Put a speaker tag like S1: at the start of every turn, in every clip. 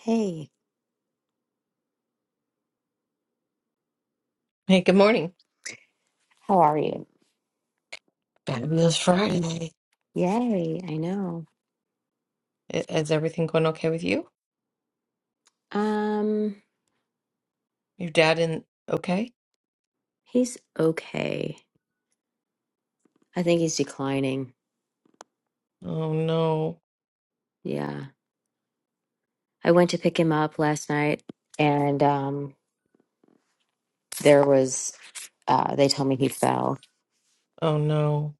S1: Hey,
S2: Hey, good morning.
S1: how are you?
S2: Fabulous Friday.
S1: Yay, I know.
S2: I- Is everything going okay with you?
S1: Um,
S2: Your dad in okay?
S1: he's okay. I think he's declining.
S2: Oh no.
S1: Yeah. I went to pick him up last night and um there was uh they told me he fell
S2: Oh no.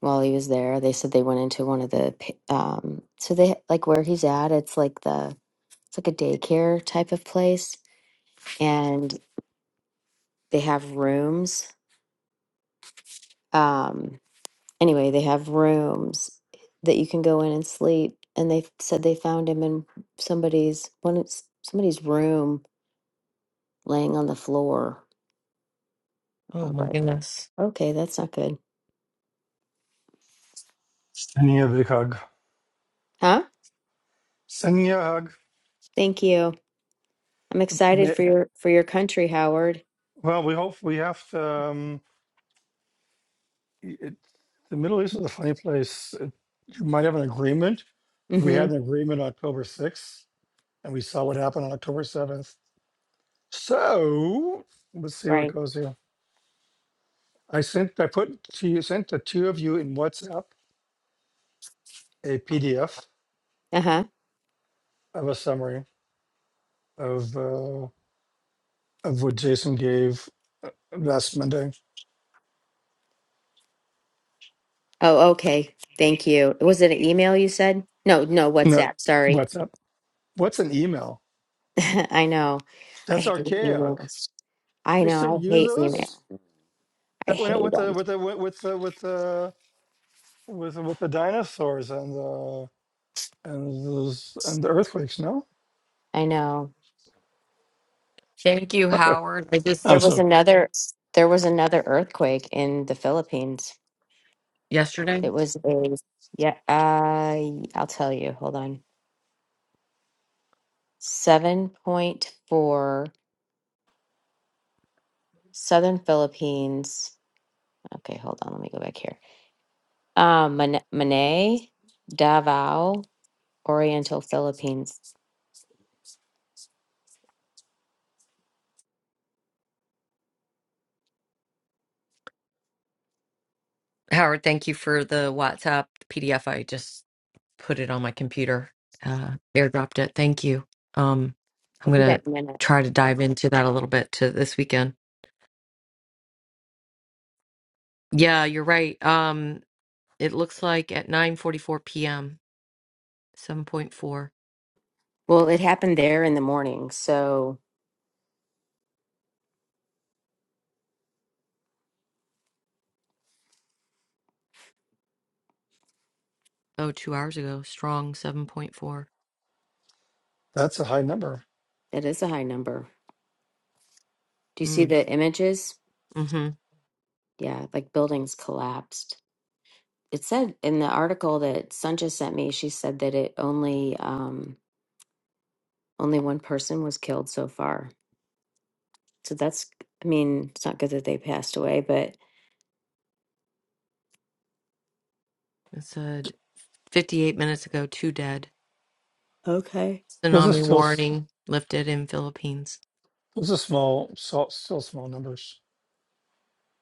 S1: while he was there. They said they went into one of the pa- um so they like where he's at, it's like the it's like a daycare type of place and they have rooms. Um. Anyway, they have rooms that you can go in and sleep. And they said they found him in somebody's one of- somebody's room, laying on the floor. I
S2: Oh my
S1: like,
S2: goodness.
S1: okay, that's not good,
S3: Sending a big hug.
S1: huh?
S3: Sending you a hug.
S1: Thank you. I'm excited
S3: Ma-
S1: for your for your country, Howard.
S3: Well, we hope we have to. Um, it, the Middle East is a funny place. It, you might have an agreement. We
S1: Mm-hmm.
S3: had an agreement October 6th, and we saw what happened on October 7th. So let's see what
S1: Right.
S3: goes here. I sent, I put to you, sent the two of you in WhatsApp a PDF
S1: Uh huh.
S3: of a summary of uh, of what Jason gave uh, last Monday.
S1: Oh, okay. Thank you. Was it an email you said? No, no,
S3: No,
S1: WhatsApp. Sorry.
S3: WhatsApp. What's an email?
S1: I know. I
S3: That's
S1: hate
S3: archaic.
S1: emails. I
S3: They still
S1: know. I
S3: use
S1: hate
S3: those?
S1: email. I
S3: That went out
S1: hate
S3: with the
S1: them.
S3: with the with the with the with the, with the dinosaurs and the and those and the earthquakes. No,
S1: I know.
S2: Thank you, Howard. I just
S3: oh,
S1: There was
S3: so
S1: another there was another earthquake in the Philippines.
S2: yesterday.
S1: It was a yeah, uh, I'll tell you. Hold on. 7.4 Southern Philippines. Okay, hold on. Let me go back here. Um, Man- Manay, Davao, Oriental Philippines.
S2: Howard, thank you for the WhatsApp PDF I just put it on my computer, uh, airdropped it. Thank you. Um, I'm
S1: I'll do that
S2: gonna
S1: in a minute.
S2: try to dive into that a little bit to this weekend. Yeah, you're right. Um, it looks like at 9:44 p.m. 7.4.
S1: Well, it happened there in the morning, so
S2: Oh, two hours ago. Strong 7.4.
S3: that's a high number.
S1: it is a high number. Do you see
S2: Mm,
S1: the images?
S2: mm-hmm.
S1: Yeah, like buildings collapsed. it said in the article that Sancha sent me, she said that it only um only one person was killed so far. So that's I mean, it's not good that they passed away, but
S2: It said 58 minutes ago. Two dead.
S1: okay.
S3: Those are
S2: Tsunami
S3: still s-
S2: warning lifted in Philippines.
S3: those are small, so, still small numbers.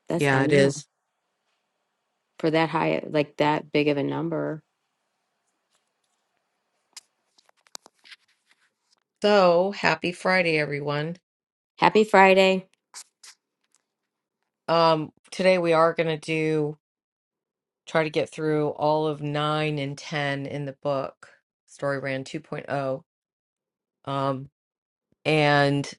S1: That's I
S2: Yeah, it
S1: know.
S2: is.
S1: For that high like that big of a number.
S2: So happy Friday, everyone.
S1: Happy Friday.
S2: Um, today we are gonna do. try to get through all of 9 and 10 in the book story ran 2.0 um and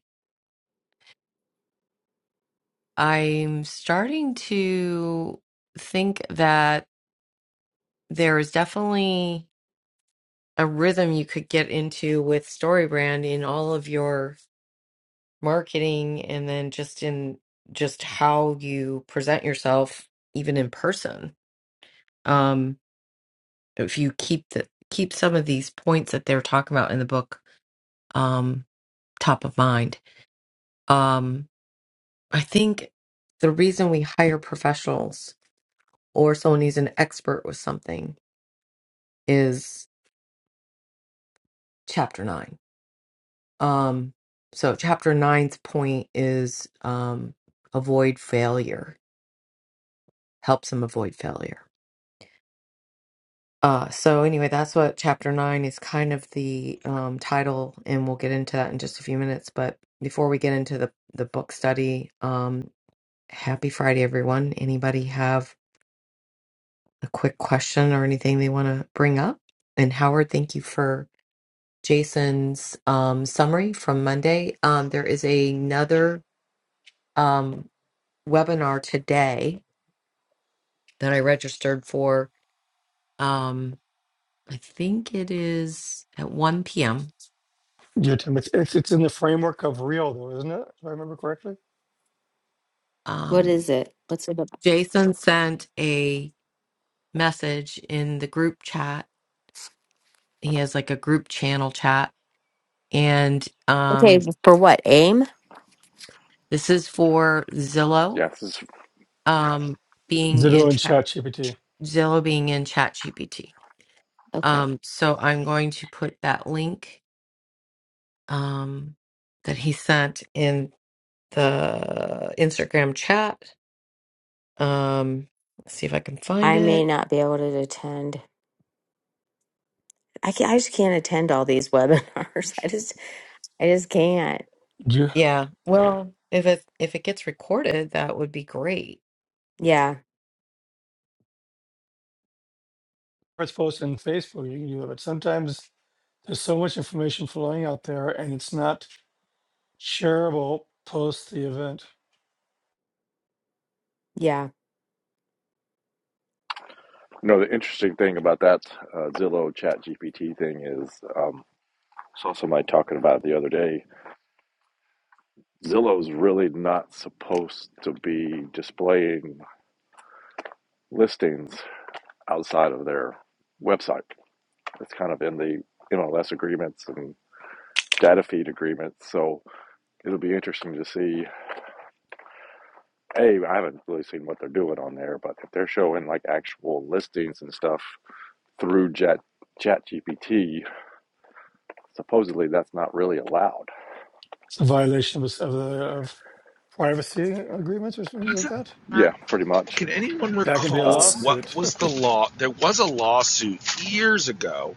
S2: i'm starting to think that there is definitely a rhythm you could get into with StoryBrand in all of your marketing and then just in just how you present yourself even in person. Um if you keep the keep some of these points that they're talking about in the book um top of mind Um, I think the reason we hire professionals or someone who's an expert with something is chapter nine. Um, so chapter nine's point is um, avoid failure, helps them avoid failure. Uh, so anyway, that's what chapter nine is kind of the um, title, and we'll get into that in just a few minutes. But before we get into the the book study, um, happy Friday, everyone! Anybody have a quick question or anything they want to bring up. And Howard, thank you for Jason's um, summary from Monday. Um, there is another um, webinar today that I registered for. Um, I think it is at 1 p.m.
S3: Yeah, Tim, it's, it's it's in the framework of real though, isn't it? If I remember correctly,
S1: What
S2: Um,
S1: is it? What's it about?
S2: Jason sent a message in the group chat. He has like a group channel chat. And um,
S1: Okay, for what? AIM?
S2: this is for Zillow
S4: Yeah, this is
S2: um, being in.
S3: Zillow and ChatGPT.
S2: Zillow being in ChatGPT.
S1: Okay.
S2: Um, so I'm going to put that link um, that he sent in the Instagram chat. Um, let's see if I can find
S1: I may
S2: it.
S1: not be able to attend. I can I just can't attend all these webinars. I just I just can't.
S3: You
S2: Yeah. Well, if it if it gets recorded, that would be great.
S1: Yeah.
S3: first post in Facebook, you can do it, but sometimes there's so much information flowing out there, and it's not shareable post the event.
S1: yeah.
S4: you know the interesting thing about that uh, Zillow Chat GPT thing is um, saw somebody talking about it the other day. Zillow's really not supposed to be displaying listings outside of their website. It's kind of in the MLS agreements and data feed agreements. So it'll be interesting to see. A, I haven't really seen what they're doing on there, but if they're showing like actual listings and stuff through Chat Chat GPT, supposedly that's not really allowed
S3: It's a violation of, of, the, of privacy agreements or things like that.
S5: uh,
S4: Yeah, pretty much.
S5: Can anyone
S3: That can be a
S4: Uh,
S5: recall what
S3: lawsuit.
S5: was the law? There was a lawsuit years ago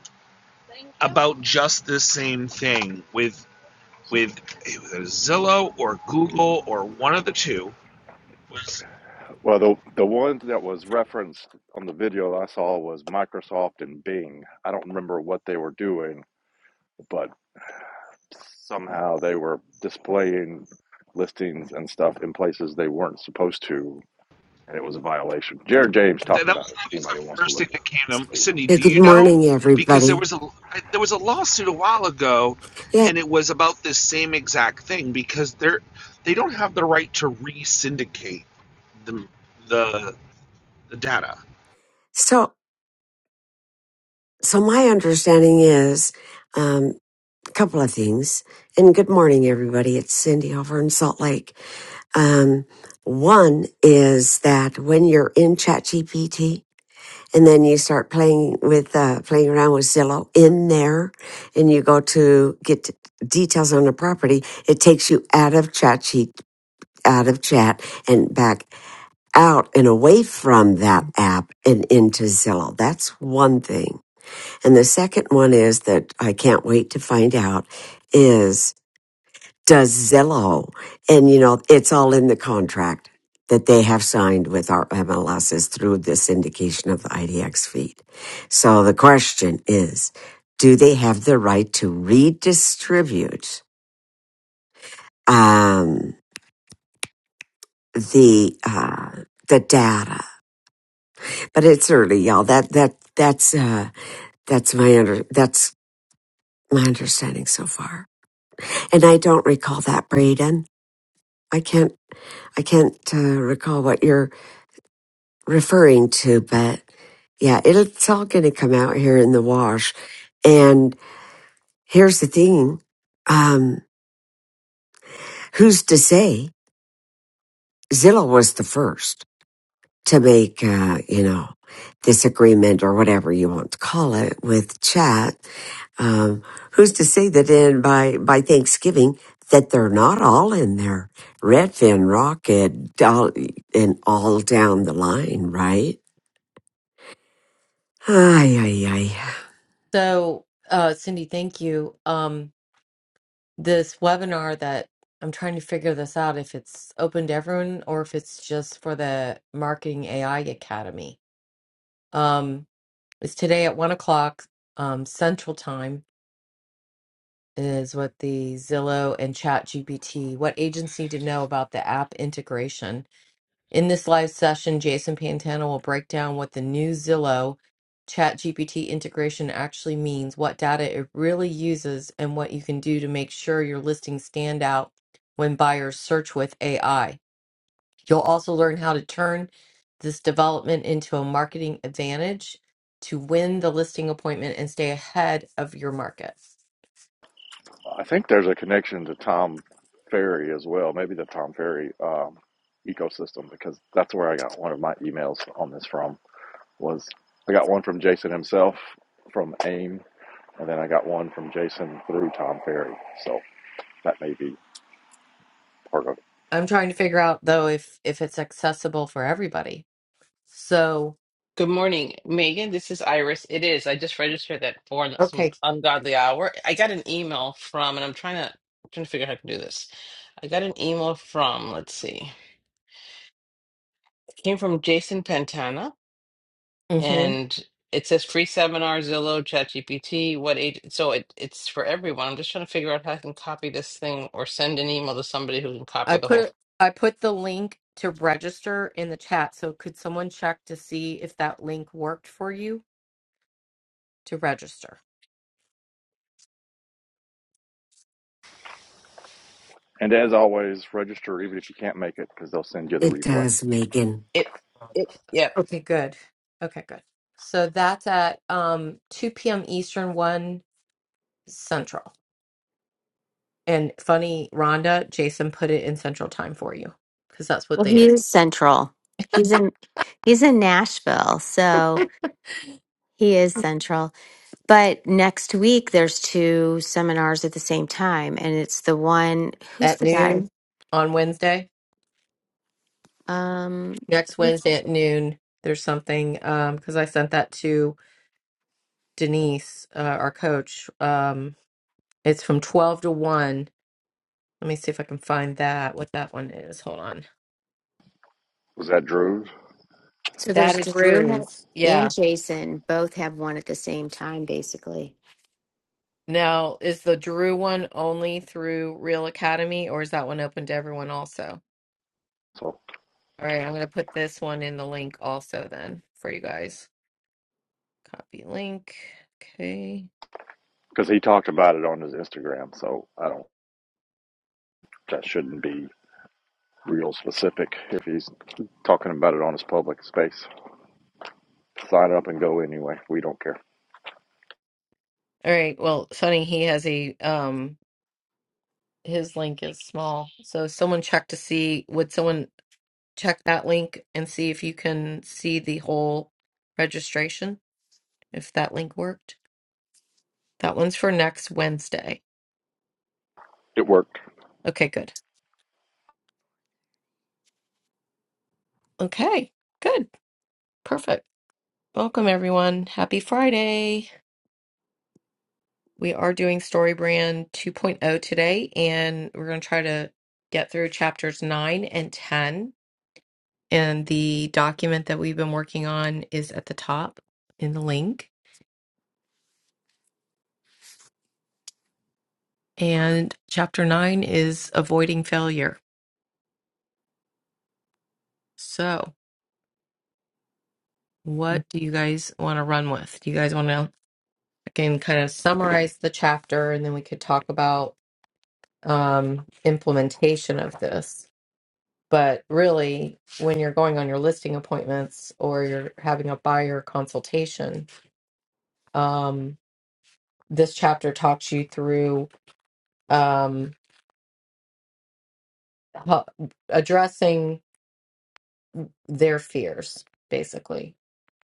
S5: about just this same thing with with it was Zillow or Google or one of the two. Was
S4: well, the the one that was referenced on the video I saw was Microsoft and Bing. I don't remember what they were doing, but somehow they were displaying listings and stuff in places they weren't supposed to, and it was a violation. Jared James
S5: that,
S4: talked
S5: that
S4: about
S5: was
S4: it. If
S5: that
S4: anybody
S5: the
S4: wants to
S5: first
S4: look
S5: thing
S4: it up,
S5: that came to
S4: just
S5: mind.
S4: so you
S5: Sydney?
S6: Yeah,
S5: Do
S6: good
S5: you know?
S6: morning,
S5: Because there
S6: everybody.
S5: was a there was a lawsuit a while ago,
S6: Yeah,
S5: and it was about this same exact thing because they're they don't have the right to re syndicate the the the data
S6: so so my understanding is um, a couple of things. And good morning, everybody. It's Cindy over in Salt Lake. Um, one is that when you're in ChatGPT and then you start playing with uh, playing around with Zillow in there, and you go to get details on a property, it takes you out of ChatGPT out of chat and back out and away from that app and into Zillow. That's one thing. And the second one is that I can't wait to find out is does Zillow, and you know, it's all in the contract that they have signed with our MLSs through the syndication of the IDX feed. So the question is, do they have the right to redistribute, um, the, uh, the data? But it's early, y'all. That, that, that's, uh, That's my under, that's my understanding so far. And I don't recall that, Braden. I can't, I can't uh, recall what you're referring to, but yeah, it'll, it's all going to come out here in the wash. And here's the thing. Um, who's to say Zillow was the first to make, uh, you know, this agreement or whatever you want to call it with chat Um, who's to say that in by by Thanksgiving that they're not all in there? Redfin, Rocket, all, and all down the line, right? Ay, ay, ay.
S2: So, uh, Cindy, thank you. Um, this webinar that I'm trying to figure this out if it's open to everyone or if it's just for the Marketing AI Academy. Um, it's today at one o'clock um, Central Time is what the Zillow and Chat GPT. What agency to know about the app integration? In this live session, Jason Pantano will break down what the new Zillow ChatGPT integration actually means, what data it really uses, and what you can do to make sure your listings stand out when buyers search with AI. You'll also learn how to turn this development into a marketing advantage to win the listing appointment and stay ahead of your market.
S4: know. I think there's a connection to Tom Ferry as well, maybe the Tom Ferry um, ecosystem, because that's where I got one of my emails on this from. was I got one from Jason himself from AIM, and then I got one from Jason through Tom Ferry. So that may be part of it.
S2: I'm trying to figure out though if if it's accessible for everybody. So,
S7: Good morning, Megan. This is Iris. It is. I just registered that for and some
S2: okay.
S7: ungodly hour. I got an email from, and I'm trying to trying to figure out how to do this. I got an email from, let's see, it came from Jason Pantana, and it says free seminar, Zillow, ChatGPT. What age? So it, it's for everyone. I'm just trying to figure out how I can copy this thing or send an email to somebody who can
S2: I
S7: copy the whole.
S2: put I put the link to register in the chat. So could someone check to see if that link worked for you to register?
S4: And as always, register even if you can't make it because they'll send you the
S6: It
S4: replay.
S6: does, Megan.
S7: It it yep.
S2: Okay, good. Okay, good. So that's at um 2 p.m. Eastern, 1 Central. And funny, Rhonda, Jason put it in Central Time for you because that's what
S1: Well,
S2: they
S1: he
S2: is
S1: is central. He's in he's in Nashville, so he is central. But next week there's two seminars at the same time, and it's the one who's
S2: at
S1: the guy?
S2: noon on Wednesday.
S1: Um,
S2: Next Wednesday at noon, there's something um because I sent that to Denise, uh, our coach. Um, it's from 12 to 1 Let me see if I can find that, what that one is. Hold on.
S4: Was that Drew's?
S1: so
S2: That
S1: there's
S2: is
S1: Drew ha-
S2: Drew's.
S1: and
S2: Yeah.
S1: Jason both have one at the same time. Basically,
S2: Now, is the Drew one only through Real Academy or is that one open to everyone also?
S4: So
S2: All right, I'm going to put this one in the link also then for you guys. Copy link. Okay.
S4: because he talked about it on his Instagram, so I don't. That shouldn't be real specific if he's talking about it on his public space. Sign up and go anyway. We don't care.
S2: All right. Well, Sonny, he has a um his link is small. So someone check to see would someone check that link and see if you can see the whole registration if that link worked? That one's for next Wednesday.
S4: It worked.
S2: Okay, good. Okay, good. Perfect. Welcome, everyone. Happy Friday. We are doing StoryBrand 2.0 today, and we're going to try to get through chapters 9 and 10. And the document that we've been working on is at the top in the link. And chapter 9 is avoiding failure. So, what do you guys want to run with? Do you guys want to, I can kind of summarize the chapter and then we could talk about um, implementation of this. But really, when you're going on your listing appointments or you're having a buyer consultation, um, this chapter talks you through um, ho- addressing their fears, basically,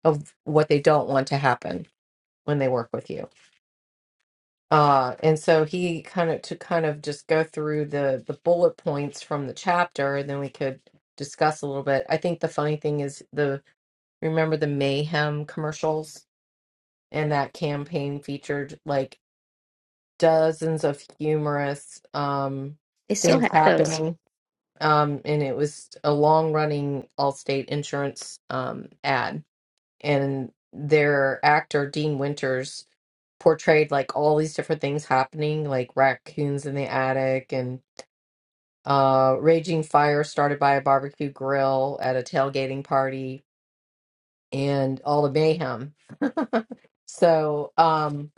S2: of what they don't want to happen when they work with you. Uh, and so he kind of to kind of just go through the the bullet points from the chapter, and then we could discuss a little bit. I think the funny thing is the Remember the Mayhem commercials? And that campaign featured like dozens of humorous um,
S1: they still
S2: things
S1: have those.
S2: happening. Um, and it was a long running Allstate insurance um, ad. And their actor, Dean Winters, portrayed like all these different things happening, like raccoons in the attic and uh, raging fire started by a barbecue grill at a tailgating party and all the mayhem. So, um,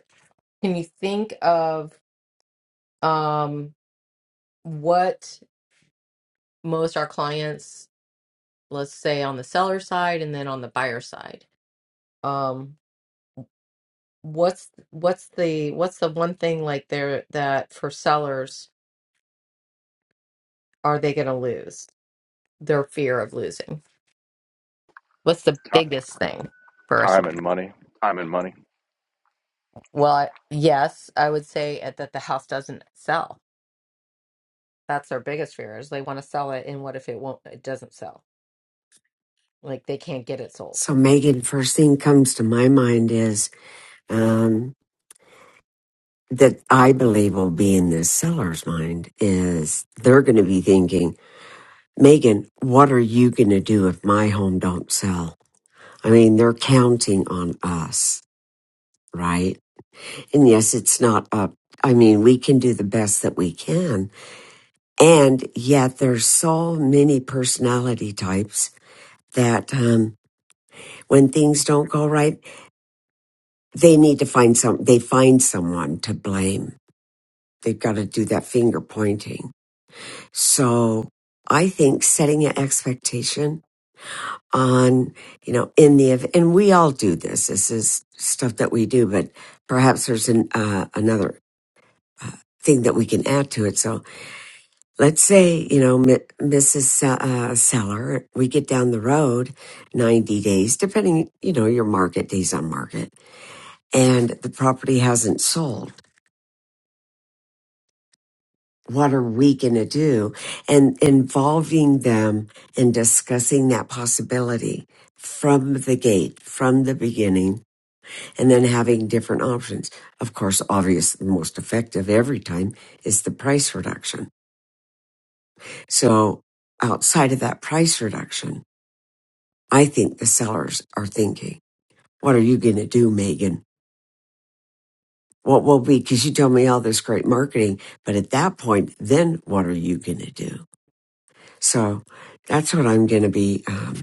S2: Can you think of um, what most our clients, let's say on the seller side and then on the buyer side, um, what's what's the what's the one thing like there that for sellers are they going to lose? Their fear of losing. What's the
S4: Ti-
S2: biggest thing first?
S4: Time and money. Time and money.
S2: Well, I- yes, I would say at- that the house doesn't sell. That's their biggest fear is they want to sell it, and what if it won't? It doesn't sell Like they can't get it sold.
S6: So, Megan, first thing comes to my mind is um, that I believe will be in the seller's mind is they're going to be thinking, Megan, what are you going to do if my home don't sell? I mean, they're counting on us, right? And yes, it's not up. I mean, we can do the best that we can. And yet there's so many personality types that um, when things don't go right, they need to find some, they find someone to blame. They've got to do that finger pointing. So I think setting an expectation on, you know, in the, ev- and we all do this. This is stuff that we do, but perhaps there's an, uh, another thing that we can add to it. So let's say you know Mi- mrs uh, seller we get down the road 90 days depending you know your market days on market and the property hasn't sold what are we going to do and involving them and discussing that possibility from the gate from the beginning and then having different options of course obvious the most effective every time is the price reduction so outside of that price reduction I think the sellers are thinking, what are you going to do, Megan? What will be? Because you told me all this great marketing, but at that point, then what are you going to do? So that's what I'm going to be um,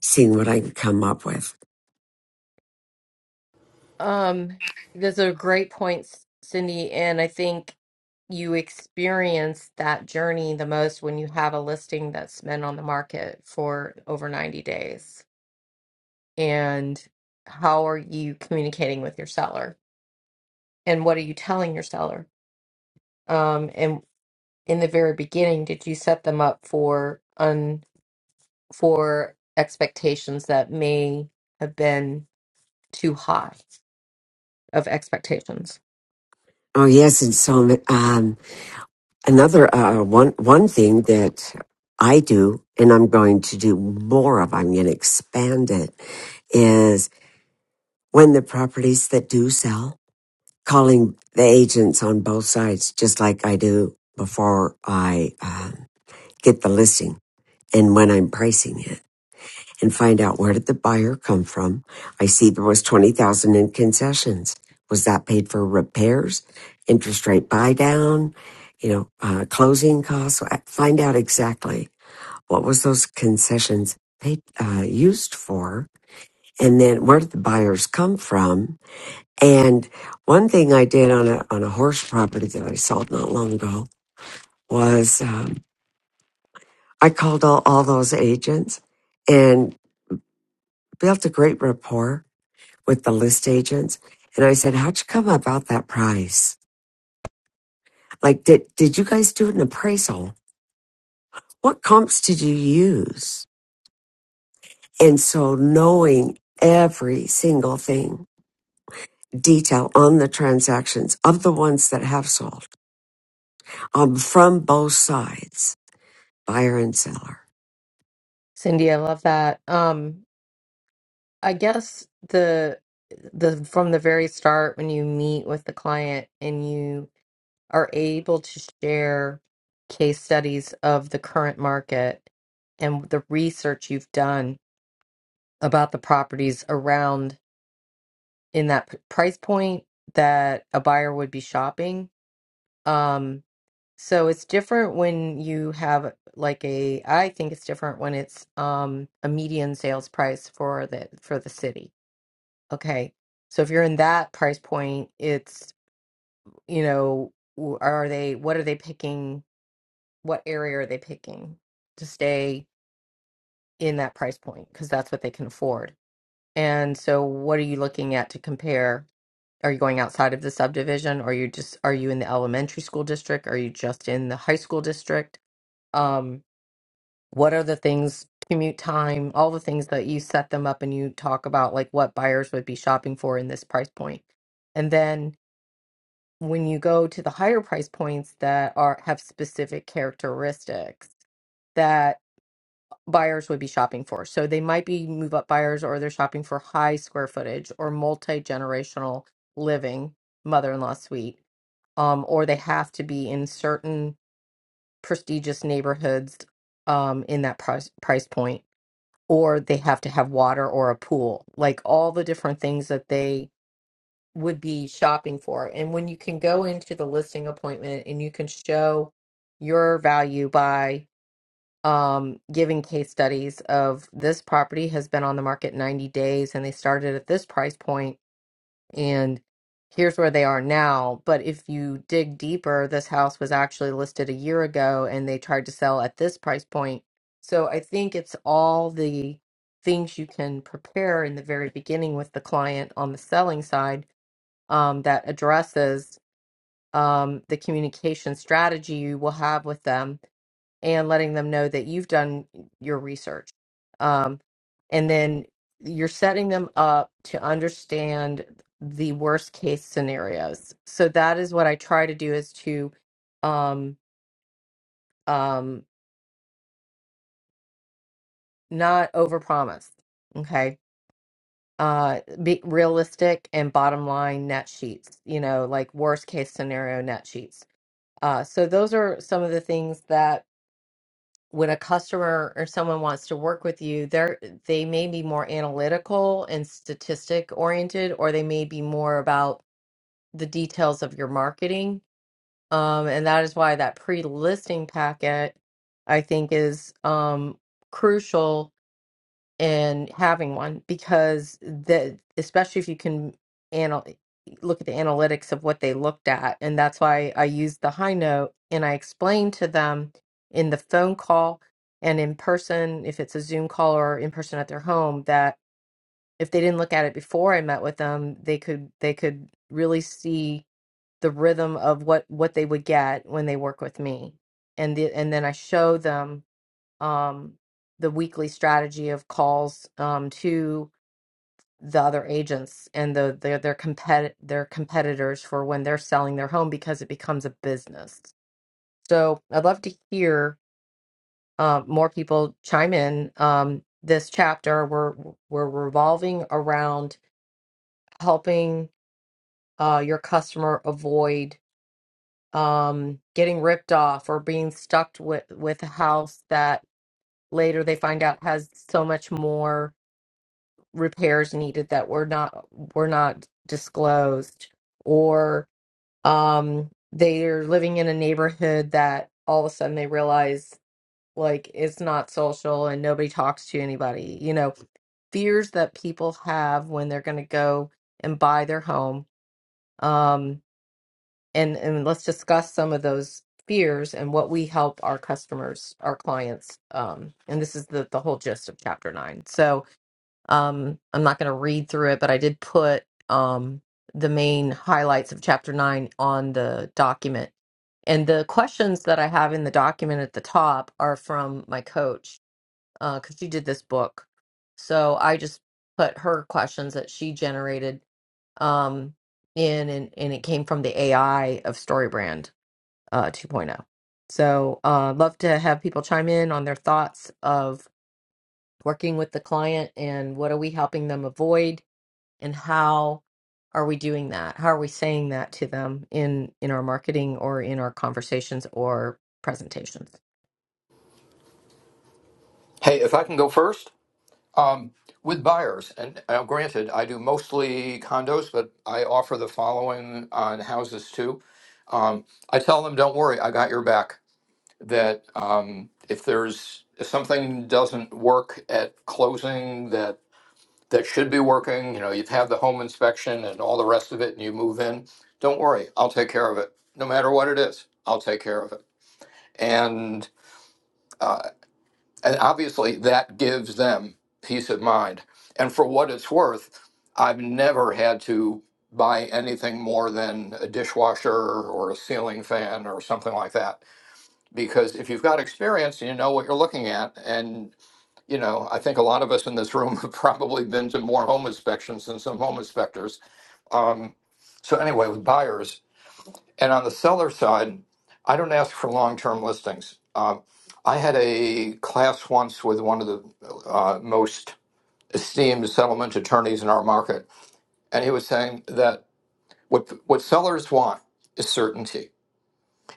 S6: seeing what I can come up with.
S2: Um, those are great points, Cindy, and I think you experience that journey the most when you have a listing that's been on the market for over 90 days. And how are you communicating with your seller? and what are you telling your seller um and in the very beginning did you set them up for un for expectations that may have been too high of expectations
S6: Oh yes, and so um, another uh, one one thing that I do, and I'm going to do more of. I'm going to expand it. Is when the properties that do sell calling the agents on both sides, just like I do before I uh, get the listing and when I'm pricing it and find out where did the buyer come from. I see there was 20,000 in concessions. Was that paid for repairs, interest rate buy down, you know, uh, closing costs? Find out exactly what was those concessions paid, uh, used for. And then where did the buyers come from? And one thing I did on a on a horse property that I sold not long ago was um, I called all, all those agents and built a great rapport with the list agents. And I said, "How'd you come about that price? Like, did did you guys do an appraisal? What comps did you use?" And so knowing every single thing detail on the transactions of the ones that have sold um, from both sides, buyer and seller
S2: cindy i love that um i guess the the from the very start when you meet with the client and you are able to share case studies of the current market and the research you've done about the properties around in that p- price point that a buyer would be shopping. Um, so it's different when you have like a, I think it's different when it's um, a median sales price for the for the city. Okay, so if you're in that price point, it's you know, w- are they what are they picking? What area are they picking to stay in that price point? Because that's what they can afford. And so, what are you looking at to compare? Are you going outside of the subdivision? Are you just are you in the elementary school district? Are you just in the high school district? Um, what are the things, commute time, all the things that you set them up and you talk about like what buyers would be shopping for in this price point. And then when you go to the higher price points that are have specific characteristics buyers would be shopping for. So they might be move up buyers or they're shopping for high square footage or multi generational living, mother in law suite, um, or they have to be in certain prestigious neighborhoods um, in that price, price point, or they have to have water or a pool, like all the different things that they would be shopping for. And when you can go into the listing appointment and you can show your value by um, giving case studies of this property has been on the market 90 days and they started at this price point and here's where they are now. But if you dig deeper, this house was actually listed a year ago and they tried to sell at this price point. So I think it's all the things you can prepare in the very beginning with the client on the selling side um, that addresses um, the communication strategy you will have with them and letting them know that you've done your research. Um, and then you're setting them up to understand the worst case scenarios. So that is what I try to do is to um, um, not overpromise. Okay. Uh, be realistic and bottom line net sheets, you know, like worst case scenario net sheets. Uh, so those are some of the things that when a customer or someone wants to work with you, they're they may be more analytical and statistic oriented, or they may be more about the details of your marketing. Um, and that is why that pre-listing packet, I think, is um, crucial and having one because the especially if you can anal- look at the analytics of what they looked at and that's why I used the high note and I explained to them in the phone call and in person if it's a Zoom call or in person at their home that if they didn't look at it before I met with them they could they could really see the rhythm of what what they would get when they work with me and the, and then I show them um, the weekly strategy of calls um, to the other agents and the their their compet their competitors for when they're selling their home because it becomes a business. So I'd love to hear uh, more people chime in. Um, this chapter we're we're revolving around helping uh, your customer avoid um, getting ripped off or being stuck with with a house that later they find out has so much more repairs needed that were not were not disclosed or um they're living in a neighborhood that all of a sudden they realize like it's not social and nobody talks to anybody you know fears that people have when they're going to go and buy their home um and and let's discuss some of those fears and what we help our customers our clients um and this is the the whole gist of chapter 9 so um, I'm not going to read through it, but I did put um, the main highlights of chapter nine on the document. And the questions that I have in the document at the top are from my coach because she did this book. So I just put her questions that she generated um, in, and, and it came from the AI of StoryBrand uh, 2.0. So uh, love to have people chime in on their thoughts of working with the client and what are we helping them avoid and how are we doing that how are we saying that to them in in our marketing or in our conversations or presentations
S8: Hey, if I can go first, um, with buyers, and uh, granted, I do mostly condos, but I offer the following on houses too. Um, I tell them, don't worry, I got your back. That um, if there's if something doesn't work at closing that that should be working, you know, you've had the home inspection and all the rest of it, and you move in, don't worry, I'll take care of it. No matter what it is, I'll take care of it. And uh, And obviously, that gives them peace of mind. And for what it's worth, I've never had to buy anything more than a dishwasher or a ceiling fan or something like that. Because if you've got experience, you know what you're looking at. And, you know, I think a lot of us in this room have probably been to more home inspections than some home inspectors. Um, so, anyway, with buyers, and on the seller side, I don't ask for long term listings. Um, I had a class once with one of the uh, most esteemed settlement attorneys in our market, and he was saying that what what sellers want is certainty,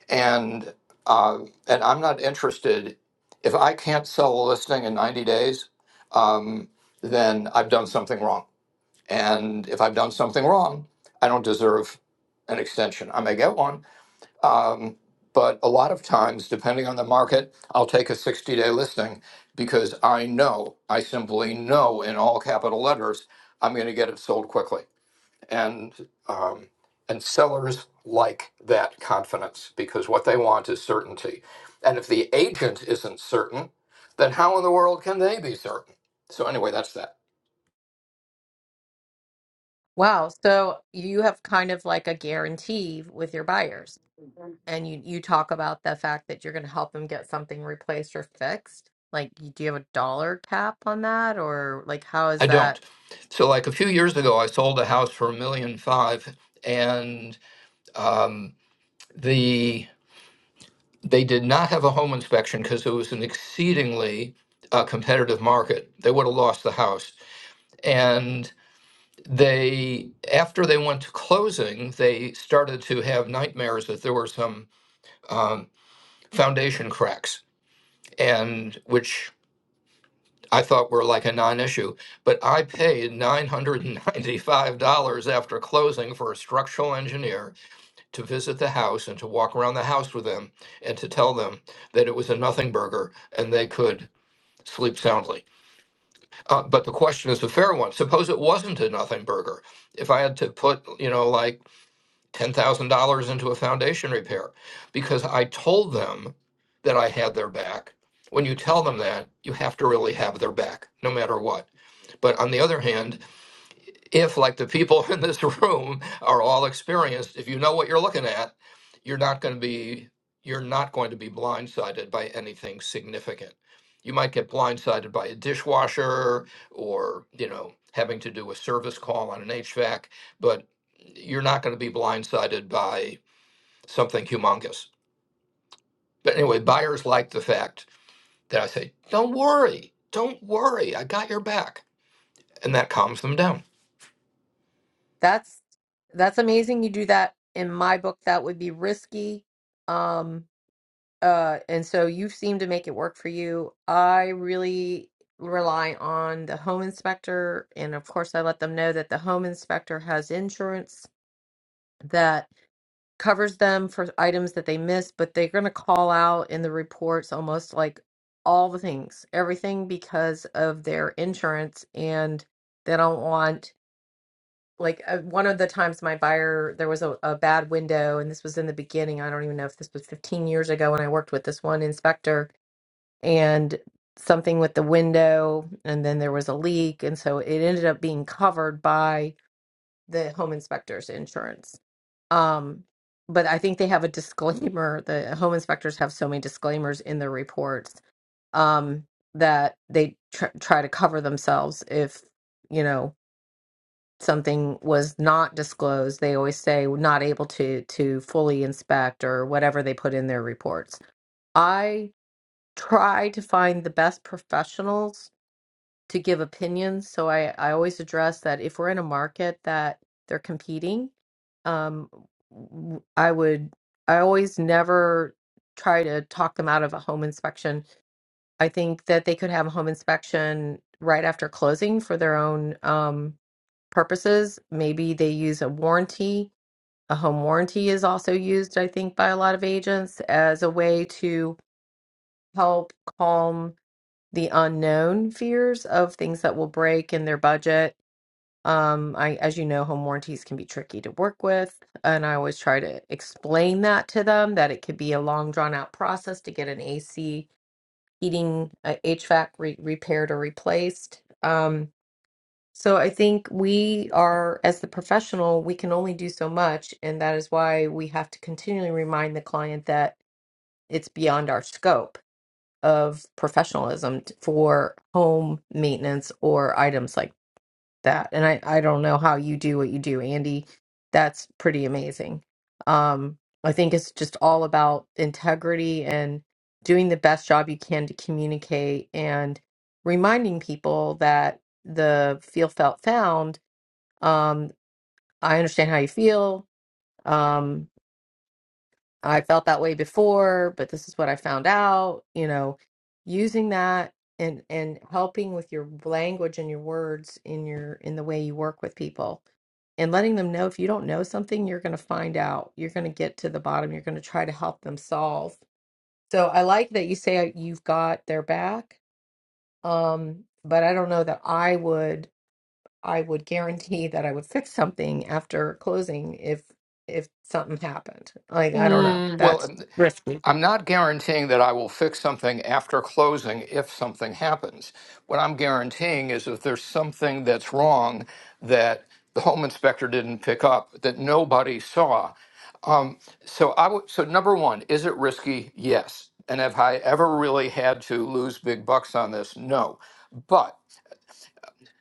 S8: and uh, and I'm not interested if I can't sell a listing in 90 days, um, then I've done something wrong, and if I've done something wrong, I don't deserve an extension. I may get one, um, but a lot of times, depending on the market, I'll take a 60 day listing because I know, I simply know in all capital letters, I'm going to get it sold quickly. And, um, and sellers like that confidence because what they want is certainty. And if the agent isn't certain, then how in the world can they be certain? So, anyway, that's that.
S2: wow so you have kind of like a guarantee with your buyers and you you talk about the fact that you're going to help them get something replaced or fixed like you- do you have a dollar cap on that or like how is
S8: I don't.
S2: that
S8: So, like a few years ago, I sold a house for a million five and um, the They did not have a home inspection because it was an exceedingly uh, competitive market. They would have lost the house. And they, after they went to closing, they started to have nightmares that there were some um, foundation cracks, and which I thought were like a non-issue. But I paid $995 after closing for a structural engineer to visit the house and to walk around the house with them and to tell them that it was a nothing burger and they could sleep soundly. Uh, but the question is a fair one. Suppose it wasn't a nothing burger. If I had to put, you know, like $10,000 into a foundation repair because I told them that I had their back. When you tell them that, you have to really have their back no matter what. But on the other hand, if like the people in this room are all experienced if you know what you're looking at you're not going to be you're not going to be blindsided by anything significant you might get blindsided by a dishwasher or you know having to do a service call on an hvac but you're not going to be blindsided by something humongous but anyway buyers like the fact that i say don't worry don't worry i got your back and that calms them down
S2: that's that's amazing you do that in my book that would be risky Um, Uh, and so you seem to make it work for you. I really rely on the home inspector, and of course, I let them know that the home inspector has insurance that covers them for items that they miss, but they're going to call out in the reports almost like all the things, everything because of their insurance, and they don't want. Like uh, one of the times my buyer, there was a, a bad window, and this was in the beginning. I don't even know if this was 15 years ago when I worked with this one inspector and something with the window and then there was a leak and so it ended up being covered by the home inspectors insurance um but i think they have a disclaimer the home inspectors have so many disclaimers in their reports um that they tr- try to cover themselves if you know something was not disclosed they always say not able to to fully inspect or whatever they put in their reports I try to find the best professionals to give opinions. So I, I always address that if we're in a market that they're competing, um, w- I would, I always never try to talk them out of a home inspection. I think that they could have a home inspection right after closing for their own um, purposes. Maybe they use a warranty. A home warranty is also used, I think, by a lot of agents as a way to help calm the unknown fears of things that will break in their budget. Um, I, as you know, home warranties can be tricky to work with, and I always try to explain that to them that it could be a long, drawn out process to get an AC, heating, uh, HVAC re- repaired or replaced. Um, so I think we are, as the professional, we can only do so much, and that is why we have to continually remind the client that it's beyond our scope of professionalism t- for home maintenance or items like that. And I, I don't know how you do what you do, Andy. That's pretty amazing. Um, I think it's just all about integrity and doing the best job you can to communicate and reminding people that the feel felt found. Um, I understand how you feel. Um, I felt that way before, but this is what I found out, you know, using that and and helping with your language and your words in your in the way you work with people and letting them know if you don't know something, you're going to find out. You're going to get to the bottom. You're going to try to help them solve. So I like that you say uh, you've got their back. Um, but I don't know that I would I would guarantee that I would fix something after closing if if something happened. Like I don't know.
S8: Mm, well,
S2: That's risky.
S8: I'm not guaranteeing that I will fix something after closing if something happens. What I'm guaranteeing is if there's something that's wrong that the home inspector didn't pick up, that nobody saw. Um, so I would. So number one, is it risky? Yes. And have I ever really had to lose big bucks on this? No. But.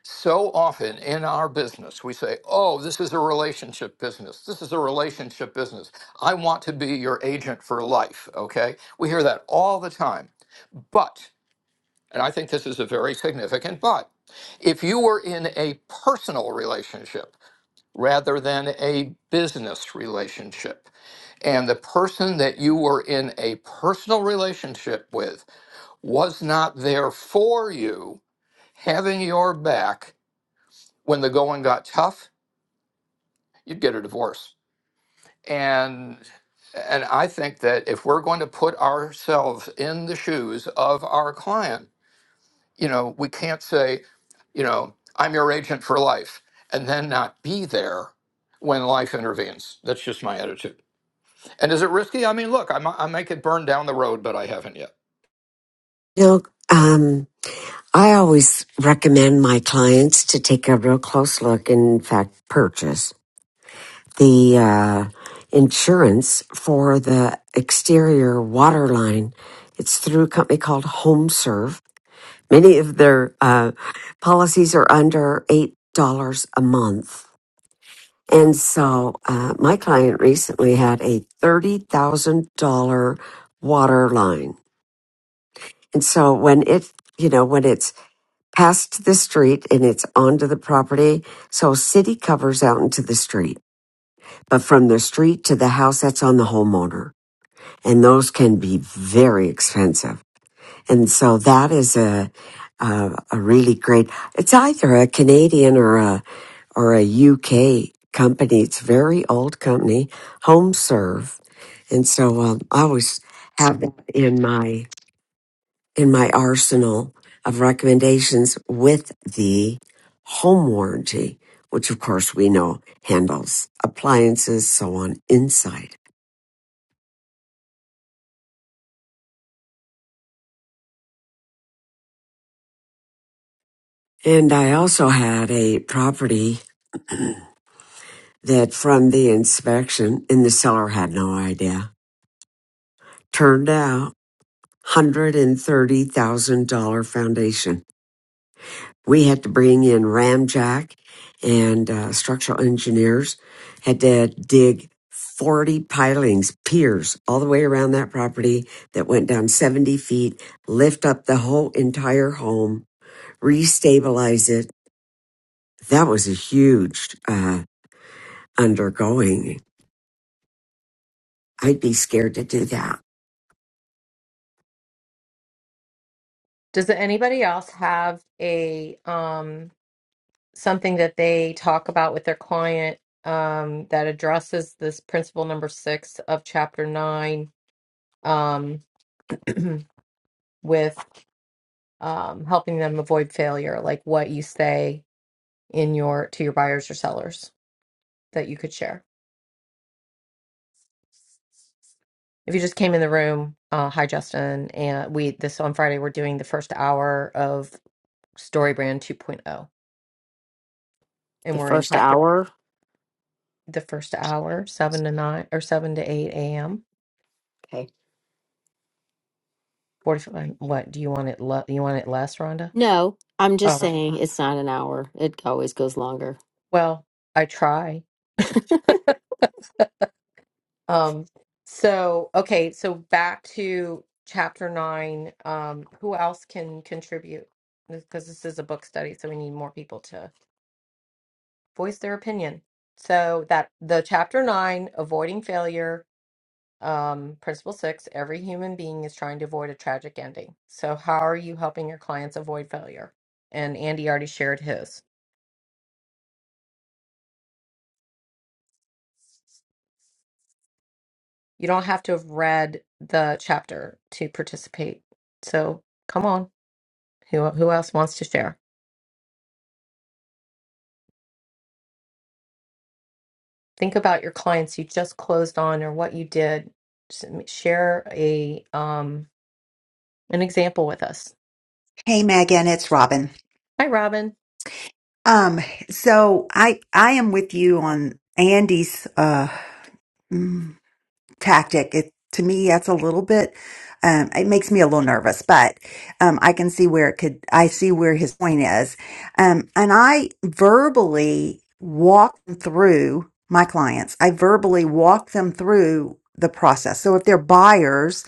S8: So often in our business, we say, Oh, this is a relationship business. This is a relationship business. I want to be your agent for life. Okay. We hear that all the time. But, and I think this is a very significant but, if you were in a personal relationship rather than a business relationship, and the person that you were in a personal relationship with was not there for you, having your back when the going got tough, you'd get a divorce. And and I think that if we're going to put ourselves in the shoes of our client, you know, we can't say, you know, I'm your agent for life and then not be there when life intervenes. That's just my attitude. And is it risky? I mean, look, I mi- I might get burned down the road, but I haven't yet.
S6: You know, um, I always recommend my clients to take a real close look and, in fact, purchase the uh, insurance for the exterior water line. It's through a company called HomeServe. Many of their uh, policies are under $8 a month. And so uh, my client recently had a $30,000 water line. And so when it, you know, when it's past the street and it's onto the property. So city covers out into the street, but from the street to the house, that's on the homeowner. And those can be very expensive. And so that is a, a, a really great, it's either a Canadian or a, or a UK company. It's a very old company, HomeServe. And so um, I always have that in my in my arsenal of recommendations with the home warranty, which of course we know handles appliances, so on inside. And I also had a property that from the inspection and the seller had no idea turned out $130,000 foundation. we had to bring in ramjack and uh, structural engineers had to dig 40 pilings piers all the way around that property that went down 70 feet lift up the whole entire home restabilize it that was a huge uh, undergoing i'd be scared to do that
S2: Does anybody else have a um something that they talk about with their client um that addresses this principle number six of chapter nine um with um helping them avoid failure, like what you say in your to your buyers or sellers that you could share? If you just came in the room, uh, hi Justin, and we this on Friday we're doing the first hour of Story Brand 2.0,
S1: The
S2: and we're in
S1: first
S2: chapter
S1: hour?
S2: the first hour, seven to nine or seven to eight a.m.
S1: Okay.
S2: Forty-five. What do you want it? Le- you want it less, Rhonda?
S1: No, I'm just
S2: Oh,
S1: saying it's not an hour. It always goes longer.
S2: well, I try. Um. So okay. So back to chapter nine. Um. Who else can contribute? Because this is a book study, so we need more people to voice their opinion. So that the chapter nine, avoiding failure Um, principle six, every human being is trying to avoid a tragic ending. So, how are you helping your clients avoid failure? And Andy already shared his. You don't have to have read the chapter to participate. So, come on. Who, who else wants to share? Think about your clients you just closed on or what you did. S- Share a um an example with us.
S9: Hey Megan, it's Robin.
S2: Hi, Robin.
S9: Um, so I I am with you on Andy's uh mm, tactic. It to me that's a little bit um it makes me a little nervous, but um I can see where it could I see where his point is. Um and I verbally walk them through my clients. I verbally walk them through the process. So if they're buyers,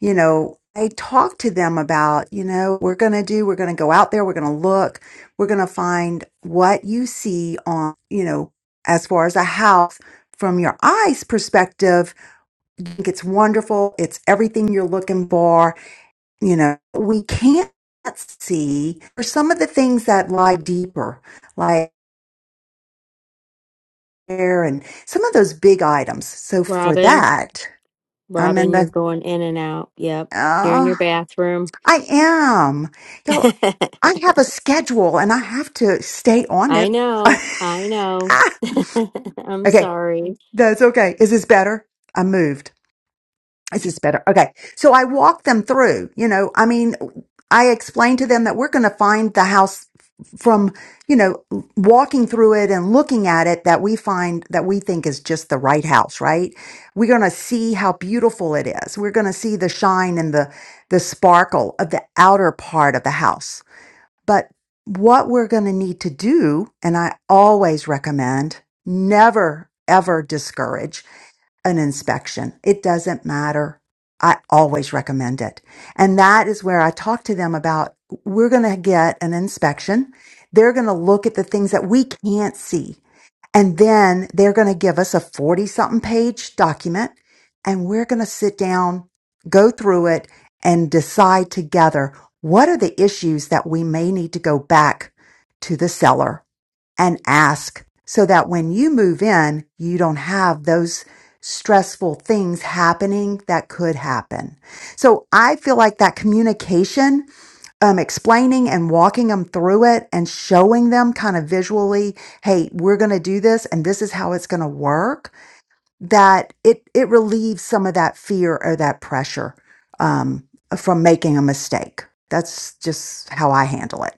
S9: you know, I talked to them about, you know, we're going to do, we're going to go out there, we're going to look, we're going to find what you see on, you know, as far as a house from your eyes perspective. You think it's wonderful. It's everything you're looking for. You know, we can't see for some of the things that lie deeper, like air and some of those big items. So for
S1: Robin,
S9: that, I'm in
S1: Robin, you're
S9: the,
S1: going in and out. Yep, you're in
S9: uh,
S1: your bathroom.
S9: I am. I have a schedule and I have to stay on
S1: I
S9: it.
S1: know. I know. I'm
S9: okay,
S1: sorry.
S9: that's okay. Is this better? I moved. Is this better? Okay. So I walked them through, you know, I mean, I explained to them that we're going to find the house from, you know, walking through it and looking at it that we find that we think is just the right house, right? We're going to see how beautiful it is. We're going to see the shine and the the sparkle of the outer part of the house But what we're going to need to do, and I always recommend never ever discourage an inspection. It doesn't matter. I always recommend it. And that is where I talk to them about we're going to get an inspection. They're going to look at the things that we can't see and then they're going to give us a 40 something page document and we're going to sit down, go through it and decide together what are the issues that we may need to go back to the seller and ask so that when you move in, you don't have those stressful things happening that could happen. So I feel like that communication um, explaining and walking them through it and showing them kind of visually, hey, we're going to do this and this is how it's going to work, that it, it relieves some of that fear or that pressure um, from making a mistake. That's just how I handle it.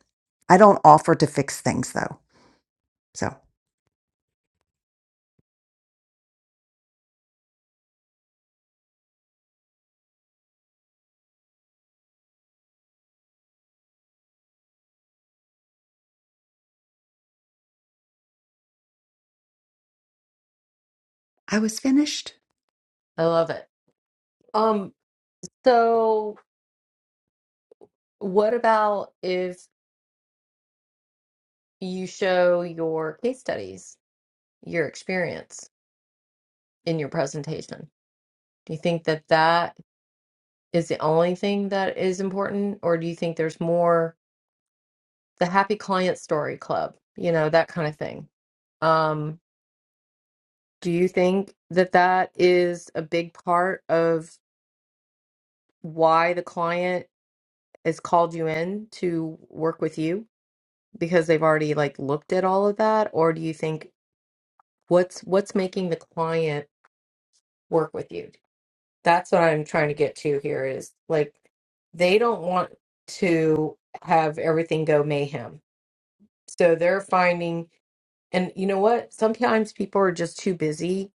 S9: I don't offer to fix things though. So, I was finished.
S2: I love it. Um, so what about if you show your case studies? your experience in your presentation? Do you think that that is the only thing that is important, or do you think there's more the happy client story club, you know, that kind of thing? Um, do you think that that is a big part of why the client has called you in to work with you because they've already like looked at all of that, or do you think what's what's making the client work with you? that's what I'm trying to get to here is like they don't want to have everything go mayhem. So they're finding, and you know what? Sometimes people are just too busy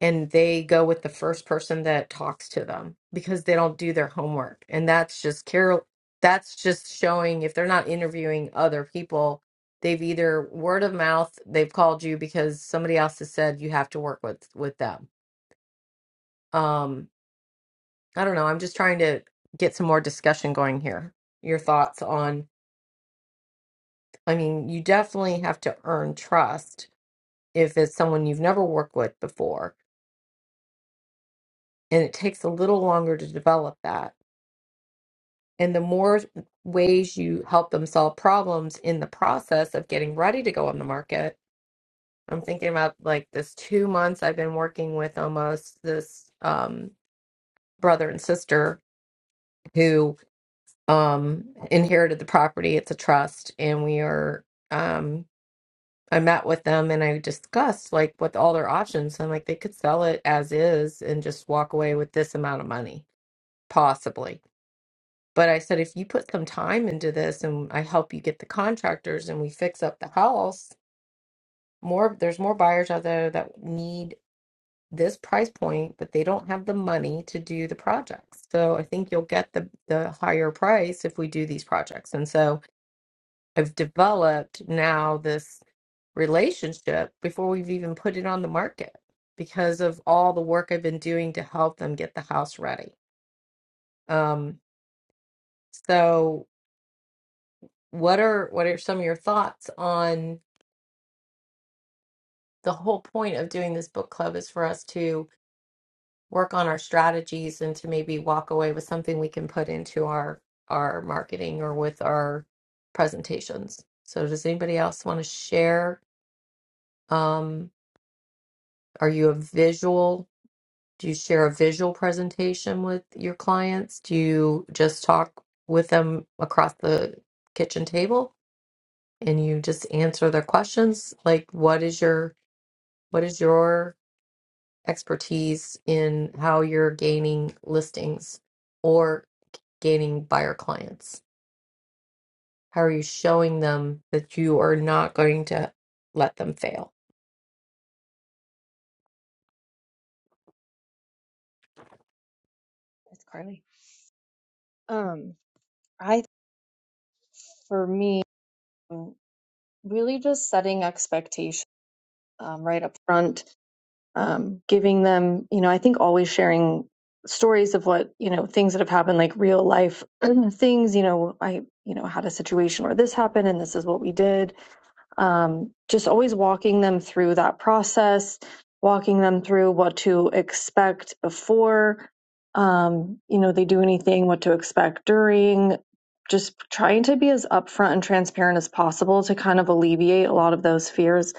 S2: and they go with the first person that talks to them because they don't do their homework. And that's just Carol, that's just showing if they're not interviewing other people, they've either word of mouth, they've called you because somebody else has said you have to work with with them. Um I don't know. I'm just trying to get some more discussion going here. Your thoughts on, I mean, you definitely have to earn trust if it's someone you've never worked with before, and it takes a little longer to develop that. And the more ways you help them solve problems in the process of getting ready to go on the market, I'm thinking about like this two months I've been working with almost this um, brother and sister who um, inherited the property. It's a trust, and we are. Um, I met with them and I discussed like what all their options. so I'm like, they could sell it as is and just walk away with this amount of money, possibly. But I said, if you put some time into this and I help you get the contractors and we fix up the house, more there's more buyers out there that need this price point, but they don't have the money to do the projects. So I think you'll get the the higher price if we do these projects. And so I've developed now this relationship before we've even put it on the market because of all the work I've been doing to help them get the house ready. Um, so what are what are some of your thoughts on the whole point of doing this book club is for us to work on our strategies and to maybe walk away with something we can put into our our marketing or with our presentations. So does anybody else want to share? Um, are you a visual Do you share a visual presentation with your clients? Do you just talk with them across the kitchen table and you just answer their questions? Like what is your what is your expertise in how you're gaining listings or gaining buyer clients? How are you showing them that you are not going to let them fail?
S10: It's Carly. Um, I for me um, really just setting expectations um, right up front, um, giving them, you know, I think always sharing stories of what, you know, things that have happened, like real life things, you know, I, you know, had a situation where this happened and this is what we did um, just always walking them through that process, walking them through what to expect before, um, you know, they do anything, what to expect during, just trying to be as upfront and transparent as possible to kind of alleviate a lot of those fears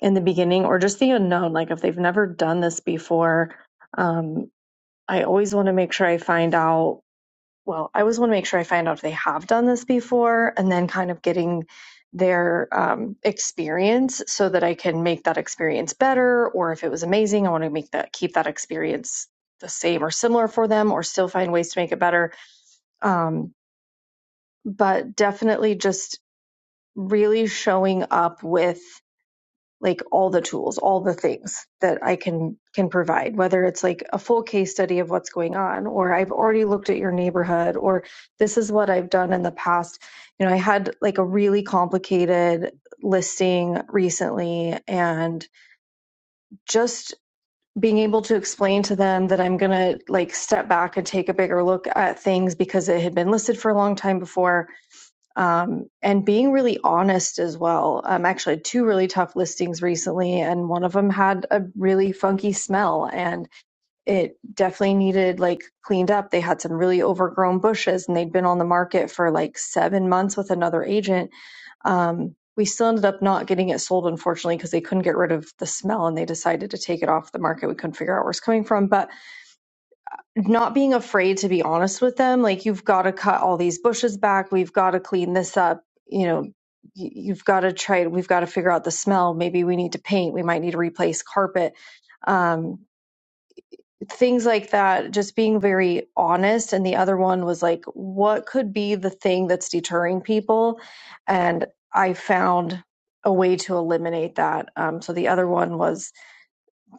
S10: in the beginning or just the unknown. Like if they've never done this before, um, I always want to make sure I find out well, I always want to make sure I find out if they have done this before and then kind of getting their um, experience so that I can make that experience better. Or if it was amazing, I want to make that keep that experience the same or similar for them or still find ways to make it better. Um, but definitely just really showing up with like all the tools, all the things that I can can provide, whether it's like a full case study of what's going on or I've already looked at your neighborhood or this is what I've done in the past. You know, I had like a really complicated listing recently and just being able to explain to them that I'm going to like step back and take a bigger look at things because it had been listed for a long time before um, and being really honest as well. Um, actually, I had two really tough listings recently, and one of them had a really funky smell, and it definitely needed like cleaned up. They had some really overgrown bushes, and they'd been on the market for like seven months with another agent. Um, we still ended up not getting it sold, unfortunately, because they couldn't get rid of the smell and they decided to take it off the market. We couldn't figure out where it's coming from. But not being afraid to be honest with them like you've got to cut all these bushes back we've got to clean this up you know y- you've got to try we've got to figure out the smell maybe we need to paint we might need to replace carpet um, things like that just being very honest and the other one was like what could be the thing that's deterring people and i found a way to eliminate that um, so the other one was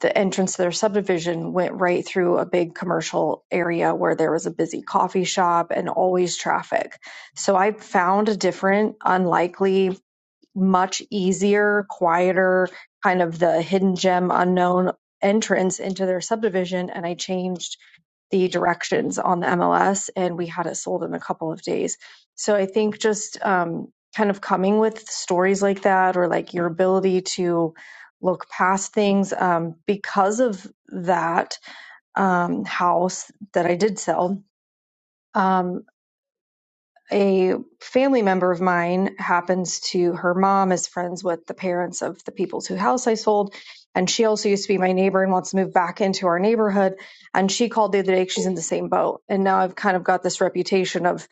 S10: the entrance to their subdivision went right through a big commercial area where there was a busy coffee shop and always traffic. So I found a different, unlikely much easier, quieter, kind of the hidden gem unknown entrance into their subdivision. And I changed the directions on the MLS and we had it sold in a couple of days. So I think just um, kind of coming with stories like that or like your ability to look past things um, because of that um, house that I did sell. Um, a family member of mine happens to her mom is friends with the parents of the people's who house I sold. And she also used to be my neighbor and wants to move back into our neighborhood. And she called the other day, she's in the same boat. And now I've kind of got this reputation of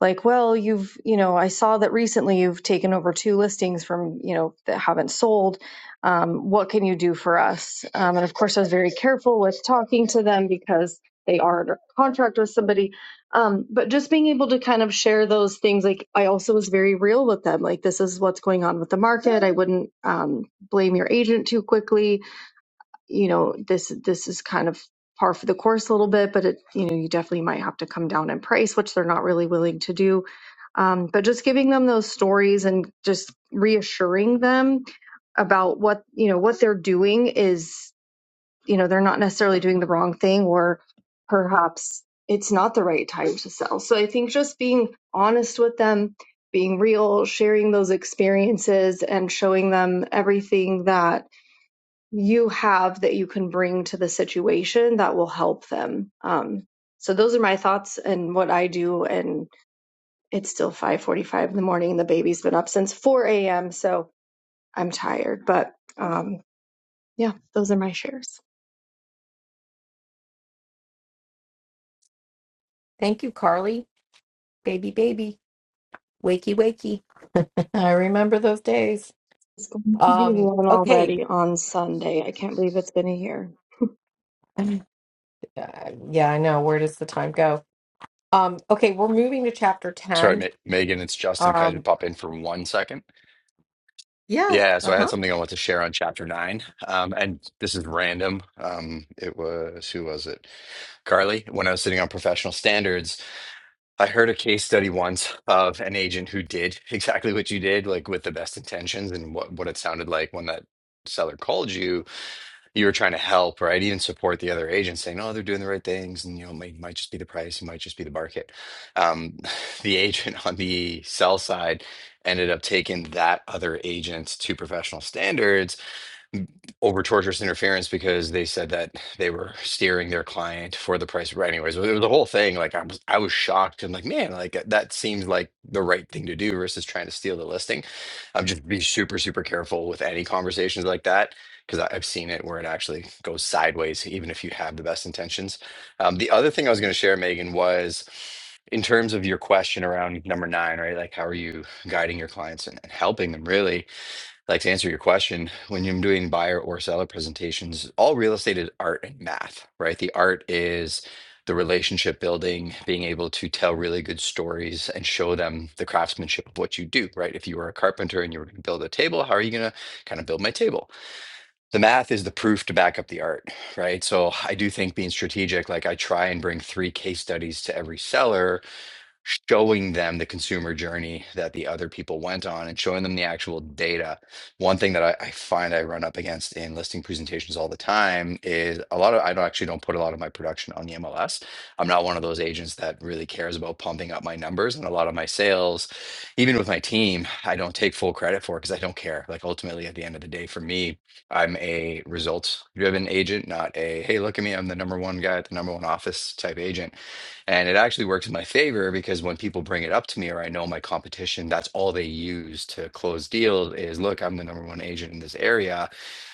S10: like, well, you've, you know, I saw that recently you've taken over two listings from, you know, that haven't sold. Um, what can you do for us? Um, and of course, I was very careful with talking to them because they are under contract with somebody. Um, but just being able to kind of share those things, like I also was very real with them. Like, this is what's going on with the market. I wouldn't um, blame your agent too quickly you know this this is kind of par for the course a little bit but it you know you definitely might have to come down in price which they're not really willing to do um, but just giving them those stories and just reassuring them about what you know what they're doing is you know they're not necessarily doing the wrong thing or perhaps it's not the right time to sell so i think just being honest with them being real sharing those experiences and showing them everything that you have that you can bring to the situation that will help them. Um, so those are my thoughts and what I do. And it's still 5:45 in the morning. The baby's been up since 4 a.m. So I'm tired, but um, yeah, those are my shares.
S2: Thank you, Carly. Baby, baby. Wakey, wakey. I remember those days.
S10: It's going to be
S2: Um,
S10: one
S2: okay.
S10: already on Sunday. I can't believe it's been a year.
S2: Uh, yeah, I know. Where does the time go? Um, okay, we're moving to chapter
S11: Sorry, Ma
S2: 10.
S11: Megan, it's Justin. Can I just
S2: Um,
S11: pop in for one second?
S2: yeah,
S11: Yeah, so I had
S2: uh-huh.
S11: something I want to share on chapter nine, um, and this is random. Um, it was who was it? Carly. When I was sitting on professional standards, I heard a case study once of an agent who did exactly what you did, like with the best intentions, and what what it sounded like when that seller called you you were trying to help, right? Even support the other agents saying, oh, they're doing the right things. And, you know, it might, might just be the price, it might just be the market. Um, the agent on the sell side ended up taking that other agent to professional standards over torturous interference because they said that they were steering their client for the price. But anyways, it was the whole thing. Like I was, I was shocked. I'm like, man, like that seems like the right thing to do versus trying to steal the listing. I'm just be super, super careful with any conversations like that because I've seen it where it actually goes sideways, even if you have the best intentions. Um, the other thing I was going to share, Megan, was in terms of your question around number nine, right? Like, how are you guiding your clients and and helping them really? Like to answer your question, when you're doing buyer or seller presentations, all real estate is art and math, right? The art is the relationship building, being able to tell really good stories and show them the craftsmanship of what you do, right? If you were a carpenter and you were going to build a table, how are you going to kind of build my table? The math is the proof to back up the art, right? So I do think being strategic, like I try and bring three case studies to every seller showing them the consumer journey that the other people went on and showing them the actual data. One thing that I, I find I run up against in listing presentations all the time is a lot of I don't actually don't put a lot of my production on the MLS. I'm not one of those agents that really cares about pumping up my numbers and a lot of my sales, even with my team, I don't take full credit for because I don't care. Like ultimately at the end of the day, for me, I'm a results driven agent, not a hey, look at me, I'm the number one guy at the number one office type agent and it actually works in my favor because when people bring it up to me or I know my competition, that's all they use to close deals is look, I'm the number one agent in this area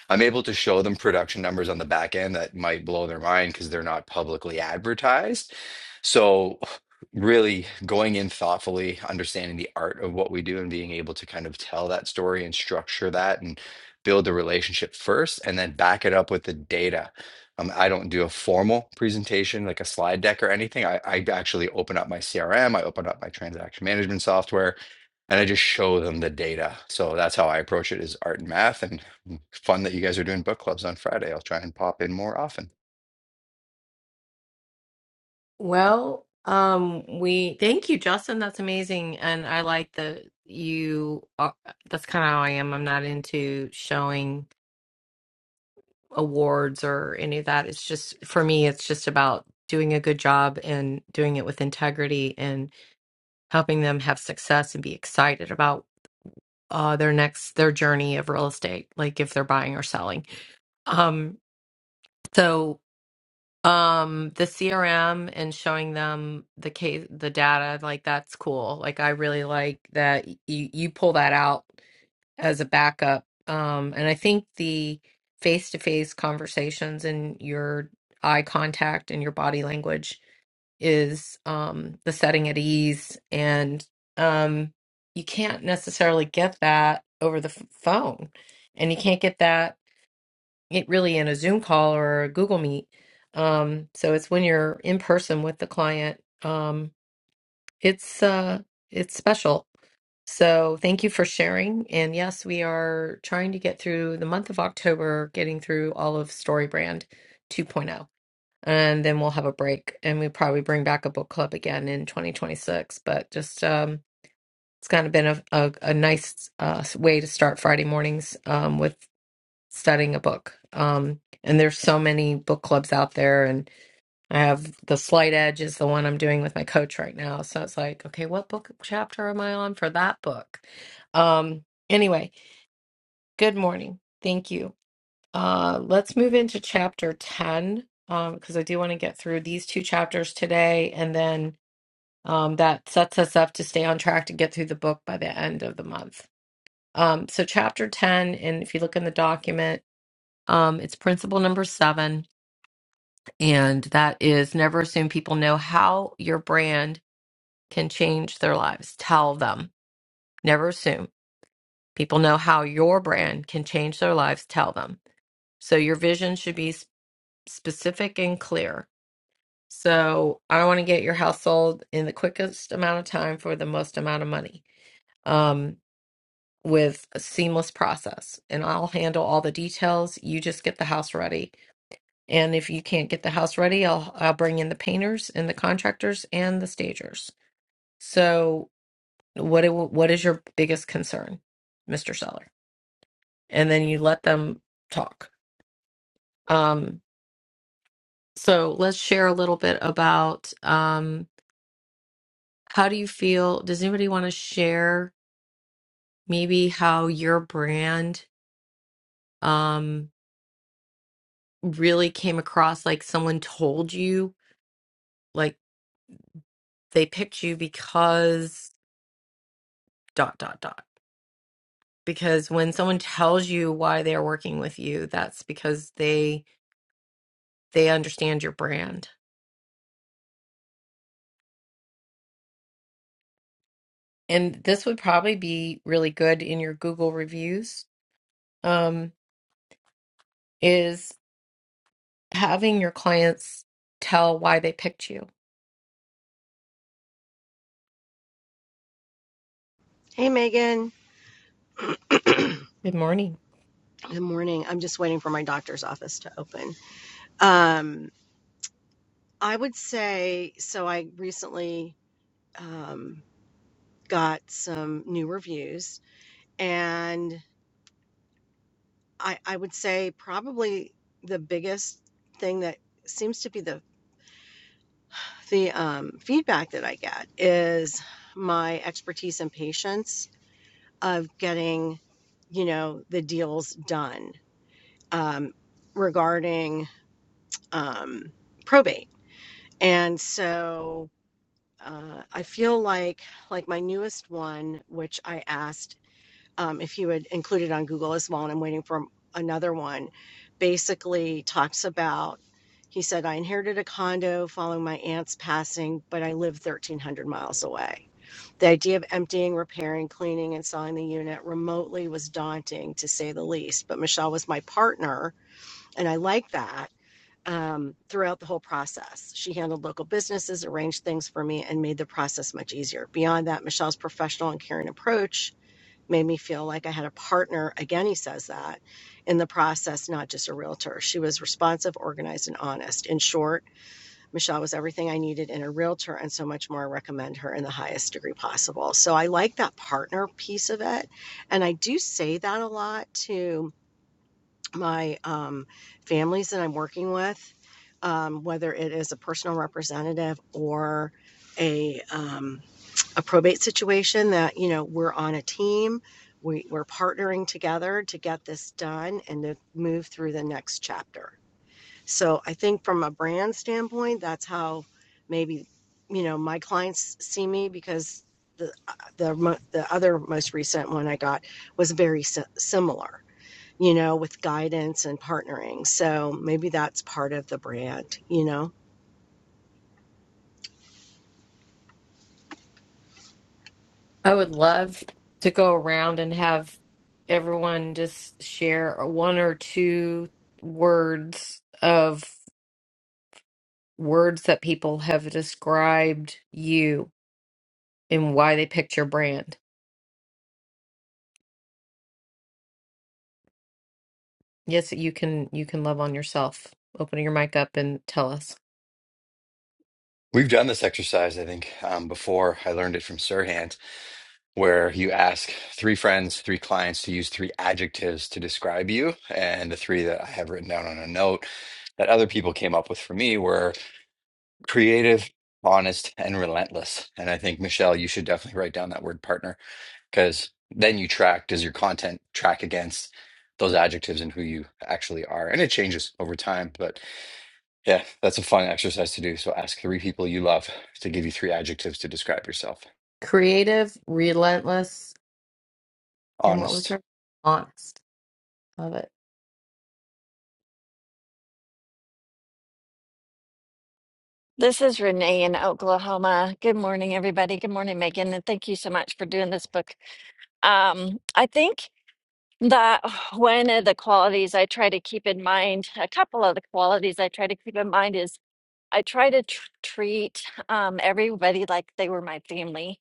S11: I'm able to show them production numbers on the back end that might blow their mind because they're not publicly advertised. So, really going in thoughtfully, understanding the art of what we do and being able to kind of tell that story and structure that and build the relationship first and then back it up with the data. Um, I don't do a formal presentation like a slide deck or anything. I, I actually open up my CRM, I open up my transaction management software, and I just show them the data. So that's how I approach it is art and math. And Fun that you guys are doing book clubs on Friday. I'll try and pop in more often.
S2: Well, um, we thank you, Justin. That's amazing. And I like that you are, that's kind of how I am. I'm not into showing awards or any of that. It's just for me, it's just about doing a good job and doing it with integrity and helping them have success and be excited about uh their next their journey of real estate, like if they're buying or selling. Um So, um, the CRM and showing them the case, the data, like that's cool. Like I really like that you you pull that out as a backup. Um, and I think the face-to-face conversations and your eye contact and your body language is um the setting at ease and um you can't necessarily get that over the f- phone. And you can't get that it really in a Zoom call or a Google Meet. Um, so it's when you're in person with the client. Um, it's uh, it's special. So thank you for sharing. And yes, we are trying to get through the month of October, getting through all of StoryBrand 2.0, and then we'll have a break, and we probably bring back a book club again in 2026. But just um, it's kind of been a a, a nice uh, way to start Friday mornings um, with studying a book. Um, and there's so many book clubs out there, and I have the Slight Edge is the one I'm doing with my coach right now. So it's like, okay, what book chapter am I on for that book? Um, anyway, good morning. Thank you. Uh, let's move into chapter 10 um, because I do want to get through these two chapters today, and then um, that sets us up to stay on track to get through the book by the end of the month. Um, so, chapter 10, and if you look in the document, um, it's principle number seven, and that is never assume people know how your brand can change their lives. Tell them. Never assume people know how your brand can change their lives. Tell them. So your vision should be s- specific and clear. So I want to get your house sold in the quickest amount of time for the most amount of money. Um, with a seamless process and I'll handle all the details. You just get the house ready And if you can't get the house ready, I'll I'll bring in the painters and the contractors and the stagers. So what it, what is your biggest concern, Mr. Seller? And then you let them talk. Um, so let's share a little bit about um, how do you feel? Does anybody want to share maybe how your brand um, really came across? Like someone told you, like they picked you because dot dot dot. because when someone tells you why they're working with you that's because they they understand your brand and this would probably be really good in your google reviews um, is having your clients tell why they picked you
S12: Hey, Megan.
S2: good morning
S12: Good morning. I'm just waiting for my doctor's office to open. Um, I would say so. I recently um, got some new reviews, and I, I would say probably the biggest thing that seems to be the the um, feedback that I get is my expertise and patience of getting, you know, the deals done um, regarding um, probate And so uh, I feel like like my newest one, which I asked um, if you would include it on Google as well, and I'm waiting for another one. Basically, talks about he said I inherited a condo following my aunt's passing, but I live 1,300 miles away. The idea of emptying, repairing, cleaning, and selling the unit remotely was daunting, to say the least. But Michelle was my partner, and I like that um, throughout the whole process. She handled local businesses, arranged things for me, and made the process much easier. Beyond that, Michelle's professional and caring approach made me feel like I had a partner. Again, he says that in the process, not just a realtor. She was responsive, organized, and honest. In short, Michelle was everything I needed in a realtor and so much more. I recommend her in the highest degree possible. So I like that partner piece of it. And I do say that a lot to my um, families that I'm working with, um, whether it is a personal representative or a um, a probate situation, that you know we're on a team, we, we're partnering together to get this done and to move through the next chapter. So I think from a brand standpoint, that's how maybe you know my clients see me because the the the other most recent one I got was very si- similar you know, with guidance and partnering. So maybe that's part of the brand, you know?
S2: i would love to go around and have everyone just share one or two words of words that people have described you and why they picked your brand Yes, you can you can love on yourself. Open your mic up and tell us.
S11: We've done this exercise, I think, um, before. I learned it from Sirhan, where you ask three friends, three clients to use three adjectives to describe you. And the three that I have written down on a note that other people came up with for me were creative, honest, and relentless. And I think, Michelle, you should definitely write down that word partner because then you track, does your content track against those adjectives and who you actually are? And it changes over time, but Yeah, that's a fun exercise to do. So ask three people you love to give you three adjectives to describe yourself.
S2: Creative, relentless, and what was
S11: Honest.
S2: her? Honest. Love it.
S13: This is Renee in Oklahoma. Good morning, everybody. Good morning, Megan, and thank you so much for doing this book. Um, I think that one of the qualities I try to keep in mind, a couple of the qualities I try to keep in mind is I try to tr- treat um, everybody like they were my family.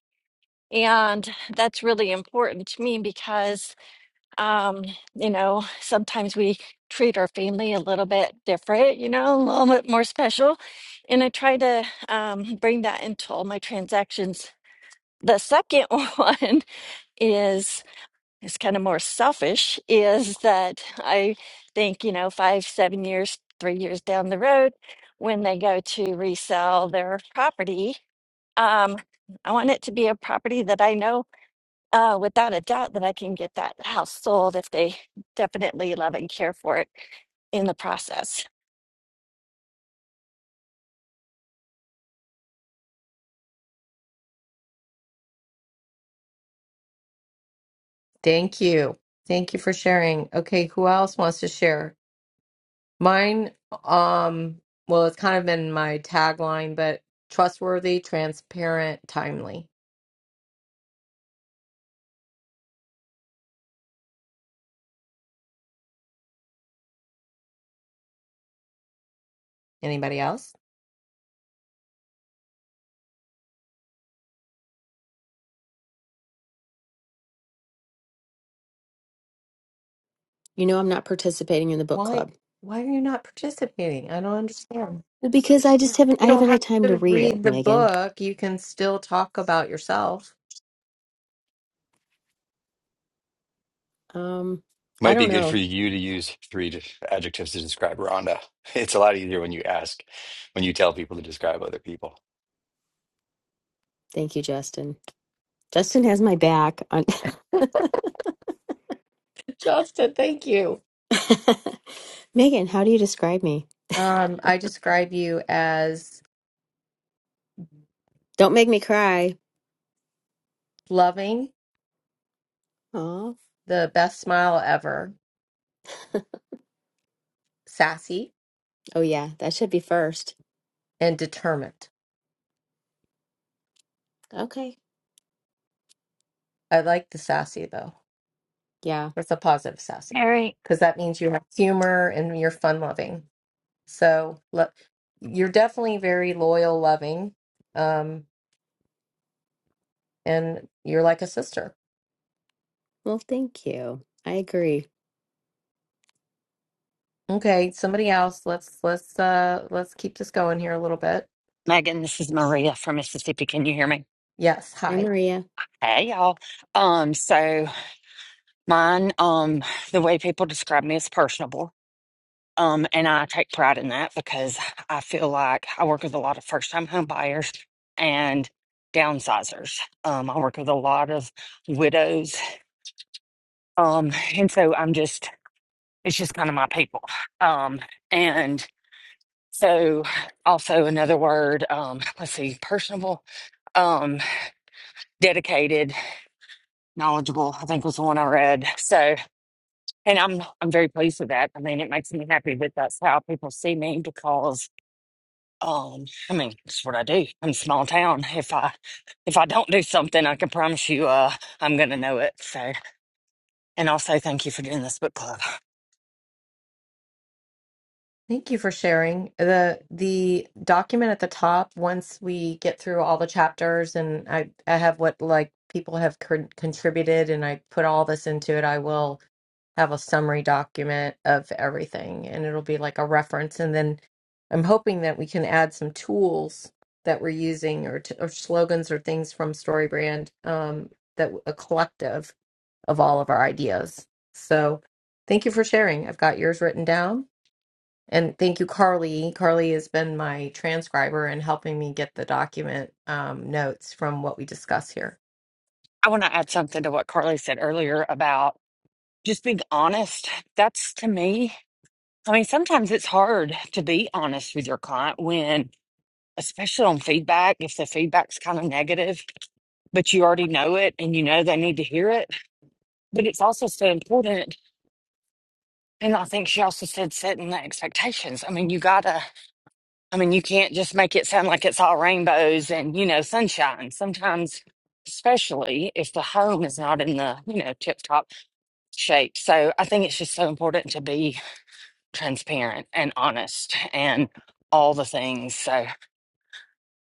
S13: And that's really important to me because um, you know, sometimes we treat our family a little bit different, you know, a little bit more special. And I try to um, bring that into all my transactions. The second one is is kind of more selfish is that I think, you know, five, seven years, three years down the road, when they go to resell their property, um, I want it to be a property that I know uh, without a doubt that I can get that house sold if they definitely love and care for it in the process.
S2: Thank you. Thank you for sharing. Okay, who else wants to share? Mine, um, well, it's kind of been my tagline, but trustworthy, transparent, timely. Anybody else?
S1: You know I'm not participating in the book
S2: Why
S1: club.
S2: why are you not participating? I don't understand.
S1: Because I just haven't
S2: You
S1: I
S2: don't
S1: haven't
S2: have
S1: had time to
S2: to
S1: read
S2: read
S1: it,
S2: the
S1: Megan.
S2: book. You can still talk about yourself.
S1: Um I
S11: Might be
S1: don't
S11: good for
S1: know.
S11: you to use three d- adjectives to describe Rhonda. It's a lot easier when you ask, when you tell people to describe other people.
S1: Thank you, Justin. Justin has my back on
S2: Justin, thank you.
S1: Megan, how do you describe me?
S2: Um, I describe you as
S1: Don't make me cry.
S2: loving,
S1: Oh.
S2: the best smile ever, sassy,
S1: Oh yeah, that should be first.
S2: and determined.
S1: Okay.
S2: I like the sassy though.
S1: Yeah.
S2: It's a positive sassy
S13: All right.
S2: because that means you have humor and you're fun loving. So lo- you're definitely very loyal, loving, um, and you're like a sister.
S1: Well, thank you. I agree.
S2: Okay, somebody else. Let's let's uh let's keep this going here a little bit.
S14: Megan, this is Maria from Mississippi. Can you hear me?
S2: Yes,
S1: Hi
S2: Hi.
S1: Maria.
S14: Hey, y'all. Um, so mine, um, the way people describe me is personable. Um, and I take pride in that because I feel like I work with a lot of first time home buyers and downsizers. Um, I work with a lot of widows. Um, and so I'm just, it's just kind of my people. Um, and so also another word, um, let's see, personable, um, dedicated knowledgeable, I think was the one I read. So, and I'm I'm very pleased with that. I mean, it makes me happy that that's how people see me because, um, I mean, it's what I do. I'm small town. If I if I don't do something, I can promise you, uh, I'm gonna know it. So, and also thank you for doing this book club.
S2: Thank you for sharing. The the document at the top, once we get through all the chapters and I, I have what like people have con contributed and I put all this into it, I will have a summary document of everything and it'll be like a reference. And then I'm hoping that we can add some tools that we're using or, t or slogans or things from StoryBrand um, that a collective of all of our ideas. So thank you for sharing. I've got yours written down. And thank you, Carly. Carly has been my transcriber and helping me get the document um, notes from what we discuss here.
S14: I want to add something to what Carly said earlier about just being honest. That's to me. I mean, sometimes it's hard to be honest with your client when, especially on feedback, if the feedback's kind of negative but you already know it and you know they need to hear it. But it's also so important. And I think she also said setting the expectations. I mean, you gotta, I mean, you can't just make it sound like it's all rainbows and, you know, sunshine. Sometimes, especially if the home is not in the, you know, tip top shape. So I think it's just so important to be transparent and honest and all the things. So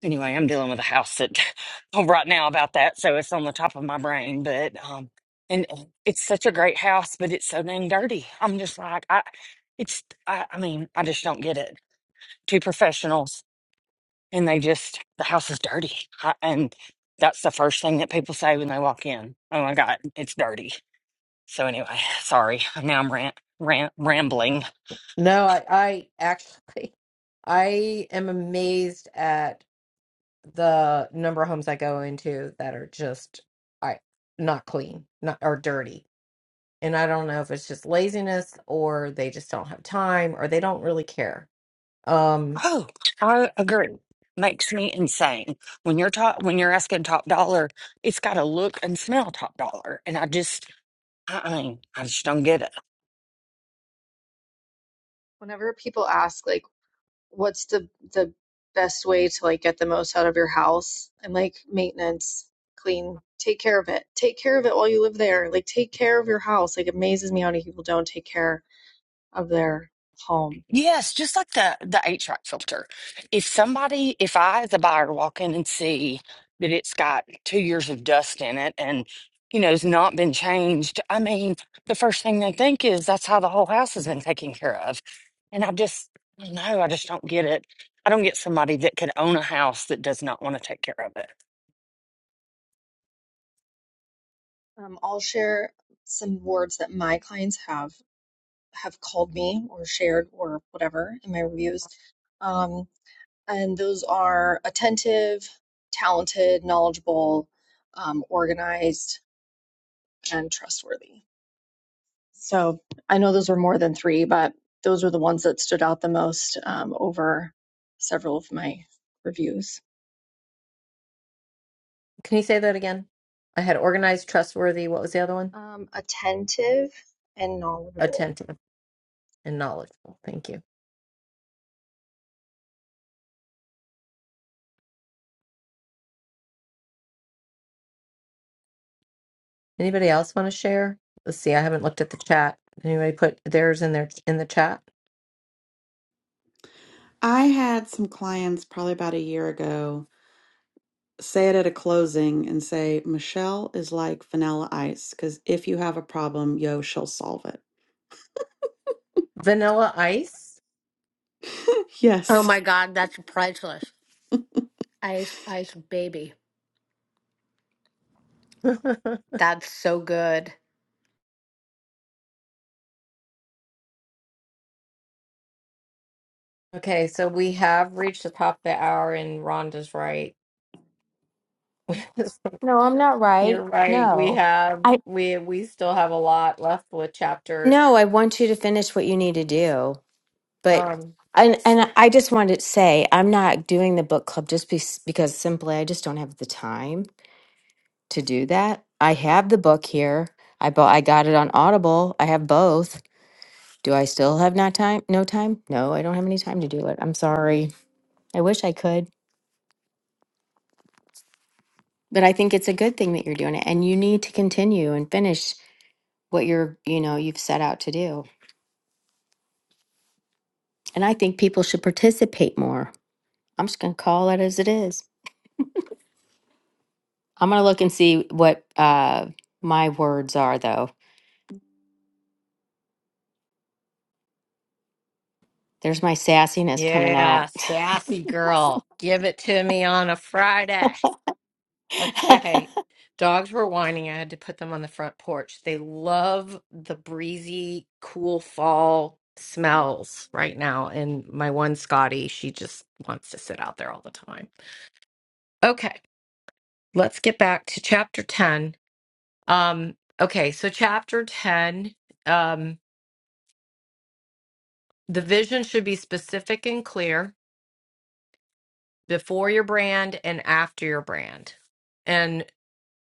S14: anyway, I'm dealing with a house that right now about that, so it's on the top of my brain. But um, and it's such a great house, but it's so dang dirty. I'm just like, I, it's, I, I mean, I just don't get it. Two professionals, and they just the house is dirty, I, and that's the first thing that people say when they walk in. Oh my God, it's dirty. So anyway, sorry. Now I'm rant, rant, rambling.
S2: No, I, I actually, I am amazed at the number of homes I go into that are just I not clean, not or dirty. And I don't know if it's just laziness or they just don't have time or they don't really care. Um,
S14: Oh, I agree. Makes me insane. When you're top, when you're asking top dollar, it's got to look and smell top dollar. And I just, I I mean, I just don't get it.
S10: Whenever people ask like what's the the best way to like get the most out of your house? I'm like maintenance, clean, take care of it. Take care of it while you live there. Like take care of your house. Like it amazes me how many people don't take care of their home.
S14: Yes, just like the the HVAC filter. If somebody, if I as a buyer walk in and see that it's got two years of dust in it and you know has not been changed, I mean, the first thing they think is that's how the whole house has been taken care of. And I just, I don't know, I just don't get it. I don't get somebody that could own a house that does not want to take care of it.
S10: Um, I'll share some words that my clients have have called me or shared or whatever in my reviews. Um, and those are attentive, talented, knowledgeable, um, organized, and trustworthy So I know those were more than three, but those were the ones that stood out the most um, over several of my reviews.
S2: Can you say that again? I had organized, trustworthy. What was the other one?
S10: Um, attentive and knowledgeable.
S2: Attentive and knowledgeable. Thank you. Anybody else want to share? Let's see. I haven't looked at the chat. Anybody put theirs in their in the chat?
S15: I had some clients probably about a year ago say it at a closing and say, Michelle is like vanilla ice, because if you have a problem, yo, she'll solve it.
S2: Vanilla ice.
S15: yes.
S2: okay, so we have reached the top of the hour, and Rhonda's right.
S1: No, I'm not
S2: You're
S1: right.
S2: right. We
S1: No.
S2: have
S1: I.
S2: we we still have a lot left with chapter.
S1: No, I want you to finish what you need to do. But
S2: Um.
S1: and and I just wanted to say I'm not doing the book club just be, because simply I just don't have the time to do that. I have the book here. I bought I got it on Audible. I have both. Do I still have not time? No time? No, I don't have any time to do it. I'm sorry. I wish I could, but I think it's a good thing that you're doing it and you need to continue and finish what you're, you know, you've set out to do. And I think people should participate more. I'm just going to call it as it is. I'm gonna look and see what uh my words are though. There's my sassiness coming
S2: Yeah,
S1: out.
S2: sassy girl. Give it to me on a Friday. Okay. Dogs were whining. I had to put them on the front porch. They love the breezy, cool fall smells right now. And my one Scotty, she just wants to sit out there all the time. Okay. Let's get back to chapter 10. Um, okay. So, chapter 10, um, the vision should be specific and clear before your brand and after your brand. And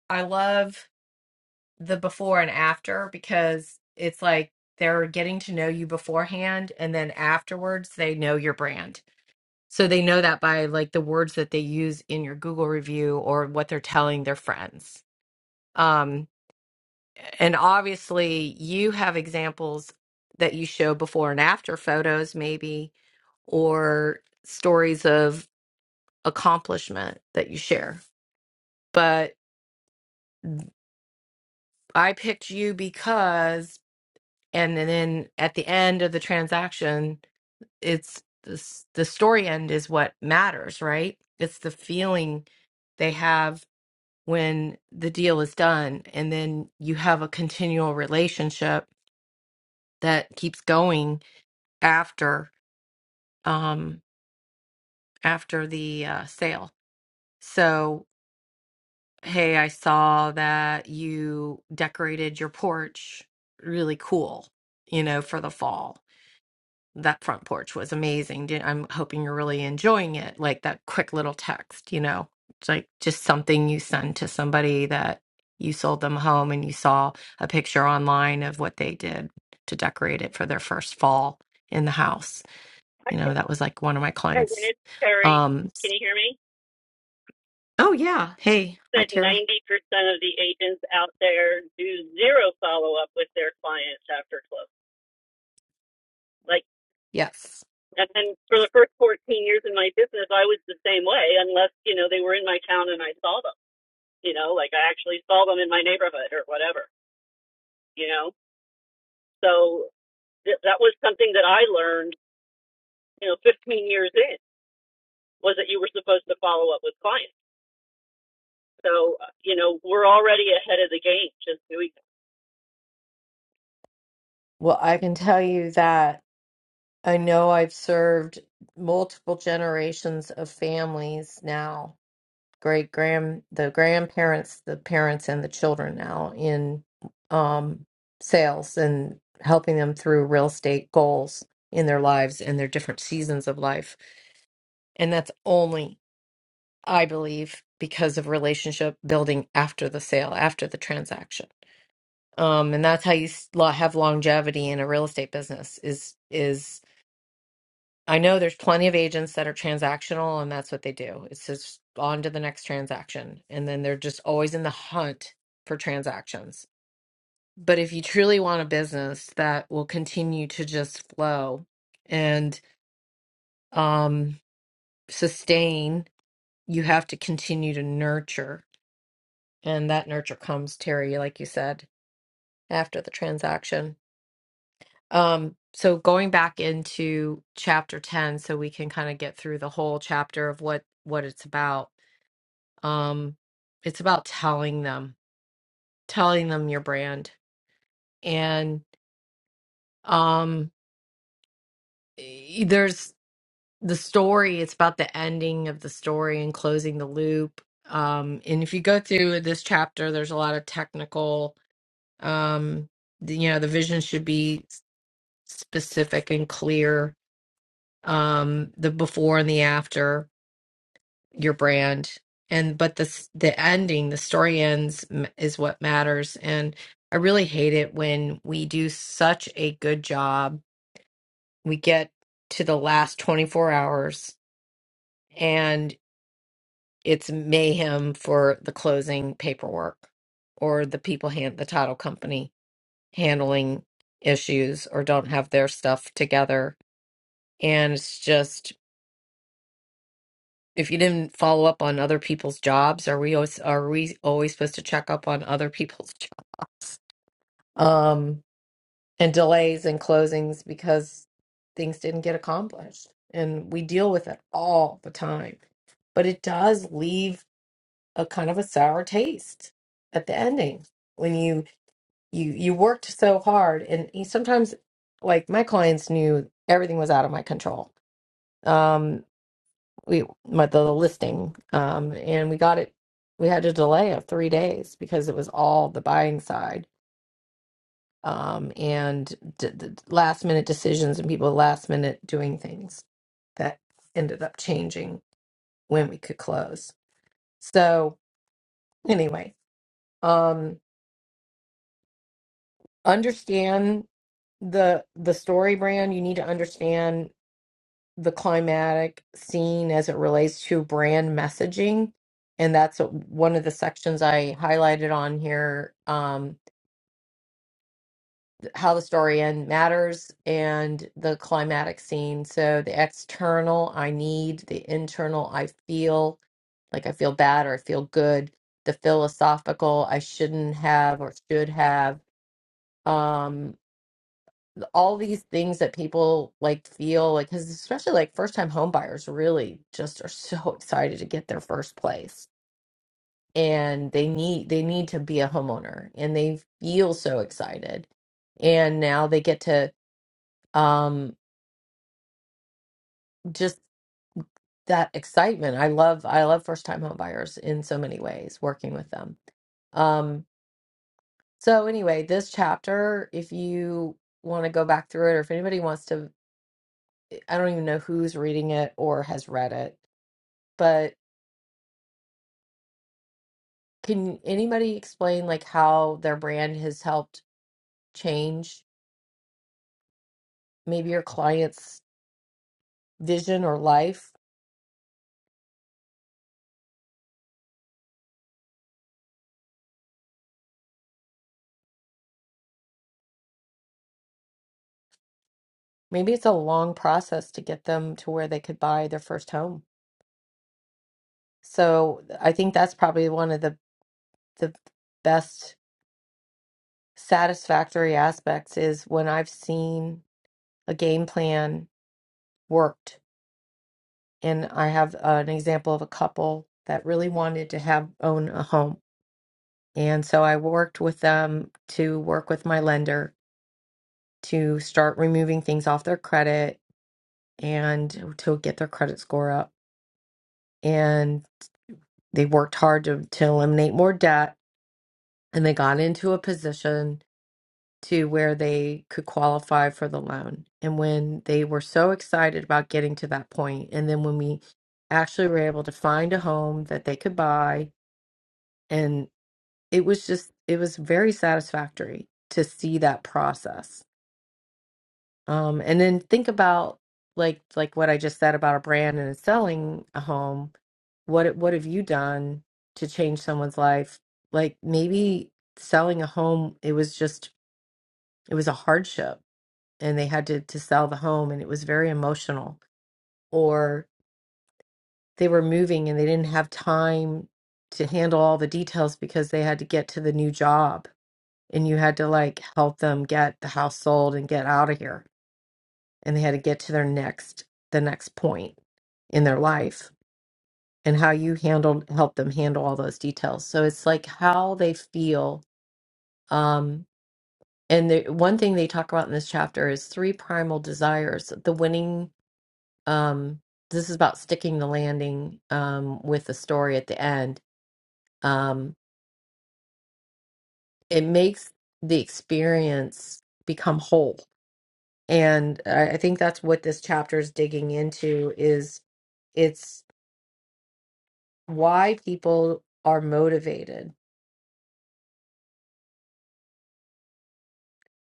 S2: I love. the before and after because it's like they're getting to know you beforehand and then afterwards they know your brand. So they know that by like the words that they use in your Google review or what they're telling their friends. Um and obviously you have examples that you show before and after photos maybe or stories of accomplishment that you share. But I picked you because and then at the end of the transaction it's this, the story end is what matters, right? It's the feeling they have when the deal is done. And then you have a continual relationship that keeps going after um after the uh, sale. So, hey, I saw that you decorated your porch really cool, you know, for the fall that front porch was amazing. Did- I'm hoping you're really enjoying it. Like that quick little text, you know, it's like just something you send to somebody that you sold them a home and you saw a picture online of what they did to decorate it for their first fall in the house.
S16: I
S2: You
S16: think
S2: know, that was like one of my
S16: I
S2: clients.
S16: read, Terry,
S2: Um,
S16: can you hear me?
S2: oh, yeah. Hey, hi,
S16: That 90%
S2: Terry.
S16: of the agents out there do zero follow up with their clients after close. Like,
S2: Yes.
S16: and then for the first 14 years in my business, I was the same way, unless, you know, they were in my town and I saw them, you know, like I actually saw them in my neighborhood or whatever, you know? So th- that was something that I learned, you know, 15 years in was that you were supposed to follow up with clients. So, uh, you know, we're already ahead of the game. Just doing
S2: Well, I can tell you that I know I've served multiple generations of families now great grand the grandparents the parents and the children now in um sales and helping them through real estate goals in their lives and their different seasons of life and that's only i believe because of relationship building after the sale after the transaction um and that's how you s- lo- have longevity in a real estate business is is I know there's plenty of agents that are transactional and that's what they do. It's just on to the next transaction. And then they're just always in the hunt for transactions. But if you truly want a business that will continue to just flow and um, sustain, you have to continue to nurture. And that nurture comes, Terry, like you said, after the transaction. Um, so going back into chapter 10 so we can kind of get through the whole chapter of what what it's about um it's about telling them telling them your brand and um e- there's the story it's about the ending of the story and closing the loop um and if you go through this chapter there's a lot of technical um the- you know the vision should be s- specific and clear um the before and the after your brand and but the the ending the story ends m- is what matters and i really hate it when we do such a good job we get to the last 24 hours and it's mayhem for the closing paperwork or the people hand the title company handling issues or don't have their stuff together and it's just if you didn't follow up on other people's jobs, are we always are we always supposed to check up on other people's jobs? Um, and delays and closings because things didn't get accomplished. And we deal with it all the time. But it does leave a kind of a sour taste at the ending when you you you worked so hard and you sometimes like my clients knew everything was out of my control. Um we my the listing um and we got it we had a delay of three days because it was all the buying side um and d- d- last minute decisions and people last minute doing things that ended up changing when we could close so anyway um understand the the story brand you need to understand the climatic scene as it relates to brand messaging. And that's what- one of the sections I highlighted on here um, how the story end matters and the climatic scene. So the external, I need, the internal, I feel like I feel bad or I feel good, the philosophical, I shouldn't have or should have. Um, all these things that people like feel like because especially like first time home buyers really just are so excited to get their first place and they need they need to be a homeowner and they feel so excited and now they get to um just that excitement i love i love first time home buyers in so many ways working with them um so anyway this chapter if you want to go back through it or if anybody wants to i don't even know who's reading it or has read it but. Can anybody explain like how their brand has helped change maybe your client's vision or life? Maybe it's a long process to get them to where they could buy their first home. So I think that's probably one of the the best satisfactory aspects is when I've seen a game plan worked. And I have an example of a couple that really wanted to have own a home. And so I worked with them to work with my lender to start removing things off their credit and to get their credit score up. And they worked hard to, to eliminate more debt and they got into a position to where they could qualify for the loan. And when they were so excited about getting to that point, and then when we actually were able to find a home that they could buy, and it was just, it was very satisfactory to see that process Um, and then think about like like what I just said about a brand and selling a home. What what have you done to change someone's life? Like maybe selling a home, it was just it was a hardship and they had to to sell the home and it was very emotional. Or they were moving and they didn't have time to handle all the details because they had to get to the new job and you had to like help them get the house sold and get out of here and they had to get to their next the next point in their life and how you handled help them handle all those details so it's like how they feel um and the one thing they talk about in this chapter is three primal desires the winning um this is about sticking the landing um with the story at the end um it makes the experience become whole and i, I think that's what this chapter is digging into is it's why people are motivated.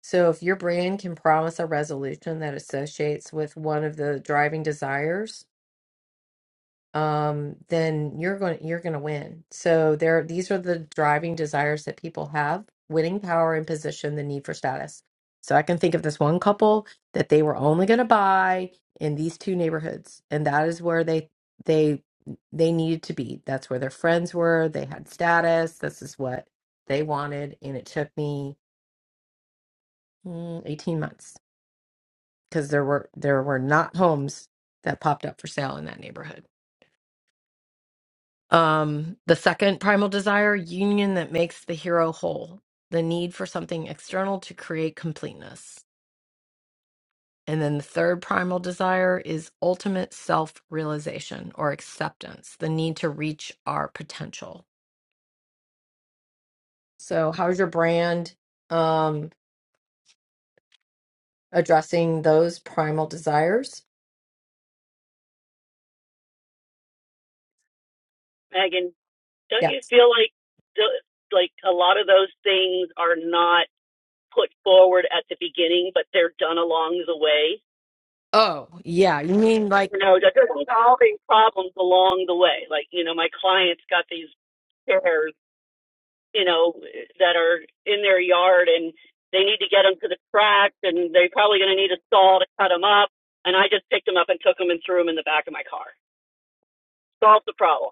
S2: So if your brand can promise a resolution that associates with one of the driving desires, um, then you're going you're going to win. So there, these are the driving desires that people have: winning power and position, the need for status. So I can think of this one couple that they were only going to buy in these two neighborhoods, and that is where they they they needed to be. That's where their friends were. They had status. This is what they wanted, and it took me mm, 18 months because there were there were not homes that popped up for sale in that neighborhood. Um, the second primal desire, union that makes the hero whole, the need for something external to create completeness. And then the third primal desire is ultimate self realization or acceptance, the need to reach our potential. So, how's your brand um, addressing those primal desires?
S16: Megan Don't
S2: Yes.
S16: you feel like th- like a lot of those things are not put forward at the beginning, but they're done along the way?
S2: Oh, yeah. You mean like
S16: You know, that they're solving problems along the way. Like you know, my clients got these chairs, you know, that are in their yard and they need to get them to the track and they're probably going to need a saw to cut them up. And I just picked them up and took them and threw them in the back of my car. Solved the problem.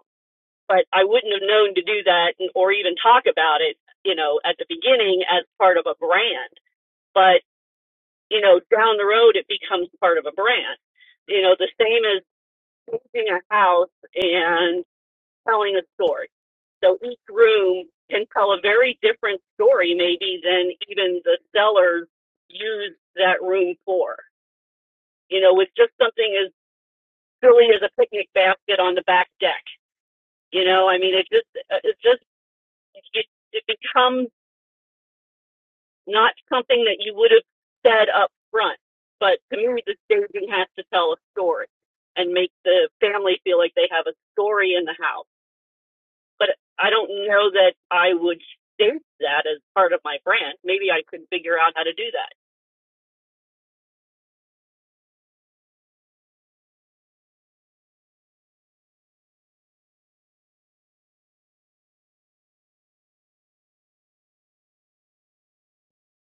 S16: but I wouldn't have known to do that or even talk about it, you know, at the beginning as part of a brand. But, you know, down the road, it becomes part of a brand. You know, the same as painting a house and telling a story. So each room can tell a very different story, maybe, than even the sellers use that room for. You know, with just something as silly as a picnic basket on the back deck. You know, I mean, it just, it just, it, it becomes not something that you would have said up front. But to me, the staging has to tell a story and make the family feel like they have a story in the house. But I don't know that I would stage that as part of my brand. Maybe I could figure out how to do that.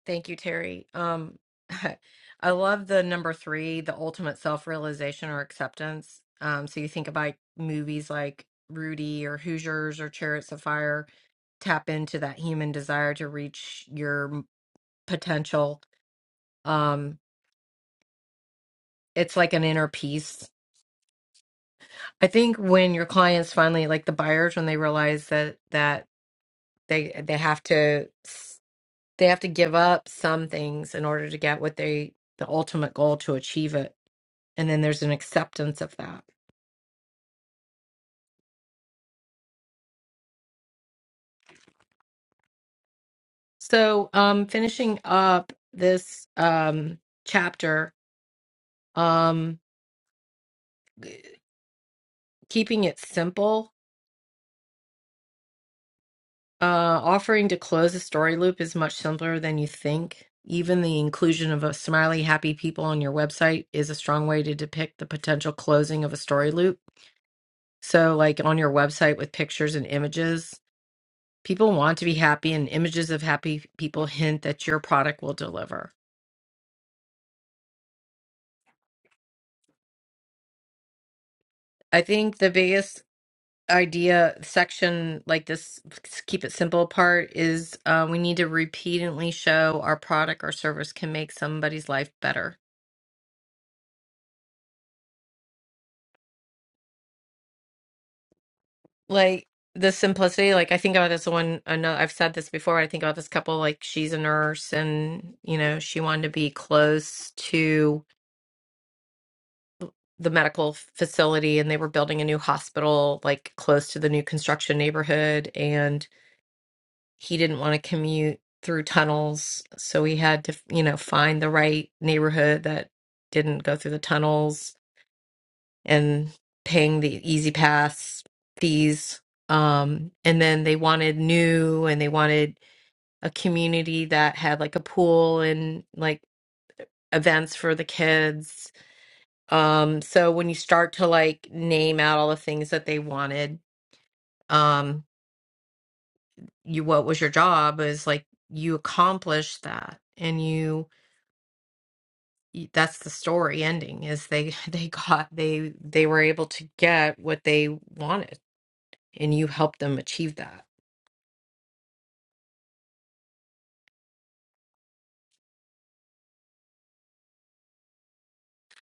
S2: Thank you, Terry. Um, I love the number three, the ultimate self-realization or acceptance. Um, so you think about movies like Rudy or Hoosiers or Chariots of Fire, tap into that human desire to reach your m- potential. Um, it's like an inner peace. I think when your clients finally, like the buyers, when they realize that that they they have to s- they have to give up some things in order to get what they the ultimate goal to achieve it and then there's an acceptance of that so um finishing up this um chapter um keeping it simple uh offering to close a story loop is much simpler than you think even the inclusion of a smiley happy people on your website is a strong way to depict the potential closing of a story loop so like on your website with pictures and images people want to be happy and images of happy people hint that your product will deliver I think the biggest idea section like this s- keep it simple part is uh, we need to repeatedly show our product or service can make somebody's life better like the simplicity like i think about this one another i've said this before i think about this couple like she's a nurse and you know she wanted to be close to the medical facility and they were building a new hospital like close to the new construction neighborhood and. he didn't want to commute through tunnels, so he had to, you know, find the right neighborhood that didn't go through the tunnels and paying the easy pass fees. Um, and then they wanted new and they wanted a community that had like a pool and like events for the kids. Um, so when you start to like name out all the things that they wanted, um, you what was your job is like you accomplished that and you y- that's the story ending is they they got they they were able to get what they wanted and you helped them achieve that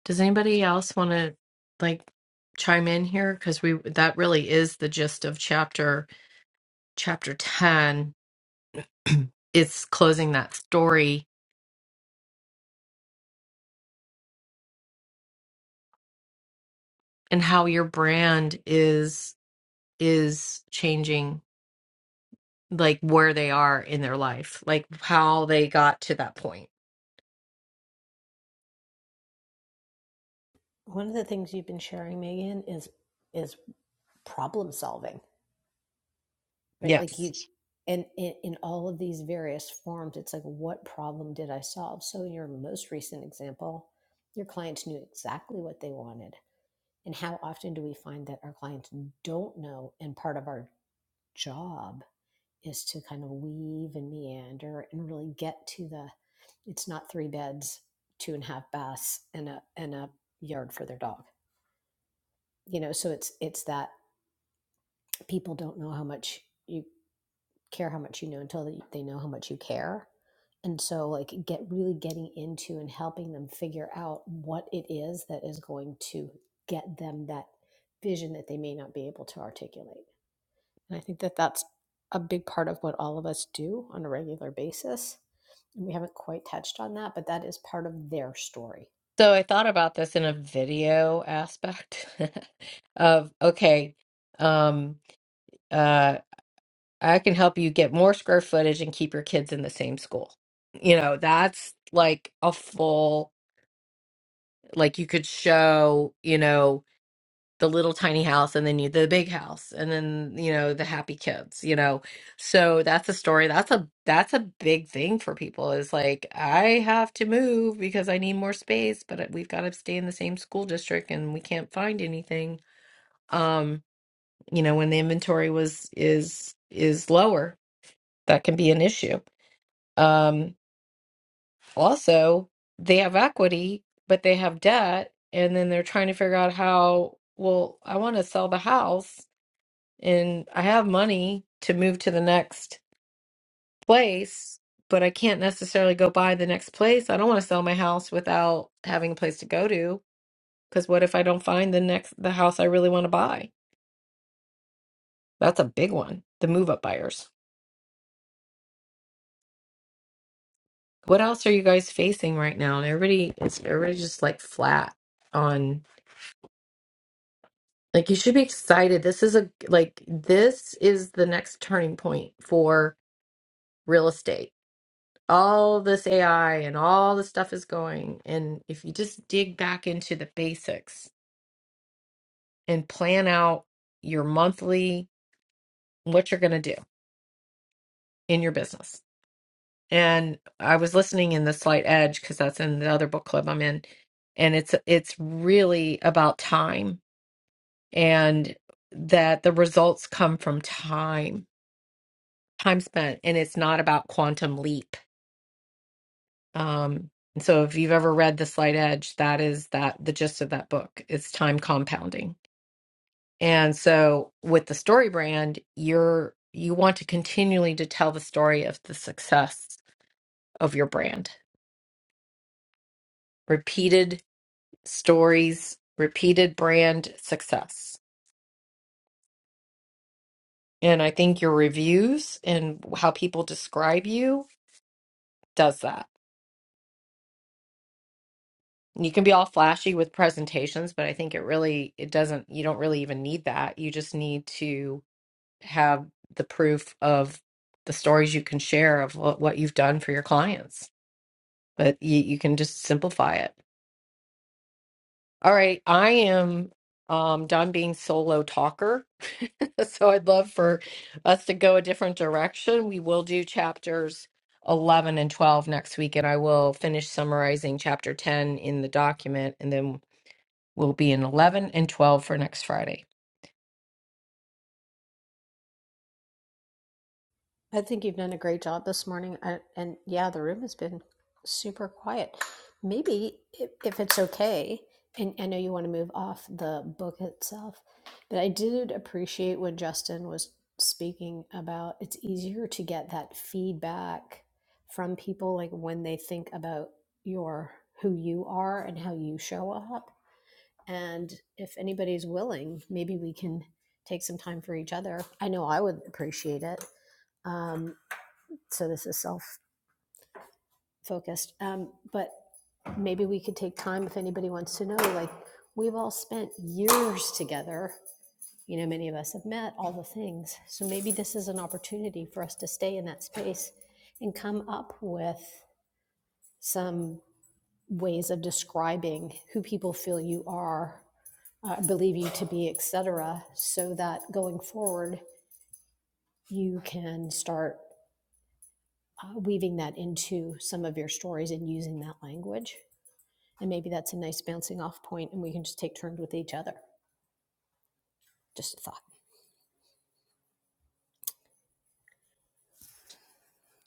S2: does anybody else want to like chime in here because we that really is the gist of chapter chapter 10 it's closing that story and how your brand is is changing like where they are in their life like how they got to that point yes So I thought about this in a video aspect of okay, um, uh, I can help you get more square footage and keep your kids in the same school. You know, that's like a full, like you could show, you know the little tiny house and then you the big house and then you know the happy kids you know so that's a story that's a that's a big thing for people is like i have to move because i need more space but uh, we've got to stay in the same school district and we can't find anything um you know when the inventory was is is lower that can be an issue um also they have equity but they have debt and then they're trying to figure out how well i want to sell the house and I have money to move to the next place, but I can't necessarily go buy the next place. I don't want to sell my house without having a place to go to because what if I don't find the next the house I really want to buy? That's a big one. The move up buyers. What else are you guys facing right now? And everybody it's everybody just like flat on like you should be excited. This is a like this is the next turning point for real estate all this AI and all this stuff is going. And if you just dig back into the basics and plan out your monthly, what you're going to do in your business. And I was listening in the Slight Edge because that's in the other book club I'm in, and it's it's really about time and that the results come from time, time spent, and it's not about quantum leap Um, and so if you've ever read The Slight Edge, that is that the gist of that book. It's time compounding. And so with the story brand, you're you want to continually to tell the story of the success of your brand. Repeated stories, repeated brand success. And I think your reviews and how people describe you does that. You can be all flashy with presentations, but I think it really it doesn't you don't really even need that. You just need to have the proof of the stories you can share of what, what you've done for your clients. But you, you can just simplify it. All right, I am um, done being solo talker, so I'd love for us to go a different direction. We will do chapters. 11 and 12 next week, and I will finish summarizing chapter 10 in the document, and then we'll be in 11 and 12 for next Friday.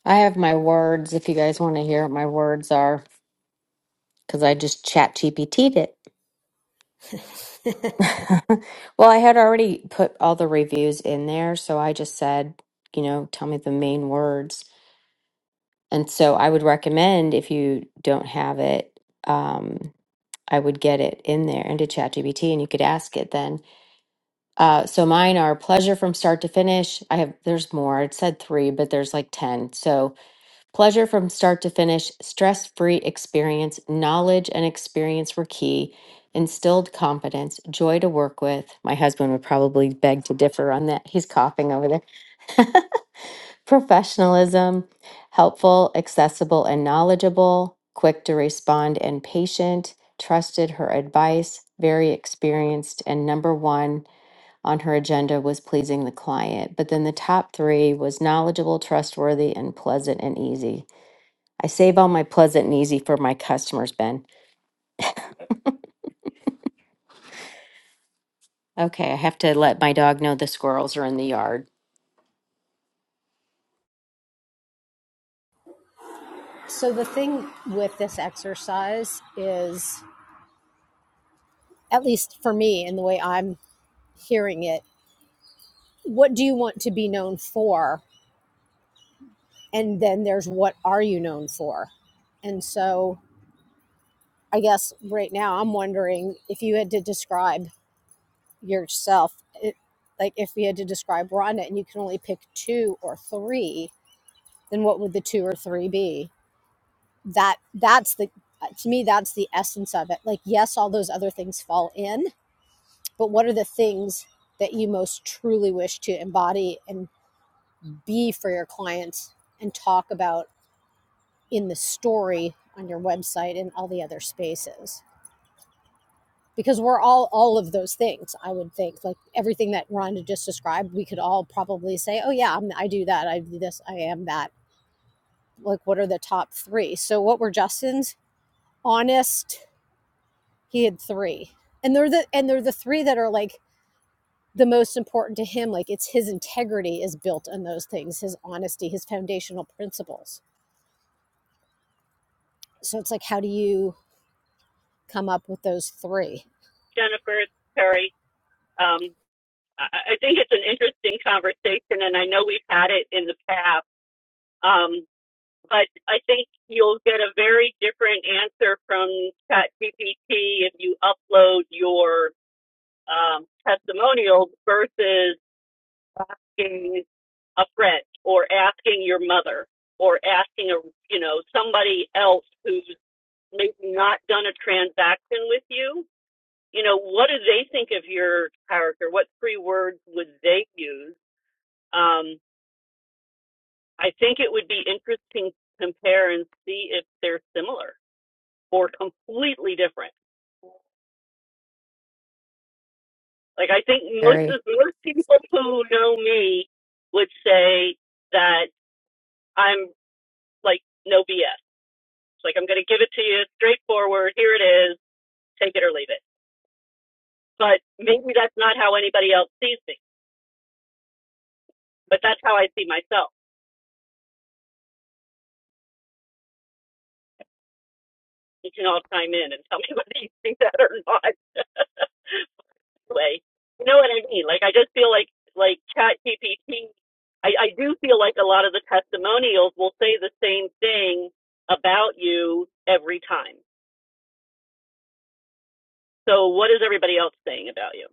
S1: I have my words if you guys want to hear what my words are because I just chat GPT'd it. well, I had already put all the reviews in there, so I just said, you know, tell me the main words. And so I would recommend if you don't have it, um, I would get it in there into ChatGPT and you could ask it then Uh, so mine are pleasure from start to finish. I have, there's more. It said three, but there's like 10. So pleasure from start to finish, stress free experience, knowledge and experience were key, instilled confidence, joy to work with. My husband would probably beg to differ on that. He's coughing over there. Professionalism, helpful, accessible, and knowledgeable, quick to respond and patient, trusted her advice, very experienced, and number one on her agenda was pleasing the client, but then the top three was knowledgeable, trustworthy, and pleasant and easy. I save all my pleasant and easy for my customers, Ben. Okay, I have to let my dog know the squirrels are in the yard.
S16: Jennifer, Terry, um, I I think it's an interesting conversation, and I know we've had it in the past. Um, but I think you'll get a very different answer from ChatGPT if you upload your um, testimonials versus being a friend or asking your mother or asking a you know somebody else who's maybe not done a transaction with you you know what do they think of your character what three words would they use um, i think it would be interesting to compare and see if they're similar or completely different like i think most
S1: Very.
S16: of most people who know me would say that I'm. like no BS. It's like I'm going to give it to you straightforward. Here it is. Take it or leave it. But maybe that's not how anybody else sees me. But that's how I see myself. You can all chime in and tell me whether you see that or not. Anyway, you know what I mean? Like I just feel like like Chat GPT. I, I do feel like a lot of the testimonials will say the same thing about you every time. So what is everybody else saying about you?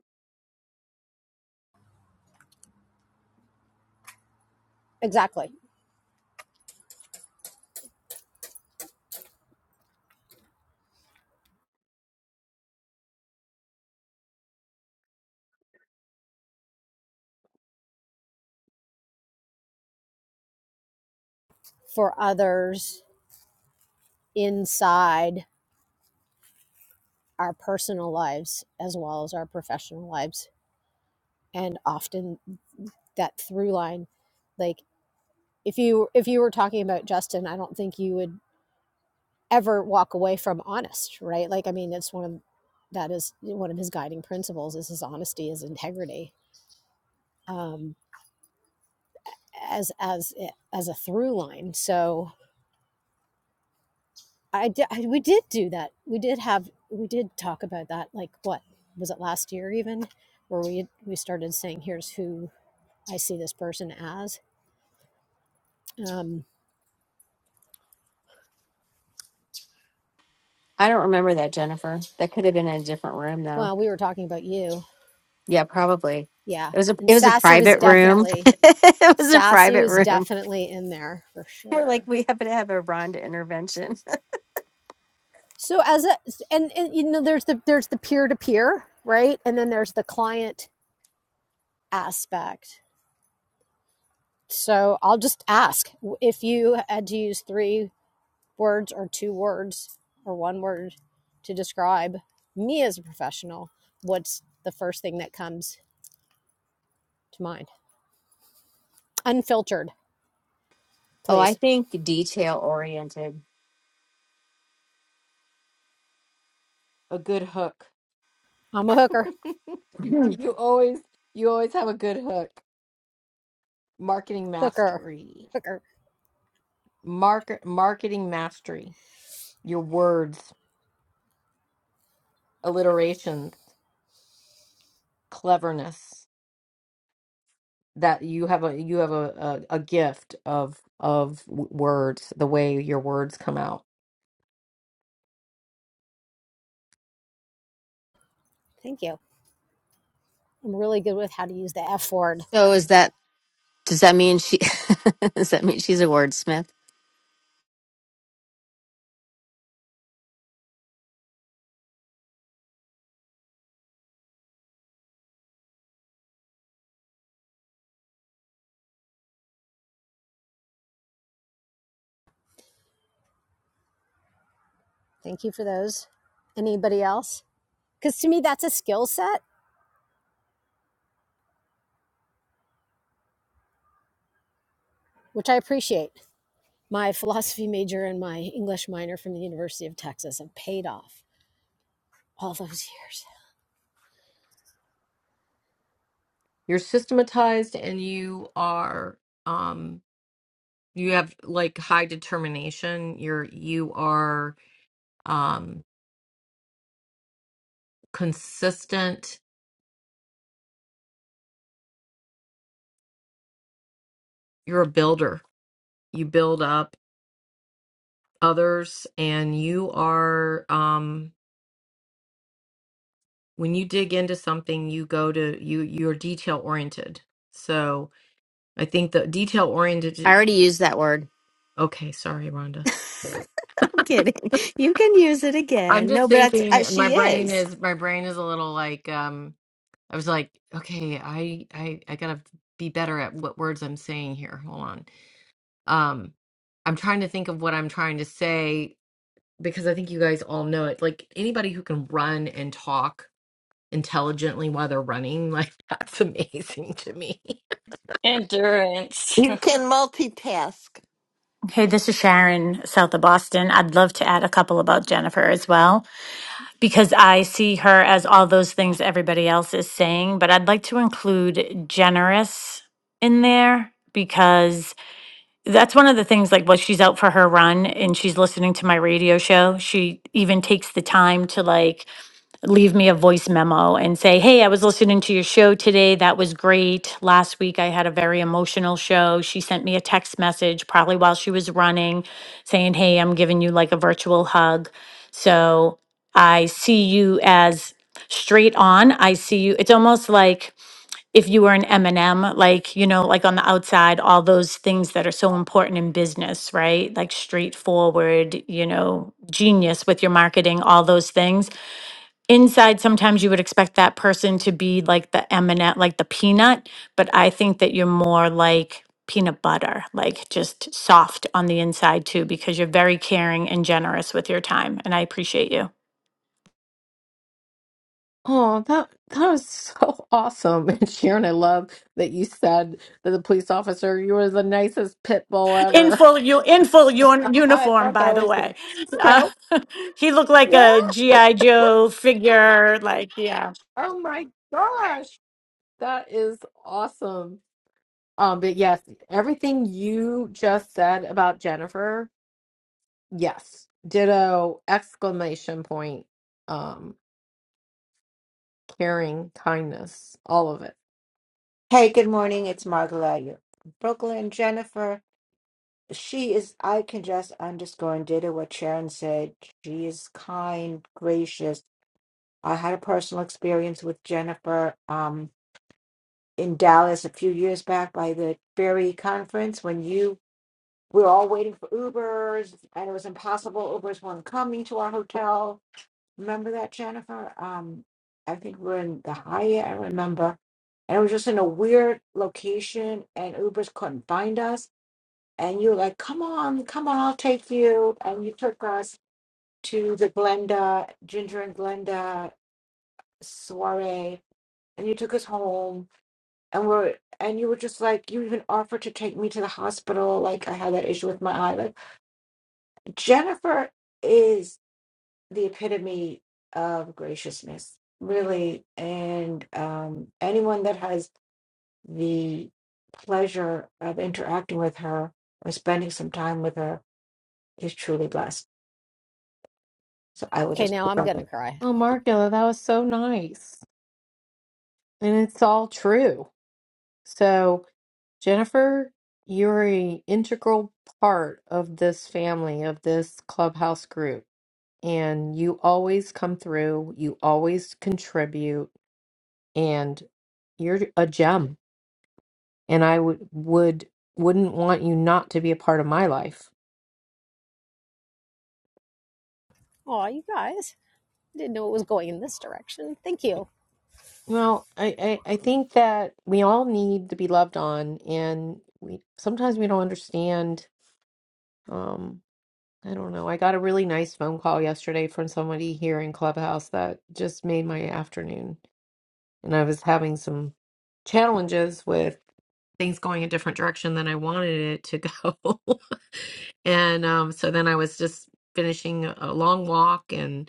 S1: I don't remember that, Jennifer. That could have been in a different room though. Yeah, probably. It was a it was a private room. it was a private room. We're like we happen to have a Rhonda intervention. Oh, I think detail oriented.
S2: A good hook. you always you always have a good hook. marketing mastery market marketing mastery your words alliteration cleverness that you have a you have a, a, a gift of of w- words the way your words come out
S1: So is that? Does that mean she does that mean she's a wordsmith?
S2: you're systematized and you are um you have like high determination you're you are um consistent you're a builder you build up others and you are um when you dig into something you go to you you're detail oriented so i think the detail
S1: I
S2: oriented
S1: already used that word.
S2: okay sorry rhonda
S1: I'm kidding. You can use it
S2: i'm
S1: again.
S2: just
S1: No, but that's uh,
S2: thinking my
S1: she
S2: brain
S1: is.
S2: is my brain is a little like um i was like okay i i i gotta be better at what words i'm saying here hold on um i'm trying to think of what i'm trying to say because i think you guys all know it like anybody who can run and talk intelligently while they're running like that's amazing to me
S13: Endurance.
S17: You can multitask.
S18: Hey, this is Sharon, south of Boston. I'd love to add a couple about Jennifer as well, because I see her as all those things everybody else is saying, but I'd like to include generous in there because that's one of the things like while she's out for her run and she's listening to my radio show she even takes the time to like leave me a voice memo and say hey i was listening to your show today that was great last week i had a very emotional show she sent me a text message probably while she was running saying hey i'm giving you like a virtual hug so i see you as straight on i see you it's almost like if you were an M&M, like, you know, like on the outside, all those things that are so important in business, right? Like straightforward, you know, genius with your marketing, all those things. Inside, sometimes you would expect that person to be like the M&M, like the peanut, but I think that you're more like peanut butter, like just soft on the inside too, because you're very caring and generous with your time. And I appreciate you.
S2: Oh, that that was so awesome. And Sharon, I love that you said that the police officer, you were the nicest pit bull
S18: In
S2: ever.
S18: full, u- in full un-
S2: I
S18: uniform,
S2: thought
S18: by
S2: that
S18: the
S2: was
S18: way. Uh,
S2: so
S18: he looked like
S2: yeah.
S18: a GI Joe figure, like yeah,
S2: Oh my gosh. That is awesome. Um, but yes, everything you just said about Jennifer, yes. Ditto, exclamation point, um, caring, kindness, all of it.
S19: Hey, good morning. It's Margaret you Brooklyn, Jennifer. She is, I can just underscore and did what Sharon said. She is kind, gracious. I had a personal experience with Jennifer um, in Dallas a few years back by the Ferry Conference when you we were all waiting for Ubers and it was impossible. Ubers weren't coming to our hotel Remember that, Jennifer? Um, I think we we're in the Hyatt, I remember. And it was just in a weird location and Ubers couldn't find us. And you were like, come on, come on, I'll take you. And you took us to the Glenda, Ginger and Glenda soiree. And you took us home. And we're, and you were just like, you even offered to take me to the hospital. Like I had that issue with my eye. Like Jennifer is the epitome of graciousness, really. And um, anyone that has the pleasure of interacting with her or spending some time with her is truly blessed. So I will just put that there.
S2: Oh, Margula, that was so nice. And it's all true. So Jennifer, you're an integral part of this family, of this clubhouse group, and you always come through, you always contribute, and you're a gem. And I would would wouldn't want you not to be a part of my life. Well, I, I, I think that we all need to be loved on, and we sometimes we don't understand. Um, I don't know. I got a really nice phone call yesterday from somebody here in Clubhouse that just made my afternoon. And I was having some challenges with things going a different direction than I wanted it to go. And um, so then I was just finishing a long walk and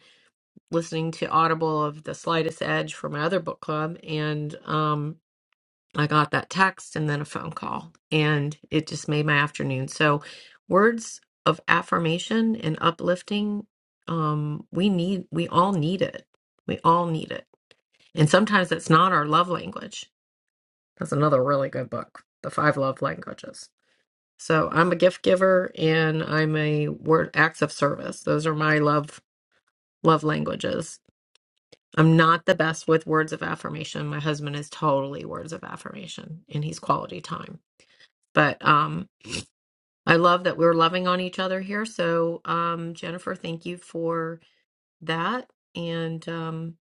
S2: listening to Audible of The Slightest Edge for my other book club. And um, I got that text and then a phone call, and it just made my afternoon. So, words of affirmation and uplifting, um, we need, we all need it. We all need it. And sometimes that's not our love language. That's another really good book, The Five Love Languages. So, I'm a gift giver and I'm a word acts of service. Those are my love love languages. I'm not the best with words of affirmation. My husband is totally words of affirmation and he's quality time But um, I love that we're loving on each other here. So, um, Jennifer, thank you for that. And um,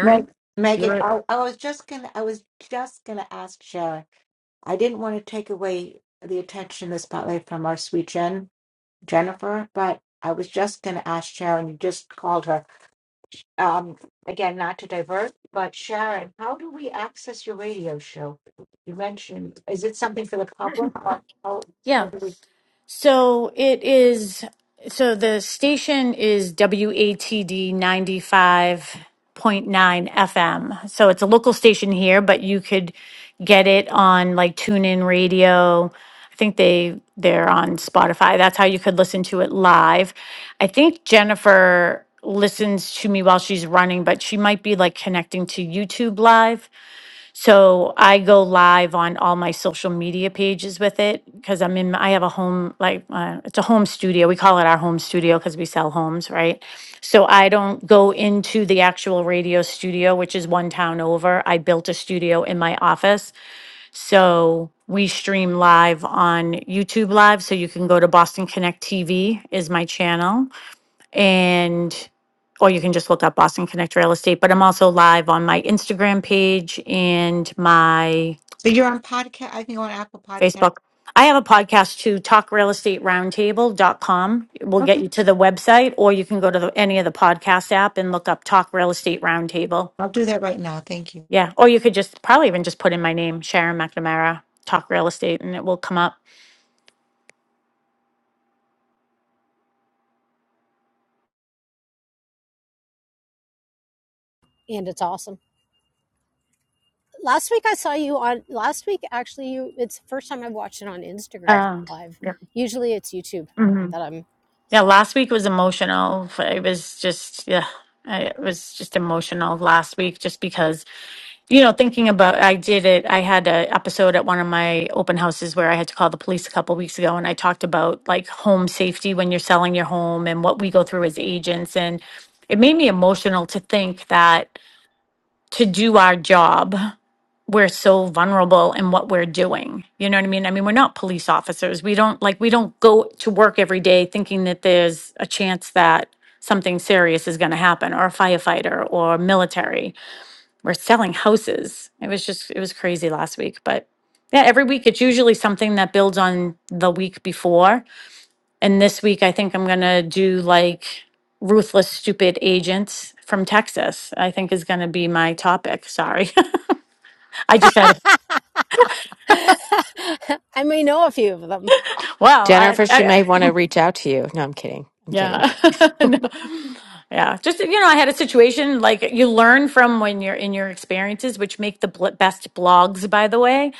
S19: Meg,
S2: you're
S19: Megan,
S2: right.
S19: I, I was just gonna, I was just gonna ask Sharon. I didn't want to take away the attention, the spotlight from our sweet Jen, Jennifer, but I was just gonna ask Sharon. You just called her Um, again, not to divert, but Sharon, how do we access your radio show? You mentioned, is it something for the public? Or how,
S18: yeah.
S19: how do we?
S18: So it is, so the station is WATD 95.9 FM. So it's a local station here, but you could get it on like TuneIn Radio. I think they they're on Spotify. That's how you could listen to it live. I think Jennifer listens to me while she's running, but she might be like connecting to YouTube live. So I go live on all my social media pages with it because I'm in, I have a home, like, uh, it's a home studio. We call it our home studio because we sell homes, right? So I don't go into the actual radio studio, which is one town over. I built a studio in my office. So we stream live on YouTube Live. So you can go to Boston Connect TV is my channel and or you can just look up Boston Connect Real Estate. But I'm also live on my Instagram page and my
S19: But you're on podcast. I think on Apple Podcast.
S18: Facebook. I have a podcast too, talkrealestateroundtable.com. It will get
S19: Okay.
S18: you to the website, or you can go to the, any of the podcast app and look up Talk Real Estate Roundtable.
S19: I'll do that right now. Thank you.
S18: Yeah. Or you could just probably even just put in my name, Sharon McNamara, Talk Real Estate, and it will come up. Um, yeah. Mhm. Yeah, last week was emotional. It was just, yeah, I- it was just emotional last week just because, you know, thinking about I did it. I had an episode at one of my open houses where I had to call the police a couple weeks ago and I talked about like home safety when you're selling your home and what we go through as agents. And it made me emotional to think that to do our job we're so vulnerable in what we're doing. You know what I mean? I mean, we're not police officers. We don't like we don't go to work every day thinking that there's a chance that something serious is going to happen or a firefighter or military. We're selling houses. It was just it was crazy last week, but yeah, every week it's usually something that builds on the week before. And this week I think I'm going to do like ruthless stupid agents from Texas. I think is going to be my topic. Sorry. I just had a Well, I,
S1: Jennifer, she
S18: I,
S1: may want to reach out to you. No, I'm kidding. I'm kidding.
S18: Yeah. No. Yeah. Just, you know, I had a situation like you learn from when you're in your experiences, which make the bl best blogs, by the way.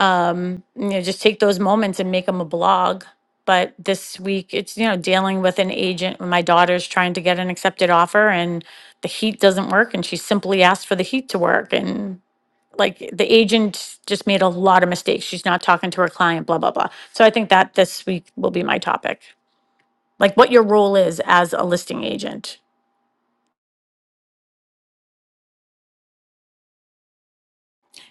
S18: Um, you know, just take those moments and make them a blog. But this week, it's, you know, dealing with an agent. My daughter's trying to get an accepted offer and the heat doesn't work. And she simply asked for the heat to work. And like the agent just made a lot of mistakes. She's not talking to her client, blah, blah, blah. So I think that this week will be my topic like what your role is as a listing agent.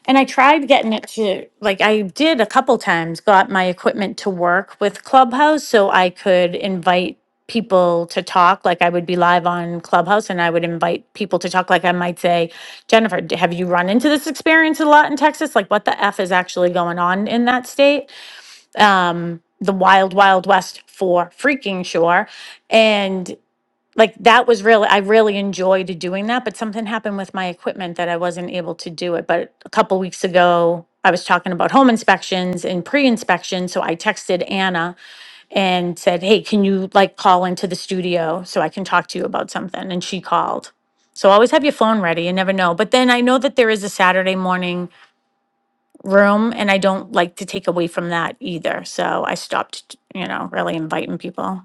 S18: And I tried getting it to, like, I did a couple times, got my equipment to work with Clubhouse so I could invite people to talk. Like, I would be live on Clubhouse and I would invite people to talk. Like, I might say, Jennifer, d- have you run into this experience a lot in Texas? Like, what the F is actually going on in that state? Um, the wild, wild west for freaking sure. And like that was really I really enjoyed doing that, but something happened with my equipment that I wasn't able to do it. But a couple weeks ago, I was talking about home inspections and pre-inspection, so I texted Anna and said, "Hey, can you like call into the studio so I can talk to you about something?" And she called. So always have your phone ready, you never know. But then I know that there is a Saturday morning room and I don't like to take away from that either. So I stopped, you know, really inviting people.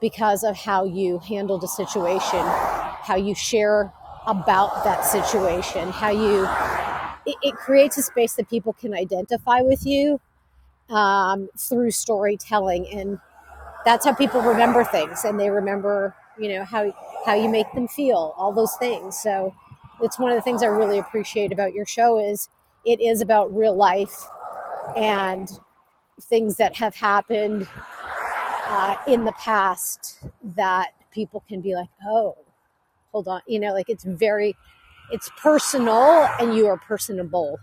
S20: because of how you handled a situation, how you share about that situation, how you it, it creates a space that people can identify with you um, through storytelling, and that's how people remember things, and they remember you know how how you make them feel, all those things. So it's one of the things I really appreciate about your show is it is about real life and things that have happened uh, in the past that people can be like, oh, hold on you know like it's very it's personal and you are personable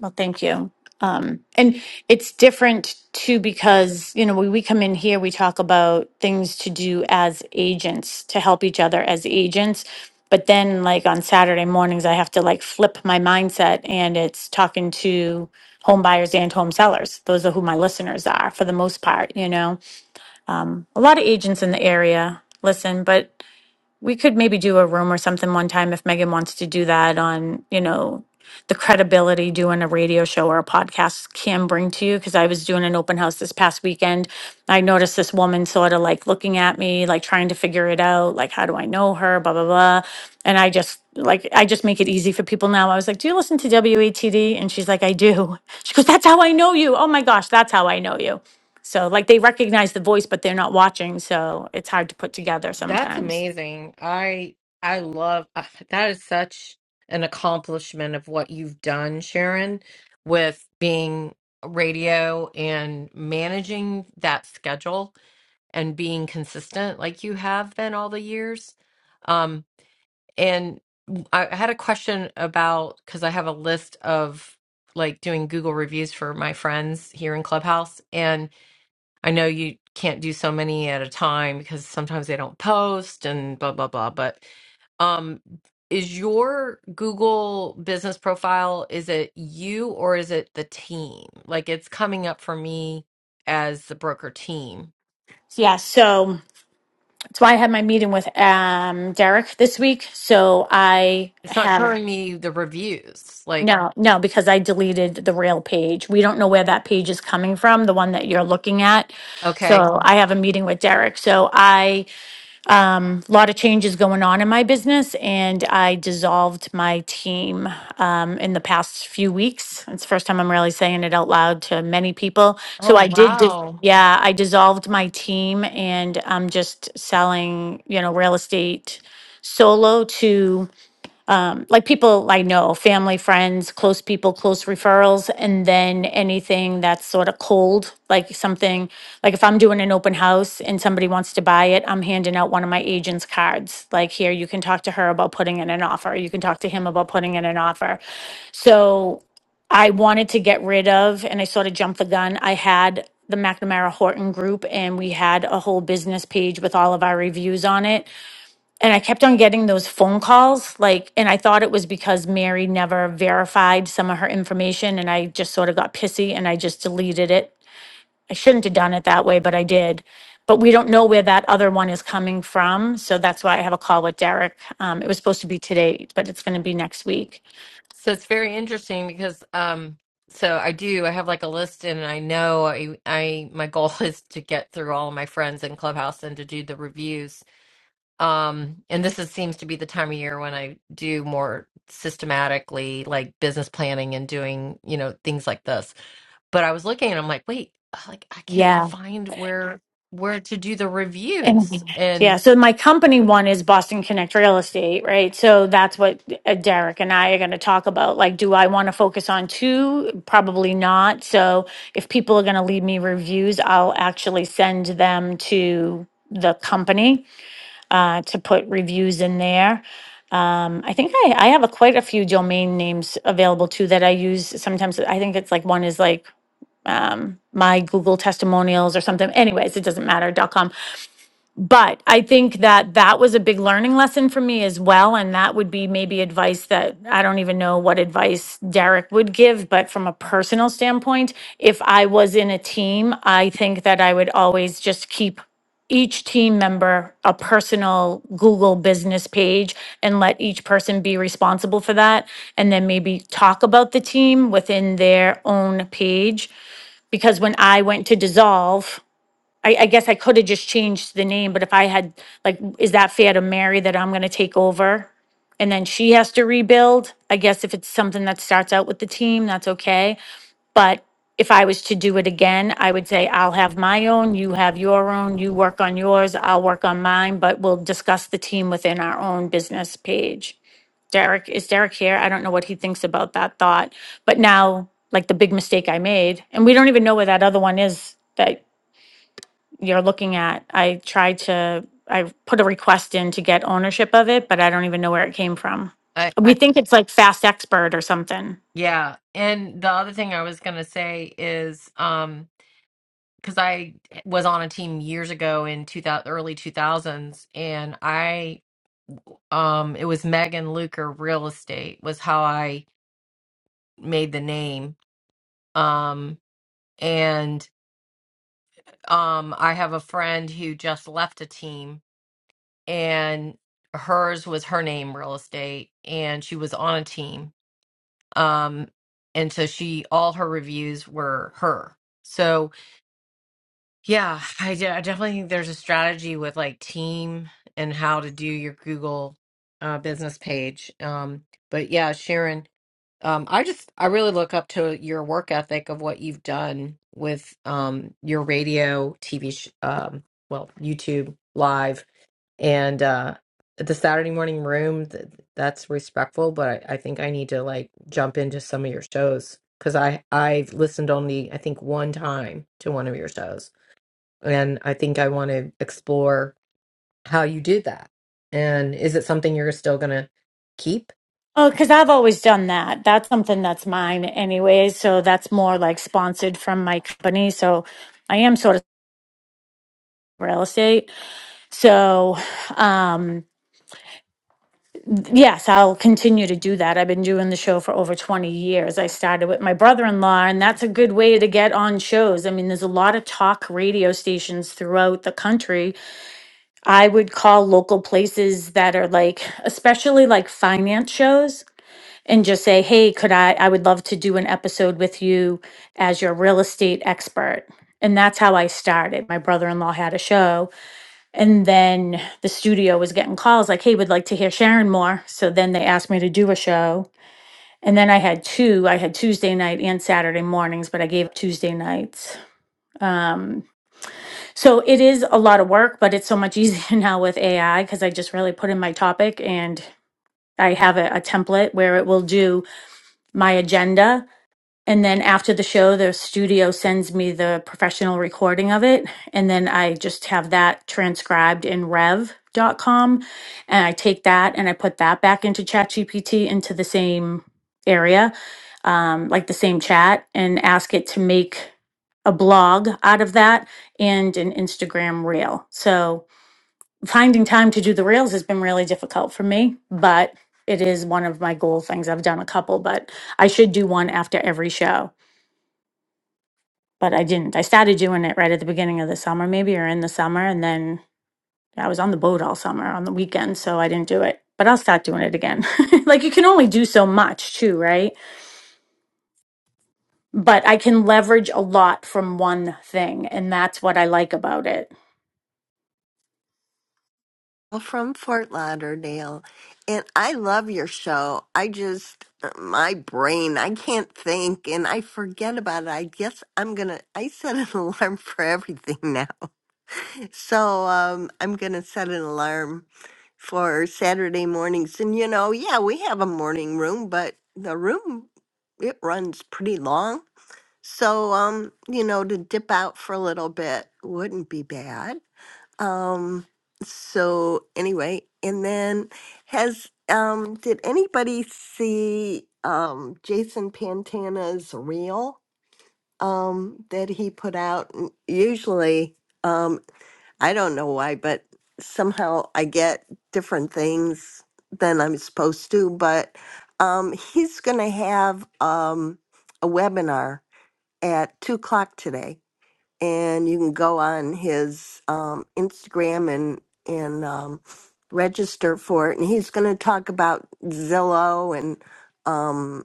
S18: Well, thank you. Um, and it's different too because, you know, when we come in here, we talk about things to do as agents to help each other as agents. But then, like on Saturday mornings, I have to like flip my mindset and it's talking to home buyers and home sellers. Those are who my listeners are for the most part, you know. Um, a lot of agents in the area listen, but we could maybe do a room or something one time if Megan wants to do that on, you know, the credibility doing a radio show or a podcast can bring to you. Cause I was doing an open house this past weekend. I noticed this woman sort of like looking at me, like trying to figure it out. Like, how do I know her? Blah, blah, blah. And I just, like, I just make it easy for people now. I was like, do you listen to WATD? And she's like, I do. She goes, that's how I know you. Oh my gosh, that's how I know you. So, like, they recognize the voice, but they're not watching. So it's hard to put together
S2: that's
S18: sometimes.
S2: amazing. I I love uh, that is such an accomplishment of what you've done, Sharon, with being radio and managing that schedule and being consistent like you have been all the years. Um, And I had a question about because I have a list of like doing Google reviews for my friends here in Clubhouse. And I know you can't do so many at a time because sometimes they don't post and blah, blah, blah. But um, is your Google business profile, is it you or is it the team? Like it's coming up for me as the broker team.
S18: Yeah, so that's why I had my meeting with um Derek this week. So I
S2: It's not
S18: have
S2: showing me the reviews. Like,
S18: no, no, because I deleted the rail page. We don't know where that page is coming from, the one that you're looking at.
S2: okay.
S18: So I have a meeting with Derek. So I um, a lot of changes going on in my business, and I dissolved my team um, in the past few weeks. It's the first time I'm really saying it out loud to many people. So
S2: Oh,
S18: I did, dis-
S2: wow.
S18: yeah, I dissolved my team, and I'm just selling, you know, real estate solo to um, like people I know, family, friends, close people, close referrals, and then anything that's sort of cold, like something like if I'm doing an open house and somebody wants to buy it, I'm handing out one of my agent's cards. Like here, you can talk to her about putting in an offer. You can talk to him about putting in an offer. So I wanted to get rid of, and I sort of jumped the gun. I had the McNamara Horton group, and we had a whole business page with all of our reviews on it and I kept on getting those phone calls, like, and I thought it was because Mary never verified some of her information, and I just sort of got pissy and I just deleted it. I shouldn't have done it that way, but I did. But we don't know where that other one is coming from, so that's why I have a call with Derek. Um, it was supposed to be today, but it's going to be next week.
S2: So it's very interesting because um so I do I have like a list and I know I I my goal is to get through all of my friends in Clubhouse and to do the reviews. Um and this is, seems to be the time of year when I do more systematically like business planning and doing, you know, things like this. But I was looking and I'm like, wait, like I can't find where where to do the
S18: And-
S2: reviews.
S18: yeah.
S2: And
S18: So my company one is Boston Connect Real Estate, right? So that's what uh, Derek and I are going to talk about. Like, do I want to focus on two? Probably not. So if people are going to leave me reviews, I'll actually send them to the company uh, to put reviews in there. Um, I think I, I have a, quite a few domain names available too that I use sometimes. I think it's like one is like um, my Google testimonials or something. Anyways, it doesn't matter. Dot .com but I think that that was a big learning lesson for me as well. And that would be maybe advice that I don't even know what advice Derek would give, but from a personal standpoint, if I was in a team, I think that I would always just keep each team member a personal Google business page and let each person be responsible for that. And then maybe talk about the team within their own page because when I went to dissolve, I, I guess I could have just changed the name, but if I had, like, is that fair to Mary that I'm gonna take over? And then she has to rebuild? I guess if it's something that starts out with the team, that's okay. But if I was to do it again, I would say I'll have my own, you have your own, you work on yours, I'll work on mine, but we'll discuss the team within our own business page. Derek, is Derek here? I don't know what he thinks about that thought. But now, like the big mistake I made, and we don't even know where that other one is that you're looking at. I tried to, I put a request in to get ownership of it, but I don't even know where it came from.
S2: I,
S18: We
S2: I
S18: think it's like Fast Expert or something.
S2: yeah, and the other thing I was going to say is um because I was on a team years ago in 2000, early 2000s, and I, um, it was Megan Luker Real Estate was how I made the name. Um, and um, I have a friend who just left a team, and hers was her name Real Estate, and she was on a team. Um, and so she, all her reviews were her. So. Yeah, I, de- I definitely think there's a strategy with like team and how to do your Google uh, business page. Um, but yeah, Sharon, um, I just I really look up to your work ethic of what you've done with um, your radio, TV, sh- um, well, YouTube live, and uh, the Saturday morning room. Th- that's respectful, but I, I think I need to like jump into some of your shows because I I've listened only I think one time to one of your shows and I think I want to explore how you did that. And is it something you're still going to keep?
S18: Oh, because I've always done that. That's something that's mine anyways. So that's more like sponsored from my company. So I am sort of real estate. So, um, Yes, I'll continue to do that. I've been doing the show for over 20 years. I started with my brother in law, and that's a good way to get on shows. I mean, there's a lot of talk radio stations throughout the country. I would call local places that are like, especially like finance shows, and just say, hey, could I, I would love to do an episode with you as your real estate expert. And that's how I started. My brother in law had a show. And then the studio was getting calls like, hey, we'd like to hear Sharon more. So then they asked me to do a show. And then I had two. I had Tuesday night and Saturday mornings, but I gave up Tuesday nights. Um, so it is a lot of work, but it's so much easier now with AI because I just really put in my topic and I have a, a template where it will do my agenda and then after the show, the studio sends me the professional recording of it. And then I just have that transcribed in Rev. dot com, And I take that and I put that back into ChatGPT into the same area, um, like the same chat, and ask it to make a blog out of that and an Instagram reel. So finding time to do the reels has been really difficult for me, but it is one of my goal things. I've done a couple, but I should do one after every show but I didn't. I started doing it right at the beginning of the summer, maybe, or in the summer. And then I was on the boat all summer on the weekends, so I didn't do it. But I'll start doing it again. like you can only do so much too, right? But I can leverage a lot from one thing. And that's what I like about it.
S17: Well, From Fort Lauderdale, and I love your show. I just my brain, I can't think, and I forget about it. I guess I'm gonna. I set an alarm for everything So um, I'm going to set an alarm for Saturday mornings. And, you know, yeah, we have a morning room, but the room, it runs pretty long. So, um, you know, to dip out for a little bit wouldn't be bad. Um, so anyway, and then has, um, did anybody see um, Jason Pantana's reel um, that he put out? N- Usually, um, I don't know why, but somehow I get different things than I'm supposed to. But um, he's going to have um, a webinar at two o'clock today, and you can go on his um, Instagram and and um, register for it. And he's going to talk about Zillow and um,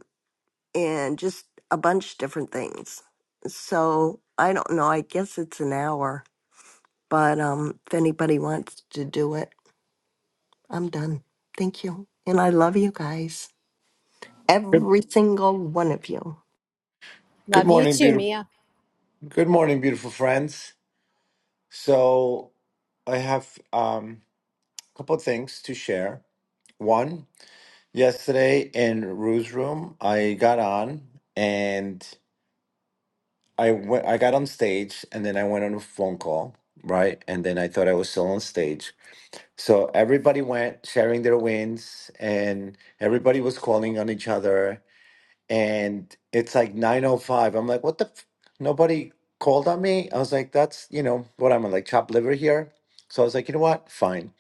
S17: and just a bunch of different things. So I don't know. I guess it's an hour. But um, if anybody wants to do it, I'm done. Thank you. And I love you guys,
S21: Good,
S17: every single one of you.
S21: good morning, beautiful. Good morning, beautiful friends. So, I have um, a couple of things to share. One, yesterday in Rue's room, I got on and I went. I got on stage, and then I went on a phone call, right? And then I thought I was still on stage. So everybody went sharing their wins, and everybody was calling on each other, and it's like 905 i'm like what the f-? nobody called on me i was like that's you know what i'm like chopped liver here so i was like you know what fine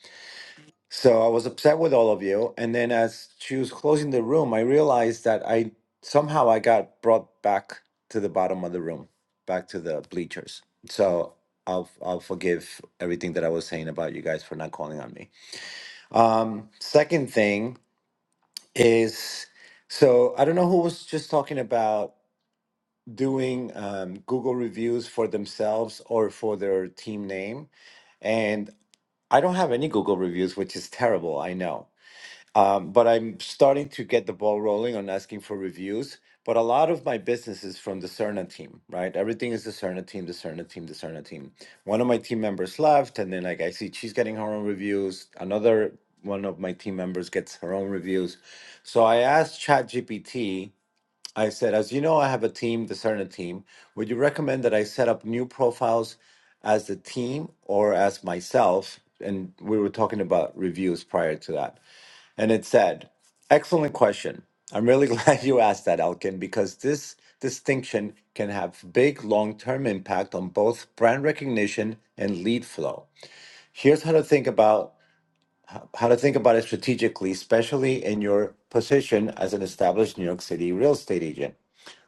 S21: so i was upset with all of you and then as she was closing the room i realized that i somehow i got brought back to the bottom of the room back to the bleachers so I'll, I'll forgive everything that I was saying about you guys for not calling on me. Um, second thing is, so I don't know who was just talking about doing um, Google reviews for themselves or for their team name. And I don't have any Google reviews, which is terrible, I know. Um, but I'm starting to get the ball rolling on asking for reviews. But a lot of my business is from the Cerna team, right? Everything is the Cerna team, the Cerna team, the Cerna team. One of my team members left, and then like I see she's getting her own reviews. Another one of my team members gets her own reviews. So I asked ChatGPT I said, as you know, I have a team, the Cerner team. Would you recommend that I set up new profiles as the team or as myself? And we were talking about reviews prior to that. And it said, excellent question. I'm really glad you asked that, Elkin, because this distinction can have big long term impact on both brand recognition and lead flow. Here's how to think about how to think about it strategically, especially in your position as an established New York City real estate agent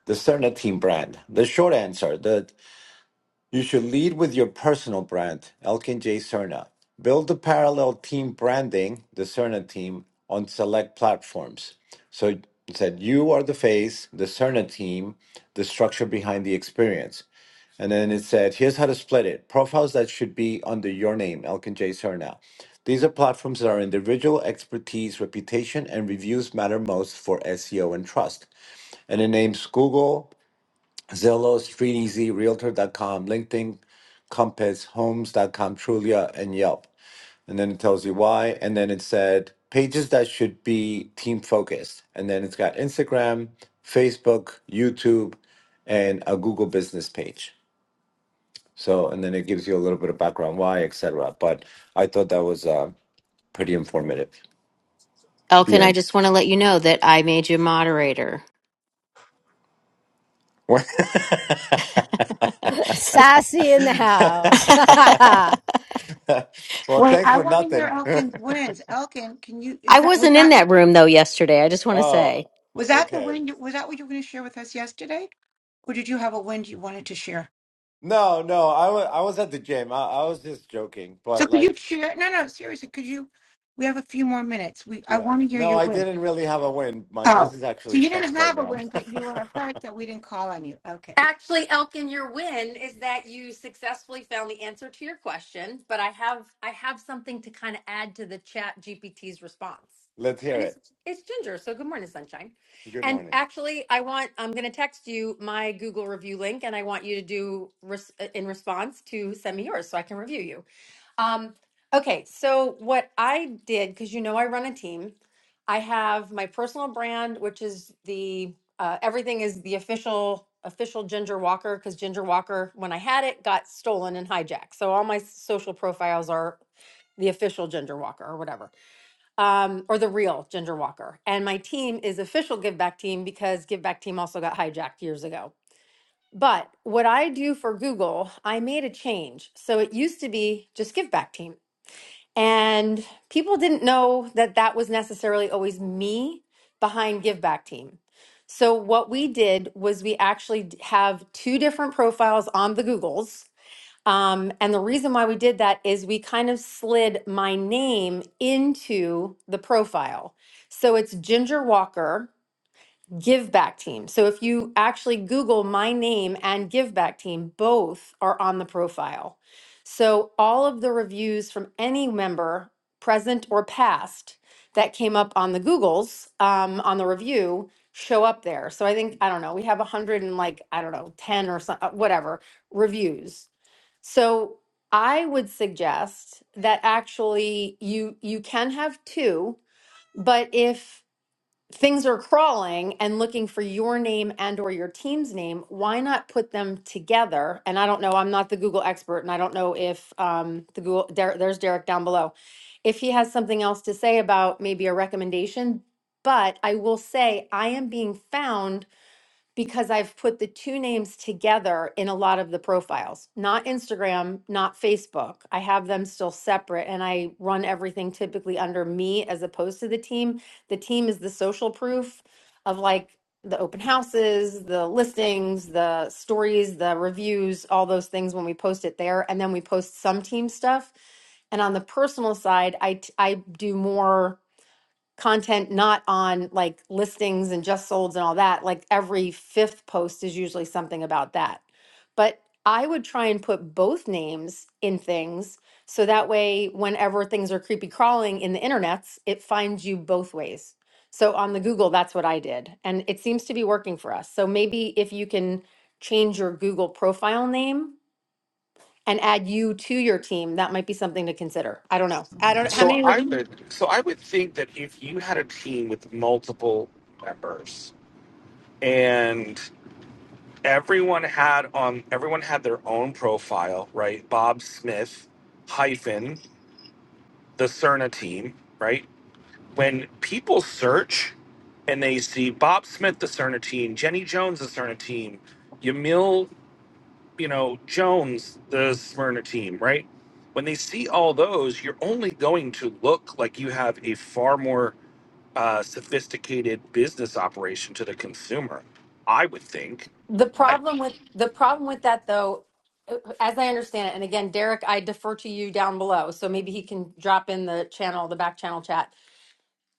S21: the Cerna team brand. The short answer that you should lead with your personal brand, Elkin J. Cerna. Build the parallel team branding, the Cerna team, on select platforms. So it said you are the face, the Cerna team, the structure behind the experience. And then it said, here's how to split it. Profiles that should be under your name, Elkin J. Cerna. These are platforms that are individual expertise, reputation, and reviews matter most for SEO and trust. And it names Google, Zillow, StreetEasy, Realtor dot com, LinkedIn, Compass, Homes dot com, Trulia, and Yelp. And then it tells you why. And then it said pages that should be team focused. And then it's got Instagram, Facebook, YouTube, and a Google business page. So, and then it gives you a little bit of background why, etc. But I thought that was uh, pretty informative. The
S1: Elkin, I
S21: end.
S1: just want to let you know that I made you moderator.
S21: well,
S19: Wait,
S21: thanks
S19: I
S21: for
S19: want to hear
S21: nothing.
S19: Elkin wins. Elkin, can you,
S1: I
S19: is that, was
S1: wasn't in
S19: that,
S1: that room though yesterday. I just want to
S21: Oh,
S1: say.
S19: was that the
S21: okay.
S19: win? Was that what you were going to share with us yesterday? Or did you have a win you wanted to share?
S21: No, no, I was I was at the gym. I, I was just joking,
S19: So
S21: but
S19: could
S21: like,
S19: you share? No, no, seriously, could you? We have a few more minutes. We, I
S21: yeah.
S19: want to hear
S21: No,
S19: your
S21: I
S19: win.
S21: didn't really have a win. My
S19: Oh,
S21: business
S19: so
S21: actually
S19: you didn't
S21: sucks right
S19: have a
S21: now.
S19: win, but you were hurt that we didn't call on you. Okay.
S22: Actually, Elkin, your win is that you successfully found the answer to your question, but I have I have something to kind of add to the chat GPT's response.
S21: Let's hear
S22: And it's
S21: it.
S22: it's Ginger, so good morning, sunshine.
S21: Good
S22: And
S21: morning.
S22: actually, I want I'm going to text you my Google review link and I want you to do res- uh, in response to send me yours so I can review you. Um, okay, so what I did, because you know I run a team, I have my personal brand, which is the uh, everything is the official official Ginger Walker, because Ginger Walker, when I had it, got stolen and hijacked. So all my social profiles are the official Ginger Walker or whatever, um, or the real Ginger Walker. And my team is official Give Back Team because Give Back Team also got hijacked years ago. But what I do for Google, I made a change. So it used to be just Give Back Team. And people didn't know that that was necessarily always me behind Give Back Team. So, what we did was we actually d- have two different profiles on the Googles. Um, and the reason why we did that is we kind of slid my name into the profile. So, it's Ginger Walker Give Back Team. So if you actually Google my name and Give Back Team, both are on the profile. So all of the reviews from any member, present or past, that came up on the Googles um, on the review show up there. So I think I don't know. We have a hundred and like I don't know ten or some, uh, whatever reviews. So I would suggest that actually you you can have two, but if things are crawling and looking for your name and or your team's name why not put them together and i don't know i'm not the google expert and i don't know if um, the google Der- there's derek down below if he has something else to say about maybe a recommendation but i will say i am being found because I've put the two names together in a lot of the profiles, not Instagram, not Facebook. I have them still separate and I run everything typically under me as opposed to the team. The team is the social proof of like the open houses, the listings, the stories, the reviews, all those things when we post it there. And then we post some team stuff. And on the personal side, I, t- I do more content not on like listings and just solds and all that, like every fifth post is usually something about that. But I would try and put both names in things so that way whenever things are creepy crawling in the internets, it finds you both ways. So on the Google, that's what I did. And it seems to be working for us. So maybe if you can change your Google profile name and add you to your team, that might be something to consider. I don't know. I don't how
S5: So
S22: many
S5: I would so I would think that if you had a team with multiple members and everyone had on everyone had their own profile, right? Bob Smith hyphen the Cerna team, right? When people search and they see Bob Smith the Cerna team, Jenny Jones the Cerna team, Yamil, you know, Jones the Smyrna team, right? When they see all those, you're only going to look like you have a far more uh, sophisticated business operation to the consumer. I would think.
S22: The
S5: I,
S22: problem with the problem with that though, as I understand it, and again, Derek, I defer to you down below, so maybe he can drop in the channel, the back channel chat.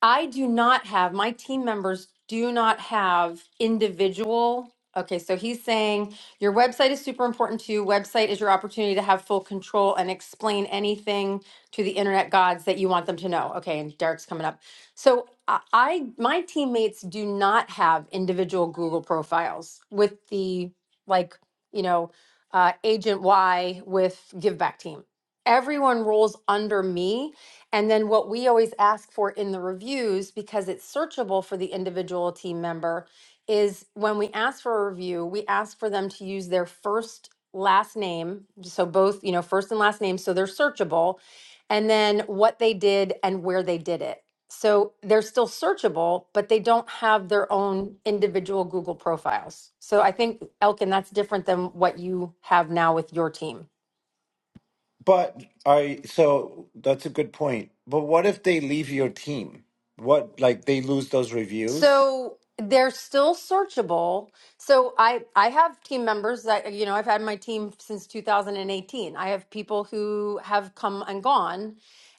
S22: I do not have, my team members do not have individual. Okay, so he's saying your website is super important to you. Website is your opportunity to have full control and explain anything to the internet gods that you want them to know. Okay, and Derek's coming up. So I, I my teammates do not have individual Google profiles with the like, you know, uh, Agent Y with Give Back Team. Everyone rolls under me and then what we always ask for in the reviews, because it's searchable for the individual team member, is when we ask for a review, we ask for them to use their first last name. So both, you know, first and last name. So they're searchable. And then what they did and where they did it. So they're still searchable, but they don't have their own individual Google profiles. So I think, Elkin, that's different than what you have now with your team.
S21: But I so that's a good point. But what if they leave your team? What like they lose those reviews?
S22: So they're still searchable. So I I have team members that you know I've had my team since 2018. I have people who have come and gone,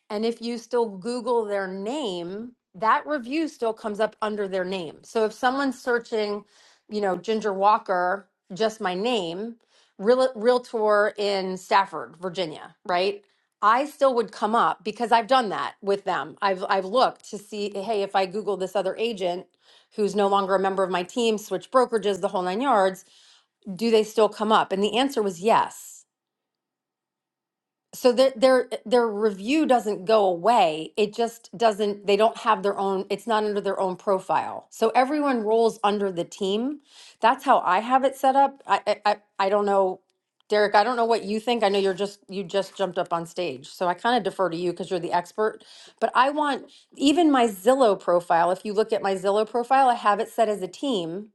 S22: and if you still Google their name, that review still comes up under their name. So if someone's searching, you know, Ginger Walker, just my name, real, realtor in Stafford, Virginia, right? I still would come up because I've done that with them. I've I've looked to see, hey, if I Google this other agent who's no longer a member of my team, switch brokerages, the whole nine yards, do they still come up? And the answer was yes so their their their review doesn't go away it just doesn't they don't have their own it's not under their own profile so everyone rolls under the team that's how i have it set up i i, I I don't know derek i don't know what you think i know you're just you just jumped up on stage so i kind of defer to you because you're the expert but i want even my zillow profile if you look at my zillow profile i have it set as a team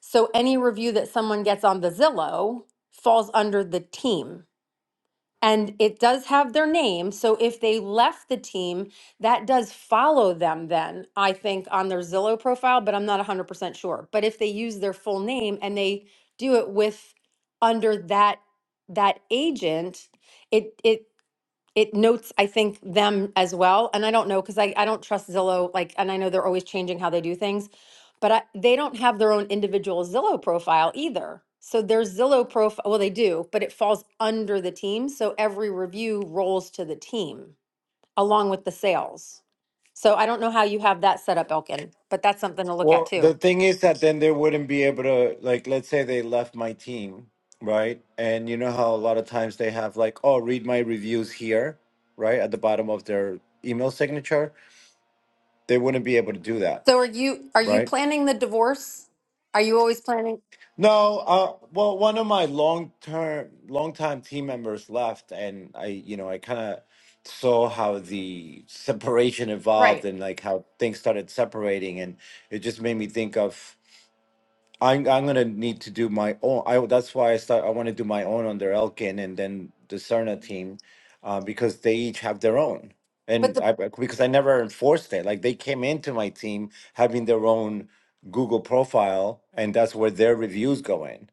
S22: so any review that someone gets on the zillow falls under the team and it does have their name. So if they left the team, that does follow them then, I think, on their Zillow profile, but I'm not 100% sure. But if they use their full name and they do it with under that that agent, it it it notes i think them as well and i don't know because I, I don't trust zillow like and i know they're always changing how they do things but I, they don't have their own individual zillow profile either so their zillow profile well they do but it falls under the team so every review rolls to the team along with the sales so i don't know how you have that set up elkin but that's something to look at
S21: Well, the
S22: too
S21: thing is that then they wouldn't be able to, like, let's say they left my team, right? And you know how a lot of times they have, like, oh, read my reviews here, right? At the bottom of their email signature. They wouldn't be able to do that,
S22: so are you are you
S21: right?
S22: planning the divorce are you always planning
S21: No, uh, well, one of my long term, long time team members left, and I, you know, I kind of saw how the separation evolved
S22: right
S21: and like how things started separating, and it just made me think of I'm I'm gonna need to do my own. I that's why I start. I want to do my own under Elkin and then the Cerna team, uh, because they each have their own.
S22: but the.
S21: And I because I never enforced it. Like they came into my team having their own Google profile, and that's where their reviews go in.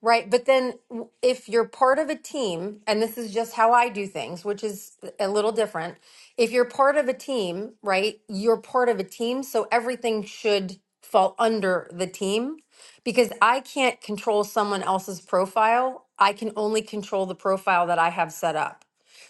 S22: Right. But then w- if you're part of a team, and this is just how I do things, which is a little different. If you're part of a team, right, you're part of a team. So everything should fall under the team because I can't control someone else's profile. I can only control the profile that I have set up.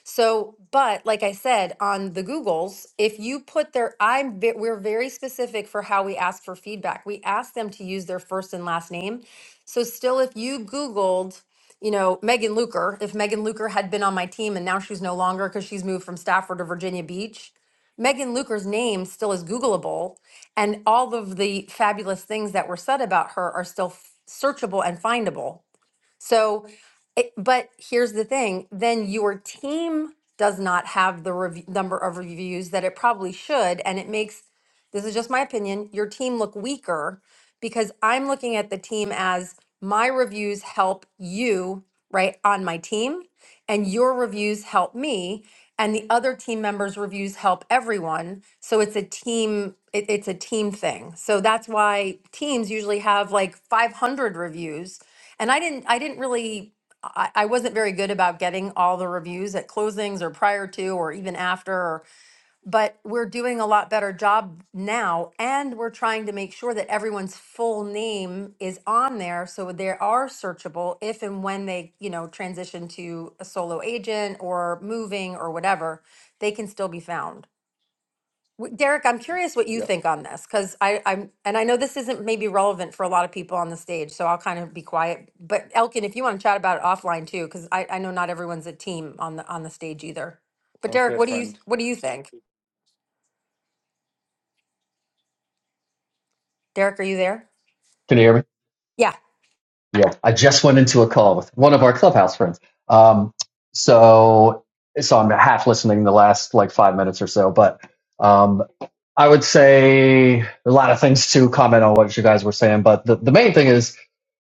S22: So, but like I said, on the Googles, if you put their, I'm, ve- we're very specific for how we ask for feedback. We ask them to use their first and last name. So still, if you Googled, you know, Megan Luker, if Megan Luker had been on my team and now she's no longer because she's moved from Stafford to Virginia Beach, Megan Luker's name still is Googleable. And all of the fabulous things that were said about her are still f- searchable and findable. So, it, but here's the thing then your team does not have the rev- number of reviews that it probably should. And it makes, this is just my opinion, your team look weaker because I'm looking at the team as my reviews help you, right, on my team and your reviews help me and the other team members reviews help everyone so it's a team it, it's a team thing so that's why teams usually have like 500 reviews and i didn't i didn't really I, I wasn't very good about getting all the reviews at closings or prior to or even after or but we're doing a lot better job now and we're trying to make sure that everyone's full name is on there so they are searchable if and when they you know transition to a solo agent or moving or whatever they can still be found W- derek i'm curious what you
S21: Yeah,
S22: think on this because i i'm and i know this isn't maybe relevant for a lot of people on the stage so i'll kind of be quiet but elkin if you want to chat about it offline too because I, I know not everyone's a team on the on the stage either but
S21: sounds
S22: derek
S21: good,
S22: what do you
S21: friend.
S22: what do you think derek are you there
S23: Can you hear me?
S22: Yeah.
S23: Yeah. I just went into a call with one of our clubhouse friends. Um, so, so I'm half listening the last like five minutes or so, but, um, I would say a lot of things to comment on what you guys were saying, but the, the main thing is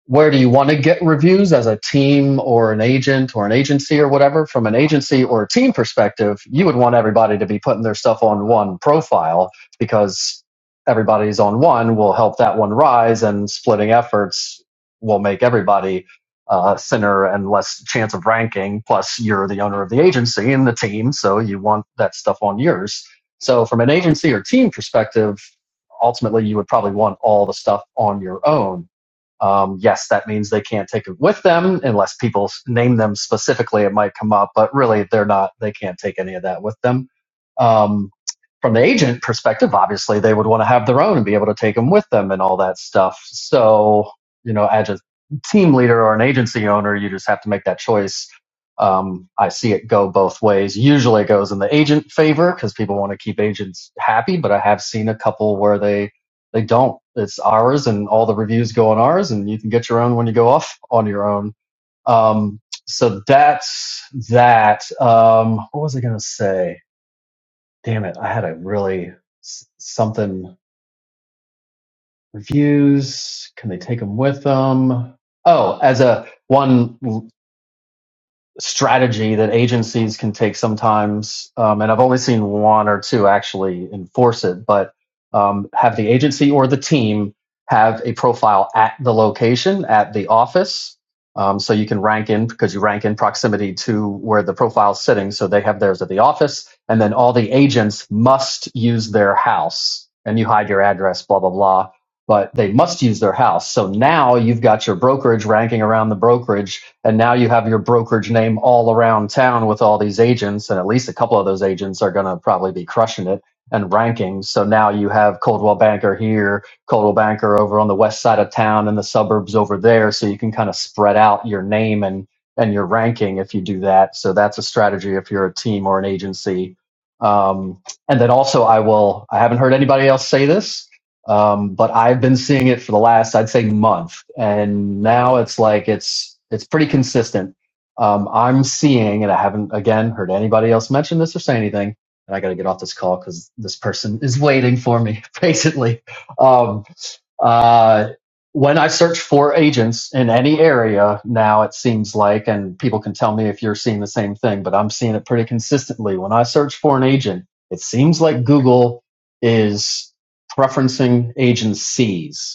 S23: where do you want to get reviews as a team or an agent or an agency or whatever from an agency or a team perspective you would want everybody to be putting their stuff on one profile because everybody's on one will help that one rise and splitting efforts will make everybody uh, thinner and less chance of ranking plus you're the owner of the agency and the team so you want that stuff on yours so from an agency or team perspective ultimately you would probably want all the stuff on your own um, yes, that means they can't take it with them unless people name them specifically. It might come up, but really, they're not. They can't take any of that with them. Um, from the agent perspective, obviously, they would want to have their own and be able to take them with them and all that stuff. So, you know, as a team leader or an agency owner, you just have to make that choice. Um, I see it go both ways. Usually, it goes in the agent favor because people want to keep agents happy, but I have seen a couple where they they don't. It's ours, and all the reviews go on ours, and you can get your own when you go off on your own. Um, so that's that. Um, what was I going to say? Damn it! I had a really s- something reviews. Can they take them with them? Oh, as a one. strategy that agencies can take sometimes, um, and I've only seen one or two actually enforce it, but um, have the agency or the team have a profile at the location, at the office. Um, so you can rank in because you rank in proximity to where the profile is sitting. So they have theirs at the office, and then all the agents must use their house, and you hide your address, blah blah blah. But they must use their house. So now you've got your brokerage ranking around the brokerage and now you have your brokerage name all around town with all these agents, and at least a couple of those agents are going to probably be crushing it and ranking. So now you have Coldwell Banker here, Coldwell Banker over on the west side of town, and the suburbs over there. So you can kind of spread out your name and and your ranking if you do that. So that's a strategy if you're a team or an agency. Um, and then also, I will. I haven't heard anybody else say this, um, but I've been seeing it for the last, I'd say, month, and now it's like it's it's pretty consistent. Um, I'm seeing, and I haven't again heard anybody else mention this or say anything. And I got to get off this call because this person is waiting for me, basically. Um, uh, when I search for agents in any area now, it seems like, and people can tell me if you're seeing the same thing, but I'm seeing it pretty consistently. When I search for an agent, it seems like Google is preferencing agencies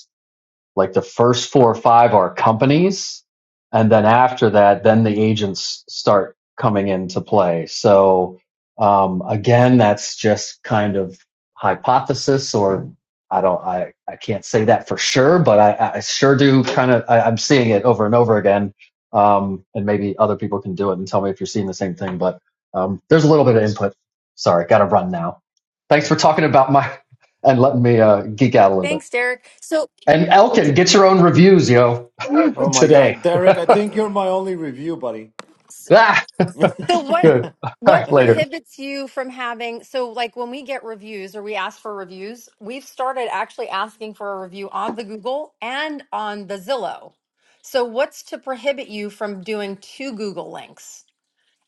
S23: like the first four or five are companies, and then after that, then the agents start coming into play. So um, again, that's just kind of hypothesis, or I don't, I, I can't say that for sure, but I, I sure do kind of, I, I'm seeing it over and over again. Um, and maybe other people can do it and tell me if you're seeing the same thing, but um, there's a little bit of input. Sorry, got to run now. Thanks for talking about my and letting me uh, geek out a little bit.
S22: Thanks, Derek. So,
S23: And Elkin gets her own reviews, yo,
S21: Oh my
S23: today.
S21: God, Derek, I think you're my only review buddy.
S23: ah,
S21: yeah,
S22: so what
S23: good. All
S22: what
S23: right, later.
S22: prohibits you from having so like when we get reviews or we ask for reviews, we've started actually asking for a review on the Google and on the Zillow. So, what's to prohibit you from doing two Google links?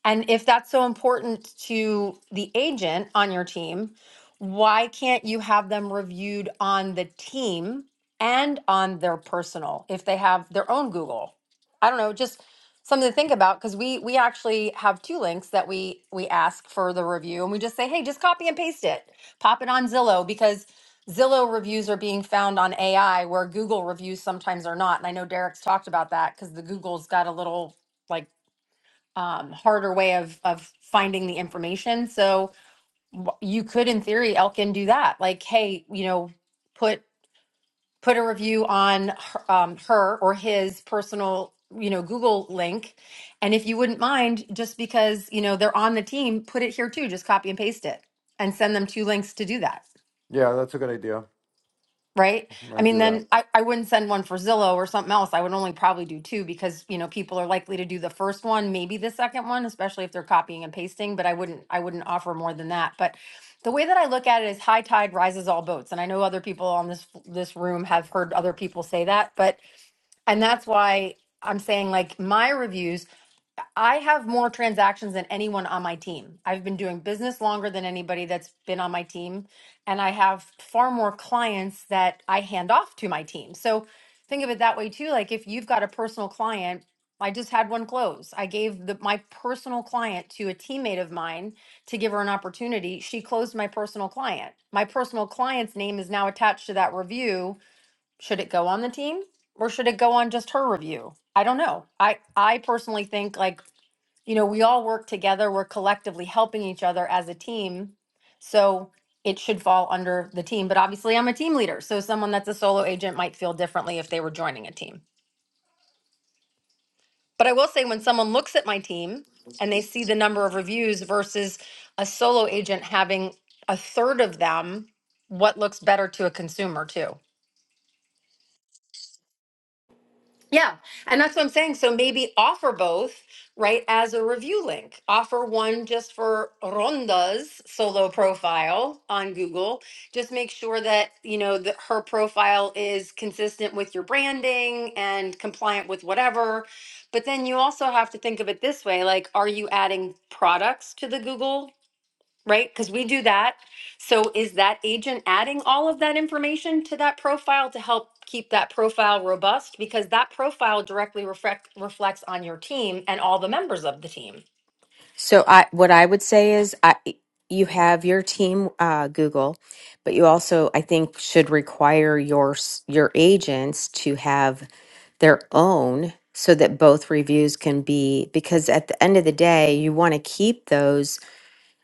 S22: And if that's so important to the agent on your team, why can't you have them reviewed on the team and on their personal if they have their own Google? I don't know, just something to think about because we we actually have two links that we we ask for the review and we just say, "Hey, just copy and paste it. Pop it on Zillow because Zillow reviews are being found on AI where Google reviews sometimes are not." And I know Derek's talked about that cuz the Google's got a little like um, harder way of of finding the information. So you could, in theory, Elkin do that. Like, hey, you know, put put a review on her, um, her or his personal, you know, Google link, and if you wouldn't mind, just because you know they're on the team, put it here too. Just copy and paste it, and send them two links to do that.
S21: that's a good idea.
S22: right? I
S21: might
S22: mean,
S21: do that.
S22: then I, I wouldn't send one for Zillow or something else. I would only probably do two because, you know, people are likely to do the first one, maybe the second one, especially if they're copying and pasting, but I wouldn't I wouldn't offer more than that. But the way that I look at it is high tide rises all boats. And I know other people on this this room have heard other people say that, but and that's why I'm saying like my reviews I have more transactions than anyone on my team. I've been doing business longer than anybody that's been on my team. And I have far more clients that I hand off to my team. So think of it that way too. Like if you've got a personal client, I just had one close. I gave the, my personal client to a teammate of mine to give her an opportunity. She closed my personal client. My personal client's name is now attached to that review. Should it go on the team or should it go on just her review? I don't know. I I personally think like you know, we all work together, we're collectively helping each other as a team. So it should fall under the team, but obviously I'm a team leader. So someone that's a solo agent might feel differently if they were joining a team. But I will say when someone looks at my team and they see the number of reviews versus a solo agent having a third of them, what looks better to a consumer too? Yeah, and that's what I'm saying. So maybe offer both, right, as a review link. Offer one just for Ronda's solo profile on Google. Just make sure that, you know, that her profile is consistent with your branding and compliant with whatever. But then you also have to think of it this way, like are you adding products to the Google right? Because we do that. So is that agent adding all of that information to that profile to help keep that profile robust? Because that profile directly reflect, reflects on your team and all the members of the team.
S1: So I what I would say is I you have your team uh, Google, but you also I think should require your s- your agents to have their own so that both reviews can be because at the end of the day you want to keep those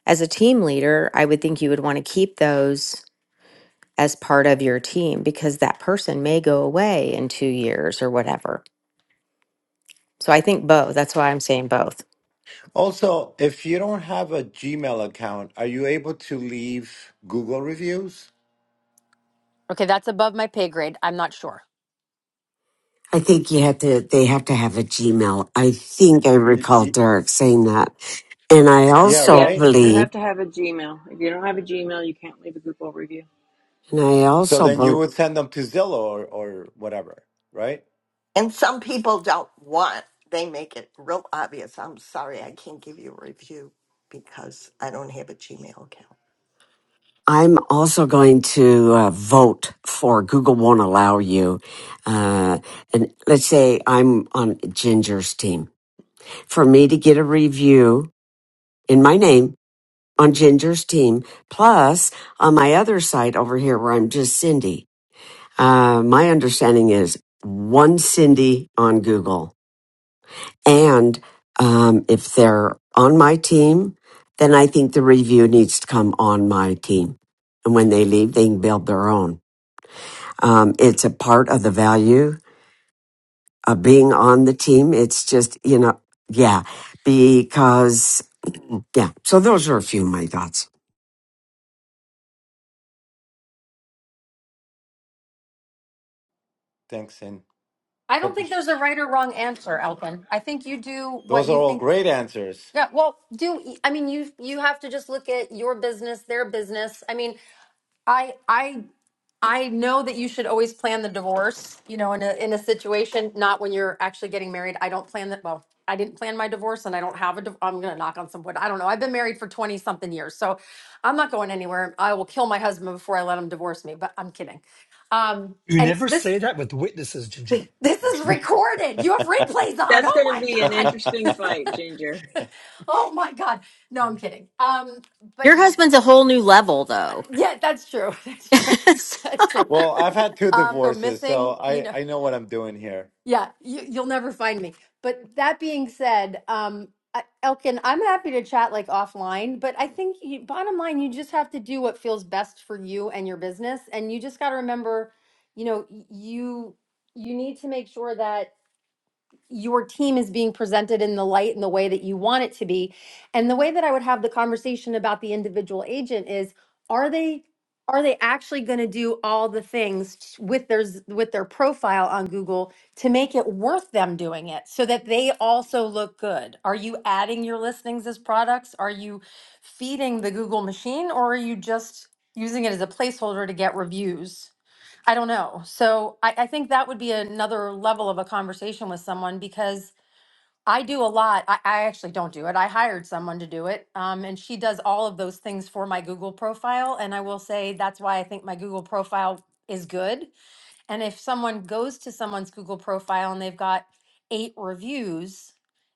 S1: as a team leader, I would think you would want to keep those as part of your team because that person may go away in two years or whatever. So I think both. That's why I'm saying both.
S21: Also, if you don't have a Gmail account, are you able to leave Google reviews?
S22: Okay, that's above my pay grade. I'm not sure.
S6: i think you have to they have to have a gmail i think i
S21: Y-
S6: recall
S21: y-
S6: derek saying that and i
S21: Yeah,
S6: also
S21: right?
S24: Yes, you
S6: believe
S24: have to have a Gmail. If you don't have a Gmail, you can't leave a Google review.
S6: and i
S21: So
S6: also
S21: then
S6: believe
S21: you would send them to Zillow or, or whatever, right?
S17: And some people don't want, they make it real obvious. I'm sorry, I can't give you a review because I don't have a Gmail account.
S6: I'm also going to uh, vote for Google won't allow you. Uh, and let's say I'm on Ginger's team. For me to get a review in my name on Ginger's team, plus on my other site over here where I'm just Cindy, uh, my understanding is one Cindy on Google. And um, if they're on my team, then I think the review needs to come on my team. And when they leave, they can build their own. Um, it's a part of the value of being on the team. It's just, you know, yeah, because, yeah. So those are a few of my thoughts.
S21: Thanks. And
S22: I don't
S21: hope
S22: think there's
S21: it's-
S22: a right or wrong answer, Elkin. I think you do what
S21: those are
S22: you
S21: all
S22: think
S21: great answers.
S22: Yeah, well, do I mean you you have to just look at your business, their business. I mean, I I I know that you should always plan the divorce, you know, in a in a situation not when you're actually getting married. I don't plan that well. I didn't plan my divorce and I don't have a div- I'm going to knock on some wood. I don't know. I've been married for 20 something years. So, I'm not going anywhere. I will kill my husband before I let him divorce me, but I'm kidding. Um
S3: You
S22: and
S3: never say
S22: this
S3: that with witnesses, Ginger.
S22: this is recorded. You have replays on.
S24: That's
S22: Oh
S24: going to
S22: my
S24: be an
S22: god.
S24: interesting fight, Ginger.
S22: Oh my God. No, I'm kidding. Um, but
S1: Your husband's a whole new level, though.
S22: yeah, that's true. That's true.
S1: in
S22: That's true.
S21: well, I've had two
S22: Um, go
S21: divorces, so
S22: missing, you
S21: I,
S22: know,
S21: I know what I'm doing here.
S22: yeah, you, you'll never find me. But that being said, um, I- Elkin, I'm happy to chat like offline, but I think you, bottom line, you just have to do what feels best for you and your business. And you just got to remember, you know, y- you, you need to make sure that your team is being presented in the light and the way that you want it to be. And the way that I would have the conversation about the individual agent is are they are they actually going to do all the things t- with their z- with their profile on Google to make it worth them doing it so that they also look good? Are you adding your listings as products? Are you feeding the Google machine or are you just using it as a placeholder to get reviews? I don't know. So I, I think that would be another level of a conversation with someone because I do a lot. I, I actually don't do it. I hired someone to do it. Um, and she does all of those things for my Google profile. And I will say that's why I think my Google profile is good and if someone goes to someone's Google profile and they've got eight reviews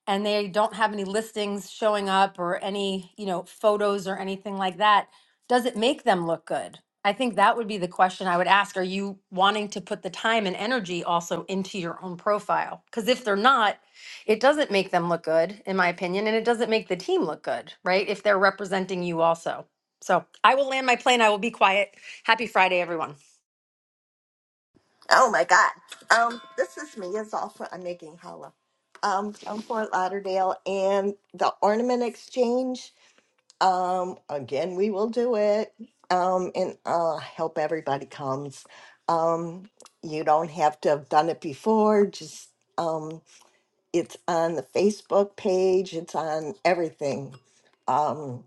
S22: and they don't have any listings showing up or any, you know, photos or anything like that, does it make them look good? I think that would be the question I would ask. Are you wanting to put the time and energy also into your own profile? Because if they're not, it doesn't make them look good, in my opinion, and it doesn't make the team look good, right? If they're representing you also. So I will land my plane. I will be quiet. Happy Friday, everyone.
S17: Oh my God. Um, this is me. It's all for, I'm making holla. Um, I'm from Fort Lauderdale and the Ornament Exchange. Um, again, we will do it. Um, and uh, I hope everybody comes. Um, you don't have to have done it before. Just um, it's on the Facebook page, it's on everything. Um,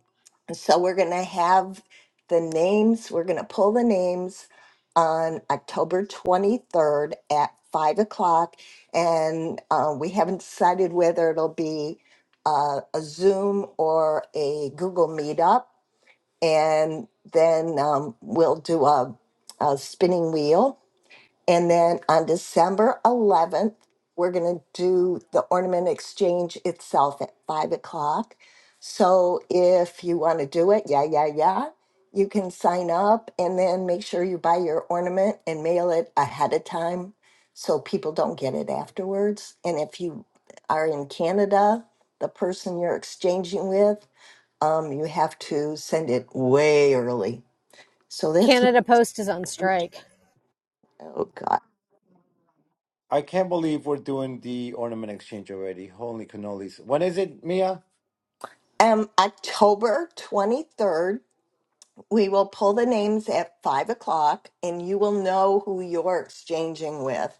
S17: so we're going to have the names, we're going to pull the names on October 23rd at 5 o'clock. And uh, we haven't decided whether it'll be uh, a Zoom or a Google Meetup. And then um, we'll do a, a spinning wheel and then on December 11th, we're going to do the ornament exchange itself at five o'clock. So if you want to do it, yeah, yeah, yeah, you can sign up and then make sure you buy your ornament and mail it ahead of time so people don't get it afterwards. And if you are in Canada, the person you're exchanging with, um, you have to send it way early. So that's, oh god.
S21: I can't believe we're doing the ornament exchange already. Holy cannolis. When is it, Mia?
S17: Um, October 23rd, we will pull the names at five o'clock and you will know who you're exchanging with.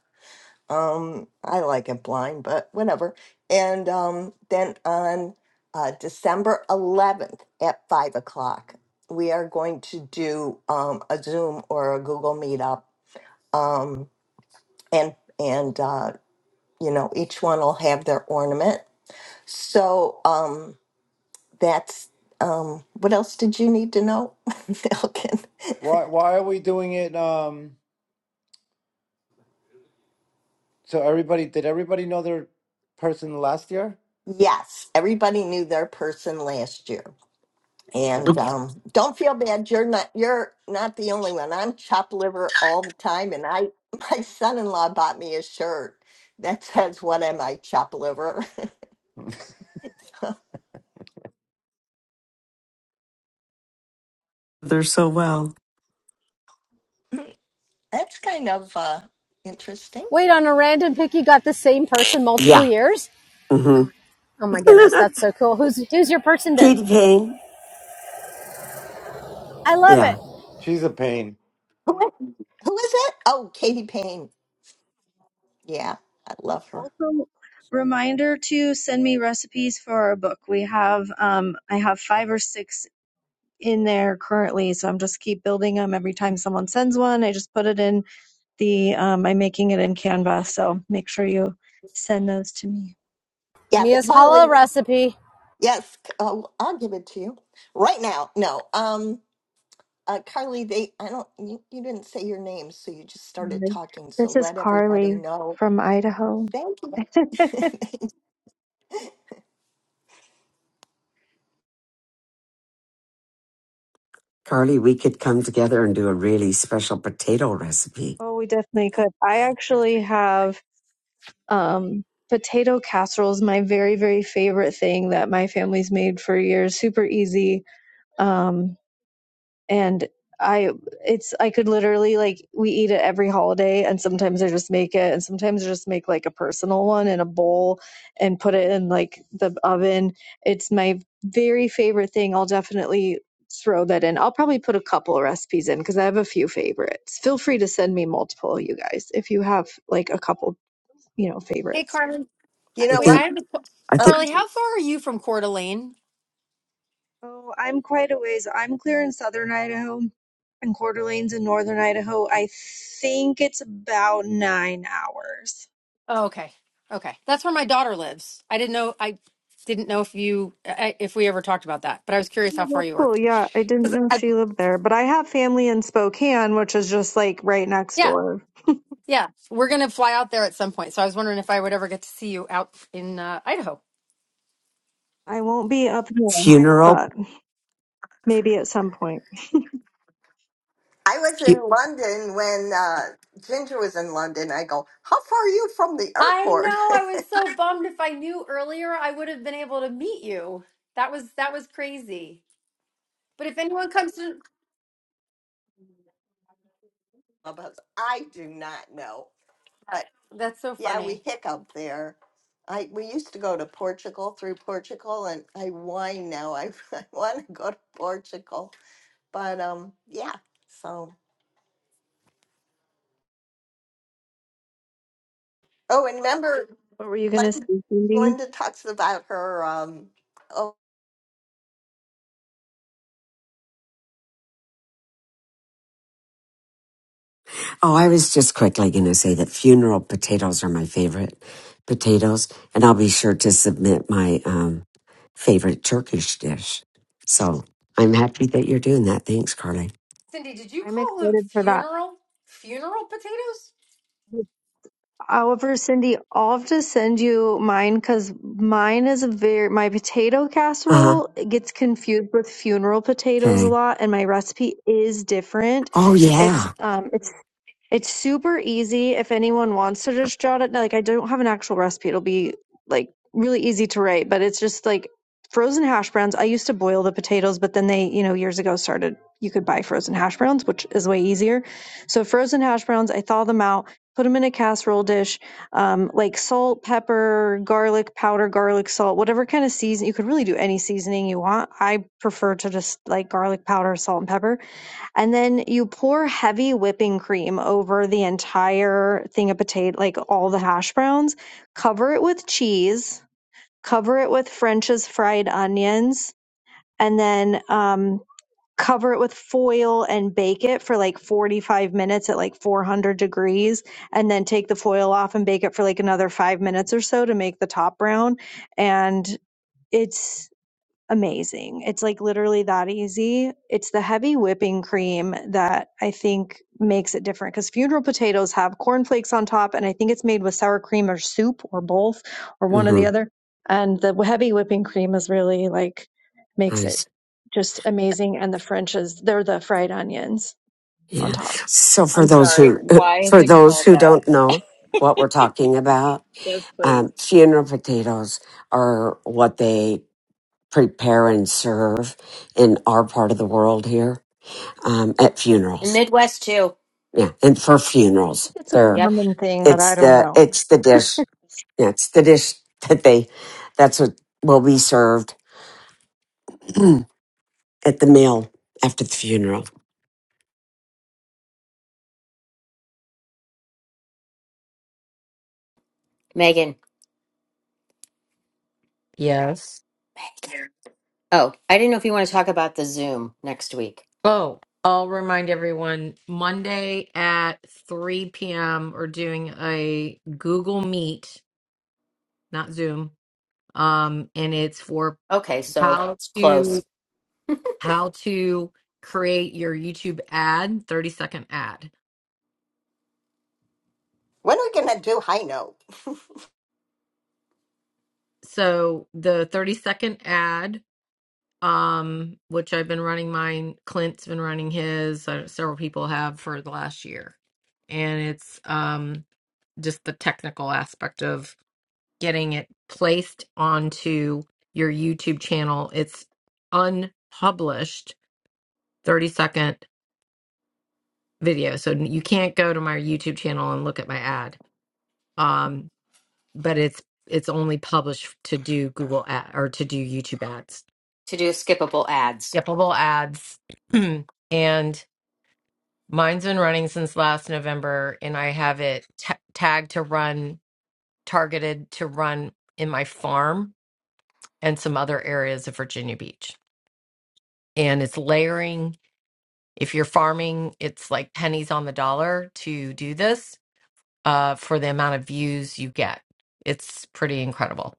S17: Um, I like it blind, but whatever. And um, then on uh, December 11th at five o'clock, we are going to do um, a Zoom or a Google Meetup. Um, and, and uh, you know, each one will have their ornament. So, um, That's um, what else did you need to know, Elkin?
S21: Why why are we doing it? Um So everybody, did everybody know their person last year?
S17: Yes, everybody knew their person last year,
S21: Okay.
S17: and
S6: Look,
S17: um, don't feel bad. You're not you're not the only one. I'm chopped liver all the time, and I my son-in-law bought me a shirt that says "What am I, chopped liver?" so
S6: They're so well.
S17: that's kind of uh, interesting.
S6: Yeah. hmm Katie Payne.
S20: i love
S6: Yeah.
S20: it
S21: She's a pain.
S17: Who who is it? Oh, Katie Payne. Yeah, I love her.
S10: Also, reminder to send me recipes for our book. We have um I have five or six in there currently, so I'm just keep building them every time someone sends one. I just put it in the um, I'm making it in Canva, so make sure you send those to me.
S17: Yes,
S20: Mia,
S17: Carly. Yes, c- I'll, I'll give it to you right now. No, um, uh, Carly, they, I don't, you, you didn't say your name, so you just started
S10: Mhm.
S17: talking. So
S10: This is
S17: let everybody
S10: Carly
S17: know.
S10: from Idaho.
S17: Thank you.
S6: Carly, we could come together and do a really special potato recipe.
S10: oh, we definitely could. I actually have Um, potato casserole is my very, very favorite thing that my family's made for years. Super easy. Um, and I it's I could literally like we eat it every holiday and sometimes I just make it and sometimes I just make like a personal one in a bowl and put it in like the oven. It's my very favorite thing. I'll definitely throw that in. I'll probably put a couple recipes in because I have a few favorites. Feel free to send me multiple, you guys, if you have like a couple, you know,
S22: Hey,
S10: favorites.
S22: Carmen.
S17: You
S22: I-
S6: I
S17: know
S22: Wait, I
S17: what?
S6: think,
S22: have a qu-
S6: I
S17: Uh,
S6: think
S22: Carly. How far
S17: I
S22: are you from Coeur d'Alene?
S10: Oh, I'm quite a ways. I'm clear in southern Idaho and Coeur d'Alene's in northern Idaho. I think it's about nine hours.
S22: Oh, okay, okay, that's where my daughter lives. I didn't know. I didn't know if you I- if we ever talked about that, but I was curious
S10: Oh,
S22: how far
S10: well,
S22: you were.
S10: cool. Yeah, I didn't
S22: 'Cause
S10: know
S22: I,
S10: she lived there, but I have family in Spokane, which is just like right next
S22: yeah,
S10: door.
S22: yeah, we're gonna fly out there at some point. So I was wondering if I would ever get to see you out in uh, Idaho.
S10: I won't be up there,
S6: funeral.
S10: but maybe at some point.
S17: was in London when uh, Ginger was in London. I go, how far are you from the
S22: I
S17: airport?
S22: know. I was so bummed. If I knew earlier, I would have been able to meet you. That was that was crazy. But if anyone comes to,
S17: Clubhouse, I do not know,
S22: that's so
S17: Yeah, we
S22: funny.
S17: hiccup there. I we used to go to Portugal through Portugal, and I whine now. I, I want to go to Portugal, but um, yeah. So oh, and remember,
S10: What were you gonna say,
S17: Glenda,
S10: Cindy?
S17: Glenda talks about her um. Oh,
S6: Oh, I was just quickly going to say that funeral potatoes are my favorite potatoes, and I'll be sure to submit my um, favorite Turkish dish. So I'm happy that you're doing that. Thanks, Carly.
S22: Cindy, did you
S10: I'm
S22: call them
S10: excited for that.
S22: funeral funeral potatoes?
S10: However, Cindy, I'll have to send you mine because mine is a very, my potato
S6: Uh huh.
S10: casserole gets confused with funeral potatoes a
S6: Okay.
S10: lot, and my recipe is different.
S6: Oh
S10: It's
S6: yeah.
S10: um, it's it's super easy if anyone wants to just jot it. Like I don't have an actual recipe. It'll be like really easy to write, but it's just like frozen hash browns. I used to boil the potatoes, but then they, you know, years ago started you could buy frozen hash browns, which is way easier. So frozen hash browns, I thaw them out, put them in a casserole dish, um, like salt, pepper, garlic powder, garlic salt, whatever kind of season. You could really do any seasoning you want. I prefer to just like garlic powder, salt, and pepper and then you pour heavy whipping cream over the entire thing of potato, like all the hash browns. Cover it with cheese. Cover it with French's fried onions, and then um, cover it with foil and bake it for like 45 minutes at like 400 degrees. And then take the foil off and bake it for like another five minutes or so to make the top brown. And it's amazing. It's like literally that easy. It's the heavy whipping cream that I think makes it different because funeral potatoes have cornflakes on top, and I think it's made with sour cream or soup or both or one or the
S6: Mm-hmm.
S10: other. And the heavy whipping cream is really like makes it
S6: Nice.
S10: just amazing. And the French is they're the fried onions on
S6: Yeah.
S10: top.
S6: So for
S24: I'm
S6: those
S24: sorry.
S6: who
S24: Why is
S6: for
S24: it
S6: those
S24: called
S6: who
S24: that?
S6: don't know what we're talking about,
S24: Yes, please.
S6: um, funeral potatoes are what they prepare and serve in our part of the world here um, at funerals
S1: Midwest, too,
S6: Yeah, and for
S10: I
S6: funerals,
S10: think it's a
S6: they're
S10: common thing, but I
S6: it's
S10: don't
S6: the
S10: know.
S6: it's the dish. Yeah, it's the dish that they that's what will be served at the meal after the funeral.
S1: Megan.
S2: Yes.
S1: Oh, I didn't know if you want to talk about the Zoom next week.
S2: Oh, I'll remind everyone Monday at 3 p.m. We're doing a Google Meet, not Zoom. Um, and it's for
S1: Okay, so
S2: how
S1: it's
S2: to
S1: close
S2: how to create your YouTube ad, 30 second ad.
S17: when are we gonna do high note?
S2: So the 30 second ad um, which I've been running mine. Clint's been running his. Uh, several people have for the last year, and it's um, just the technical aspect of getting it placed onto your YouTube channel. It's unpublished, thirty second video, so you can't go to my YouTube channel and look at my ad. Um, but it's it's only published to do Google ad or to do YouTube ads.
S1: to do skippable ads.
S2: Yep, little ads. and Mine's been running since last November, and I have it ta tagged to run, targeted to run in my farm and some other areas of Virginia Beach. And it's layering. If you're farming, it's like pennies on the dollar to do this uh, for the amount of views you get. It's pretty incredible.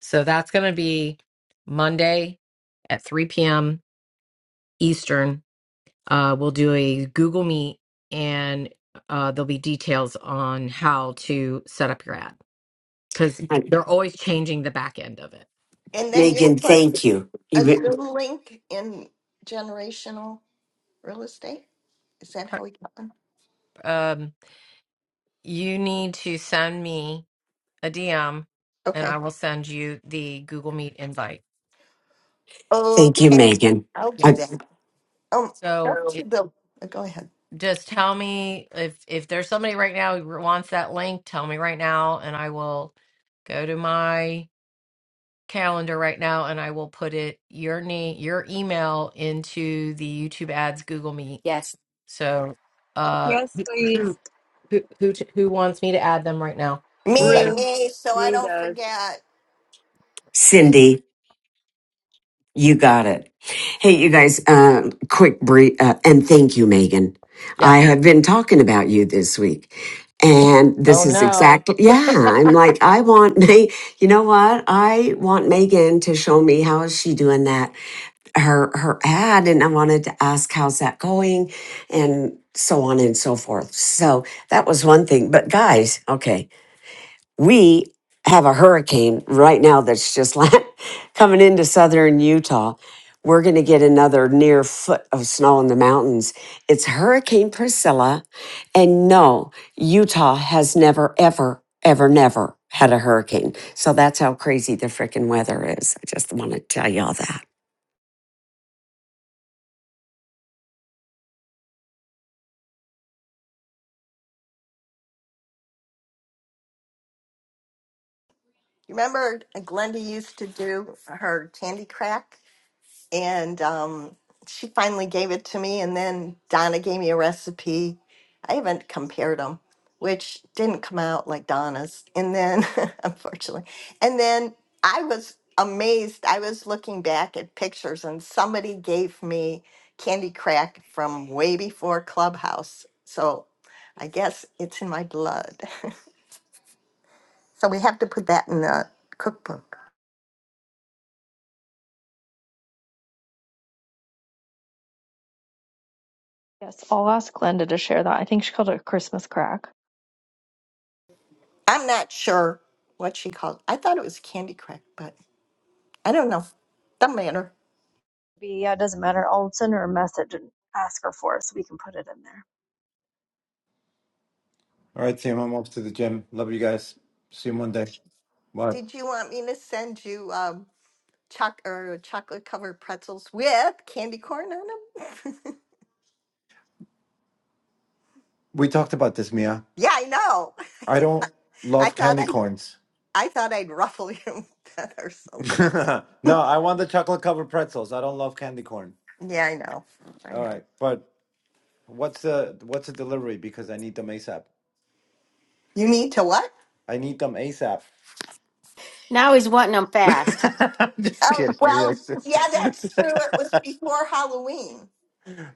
S2: So that's going to be Monday at 3 p.m. Eastern Uh, we'll do a Google Meet and uh, there'll be details on how to set up your ad because
S6: Hi,
S2: they're always changing the back end of it.
S17: And then you
S6: Megan,
S17: put
S6: thank you.
S17: a
S6: You
S17: Zoom link in generational real estate. Is that
S2: Per-
S17: how we got them?
S2: Um, you need to send me a DM and I
S17: Okay.
S2: will send you the Google Meet invite.
S6: thank you,
S17: Okay,
S6: Megan.
S17: I'll do
S6: Uh,
S17: that.
S2: Yes.
S17: Um,
S2: So
S17: go to
S2: it,
S17: the. Go ahead.
S2: just tell me if if there's somebody right now who wants that link, tell me right now and I will go to my calendar right now and I will put it your name your email into the YouTube ads Google Meet.
S1: Yes.
S2: So uh
S24: Yes,
S2: who
S24: please.
S2: who who who t- who wants me to add them right now?
S17: Me,
S2: Anybody?
S24: Rue.
S17: me, so I
S24: Rue
S17: don't
S24: does.
S17: forget.
S6: Cindy. You got it. Hey, you guys, uh, quick brief, uh, and thank you, Megan.
S2: Yeah.
S6: I have been talking about you this week. And
S2: Oh
S6: this is
S2: no.
S6: exactly, yeah, I'm like, I want, Ma- you know what? I want Megan to show me how is she doing that, her, her ad. And I wanted to ask, how's that going? And so on and so forth. So that was one thing. But guys, okay we have a hurricane right now that's just land, coming into southern Utah. We're going to get another near foot of snow in the mountains. It's Hurricane Priscilla. And no, Utah has never, ever, ever, never had a hurricane. So that's how crazy the freaking weather is. I just want to tell y'all that.
S17: You remember Glenda used to do her candy crack? And um, she finally gave it to me, and then Donna gave me a recipe. I haven't compared them, which didn't come out like Donna's. And then, unfortunately, and then I was amazed. I was looking back at pictures, and somebody gave me candy crack from way before Clubhouse. So I guess it's in my blood. So we have to put that in the cookbook.
S10: Yes, I'll ask Glenda to share that. I think she called it a Christmas crack.
S17: I'm not sure what she called. I thought it was candy crack, but I don't know. Doesn't matter.
S10: Be- Yeah, it doesn't matter. I'll send her a message and ask her for it so we can put it in there.
S21: All right, team. I'm off to the gym. Love you guys. See you Monday. Bye.
S17: Did you want me to send you um, choc or chocolate covered pretzels with candy corn on them?
S21: We talked about this, Mia.
S17: yeah, I know.
S21: I don't
S17: I
S21: love
S17: thought
S21: candy
S17: I
S21: corns.
S17: I thought I'd ruffle your feathers a little.
S21: no, I want the chocolate covered pretzels. I don't love candy corn.
S17: Yeah, I know. I
S21: All
S17: know.
S21: right, but what's the what's the delivery? Because I need them ASAP.
S17: You need to what?
S21: I need them ASAP.
S1: Now he's wanting them fast.
S21: I'm just
S17: Oh
S21: kidding, Mia.
S17: well,
S21: It's
S17: yeah, that's true. It was before Halloween,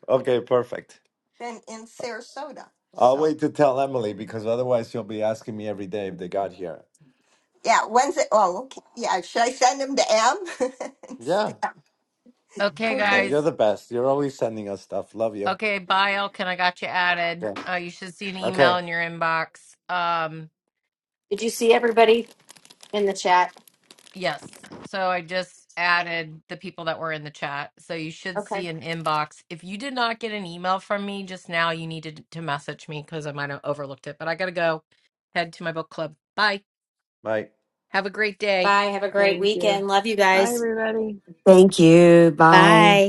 S21: okay, perfect.
S17: then in Sarasota.
S21: I'll
S17: So.
S21: wait to tell Emily because otherwise she'll be asking me every day if they got here.
S17: Yeah, when's it? Oh, okay. Yeah, should I send them to M?
S21: Yeah.
S17: Instead.
S2: Okay
S17: okay.
S21: Yeah, you're
S2: guys.
S21: the best. You're always sending us stuff. Love you.
S2: Okay, bye Elkin, I got you added.
S21: Okay.
S2: Uh you should see an email
S21: Okay.
S2: in your inbox. Um
S1: Did you see everybody in the chat?
S2: Yes. So I just added the people that were in the chat. So you should
S1: Okay.
S2: see an inbox. If you did not get an email from me just now, you needed to message me because I might have overlooked it. But I got to go head to my book club. Bye.
S21: Bye.
S2: Have a great day.
S1: Bye. Have a great
S24: Thank you.
S1: weekend. Love you
S24: Bye,
S1: guys.
S24: everybody.
S6: Thank you. Bye.
S1: Bye.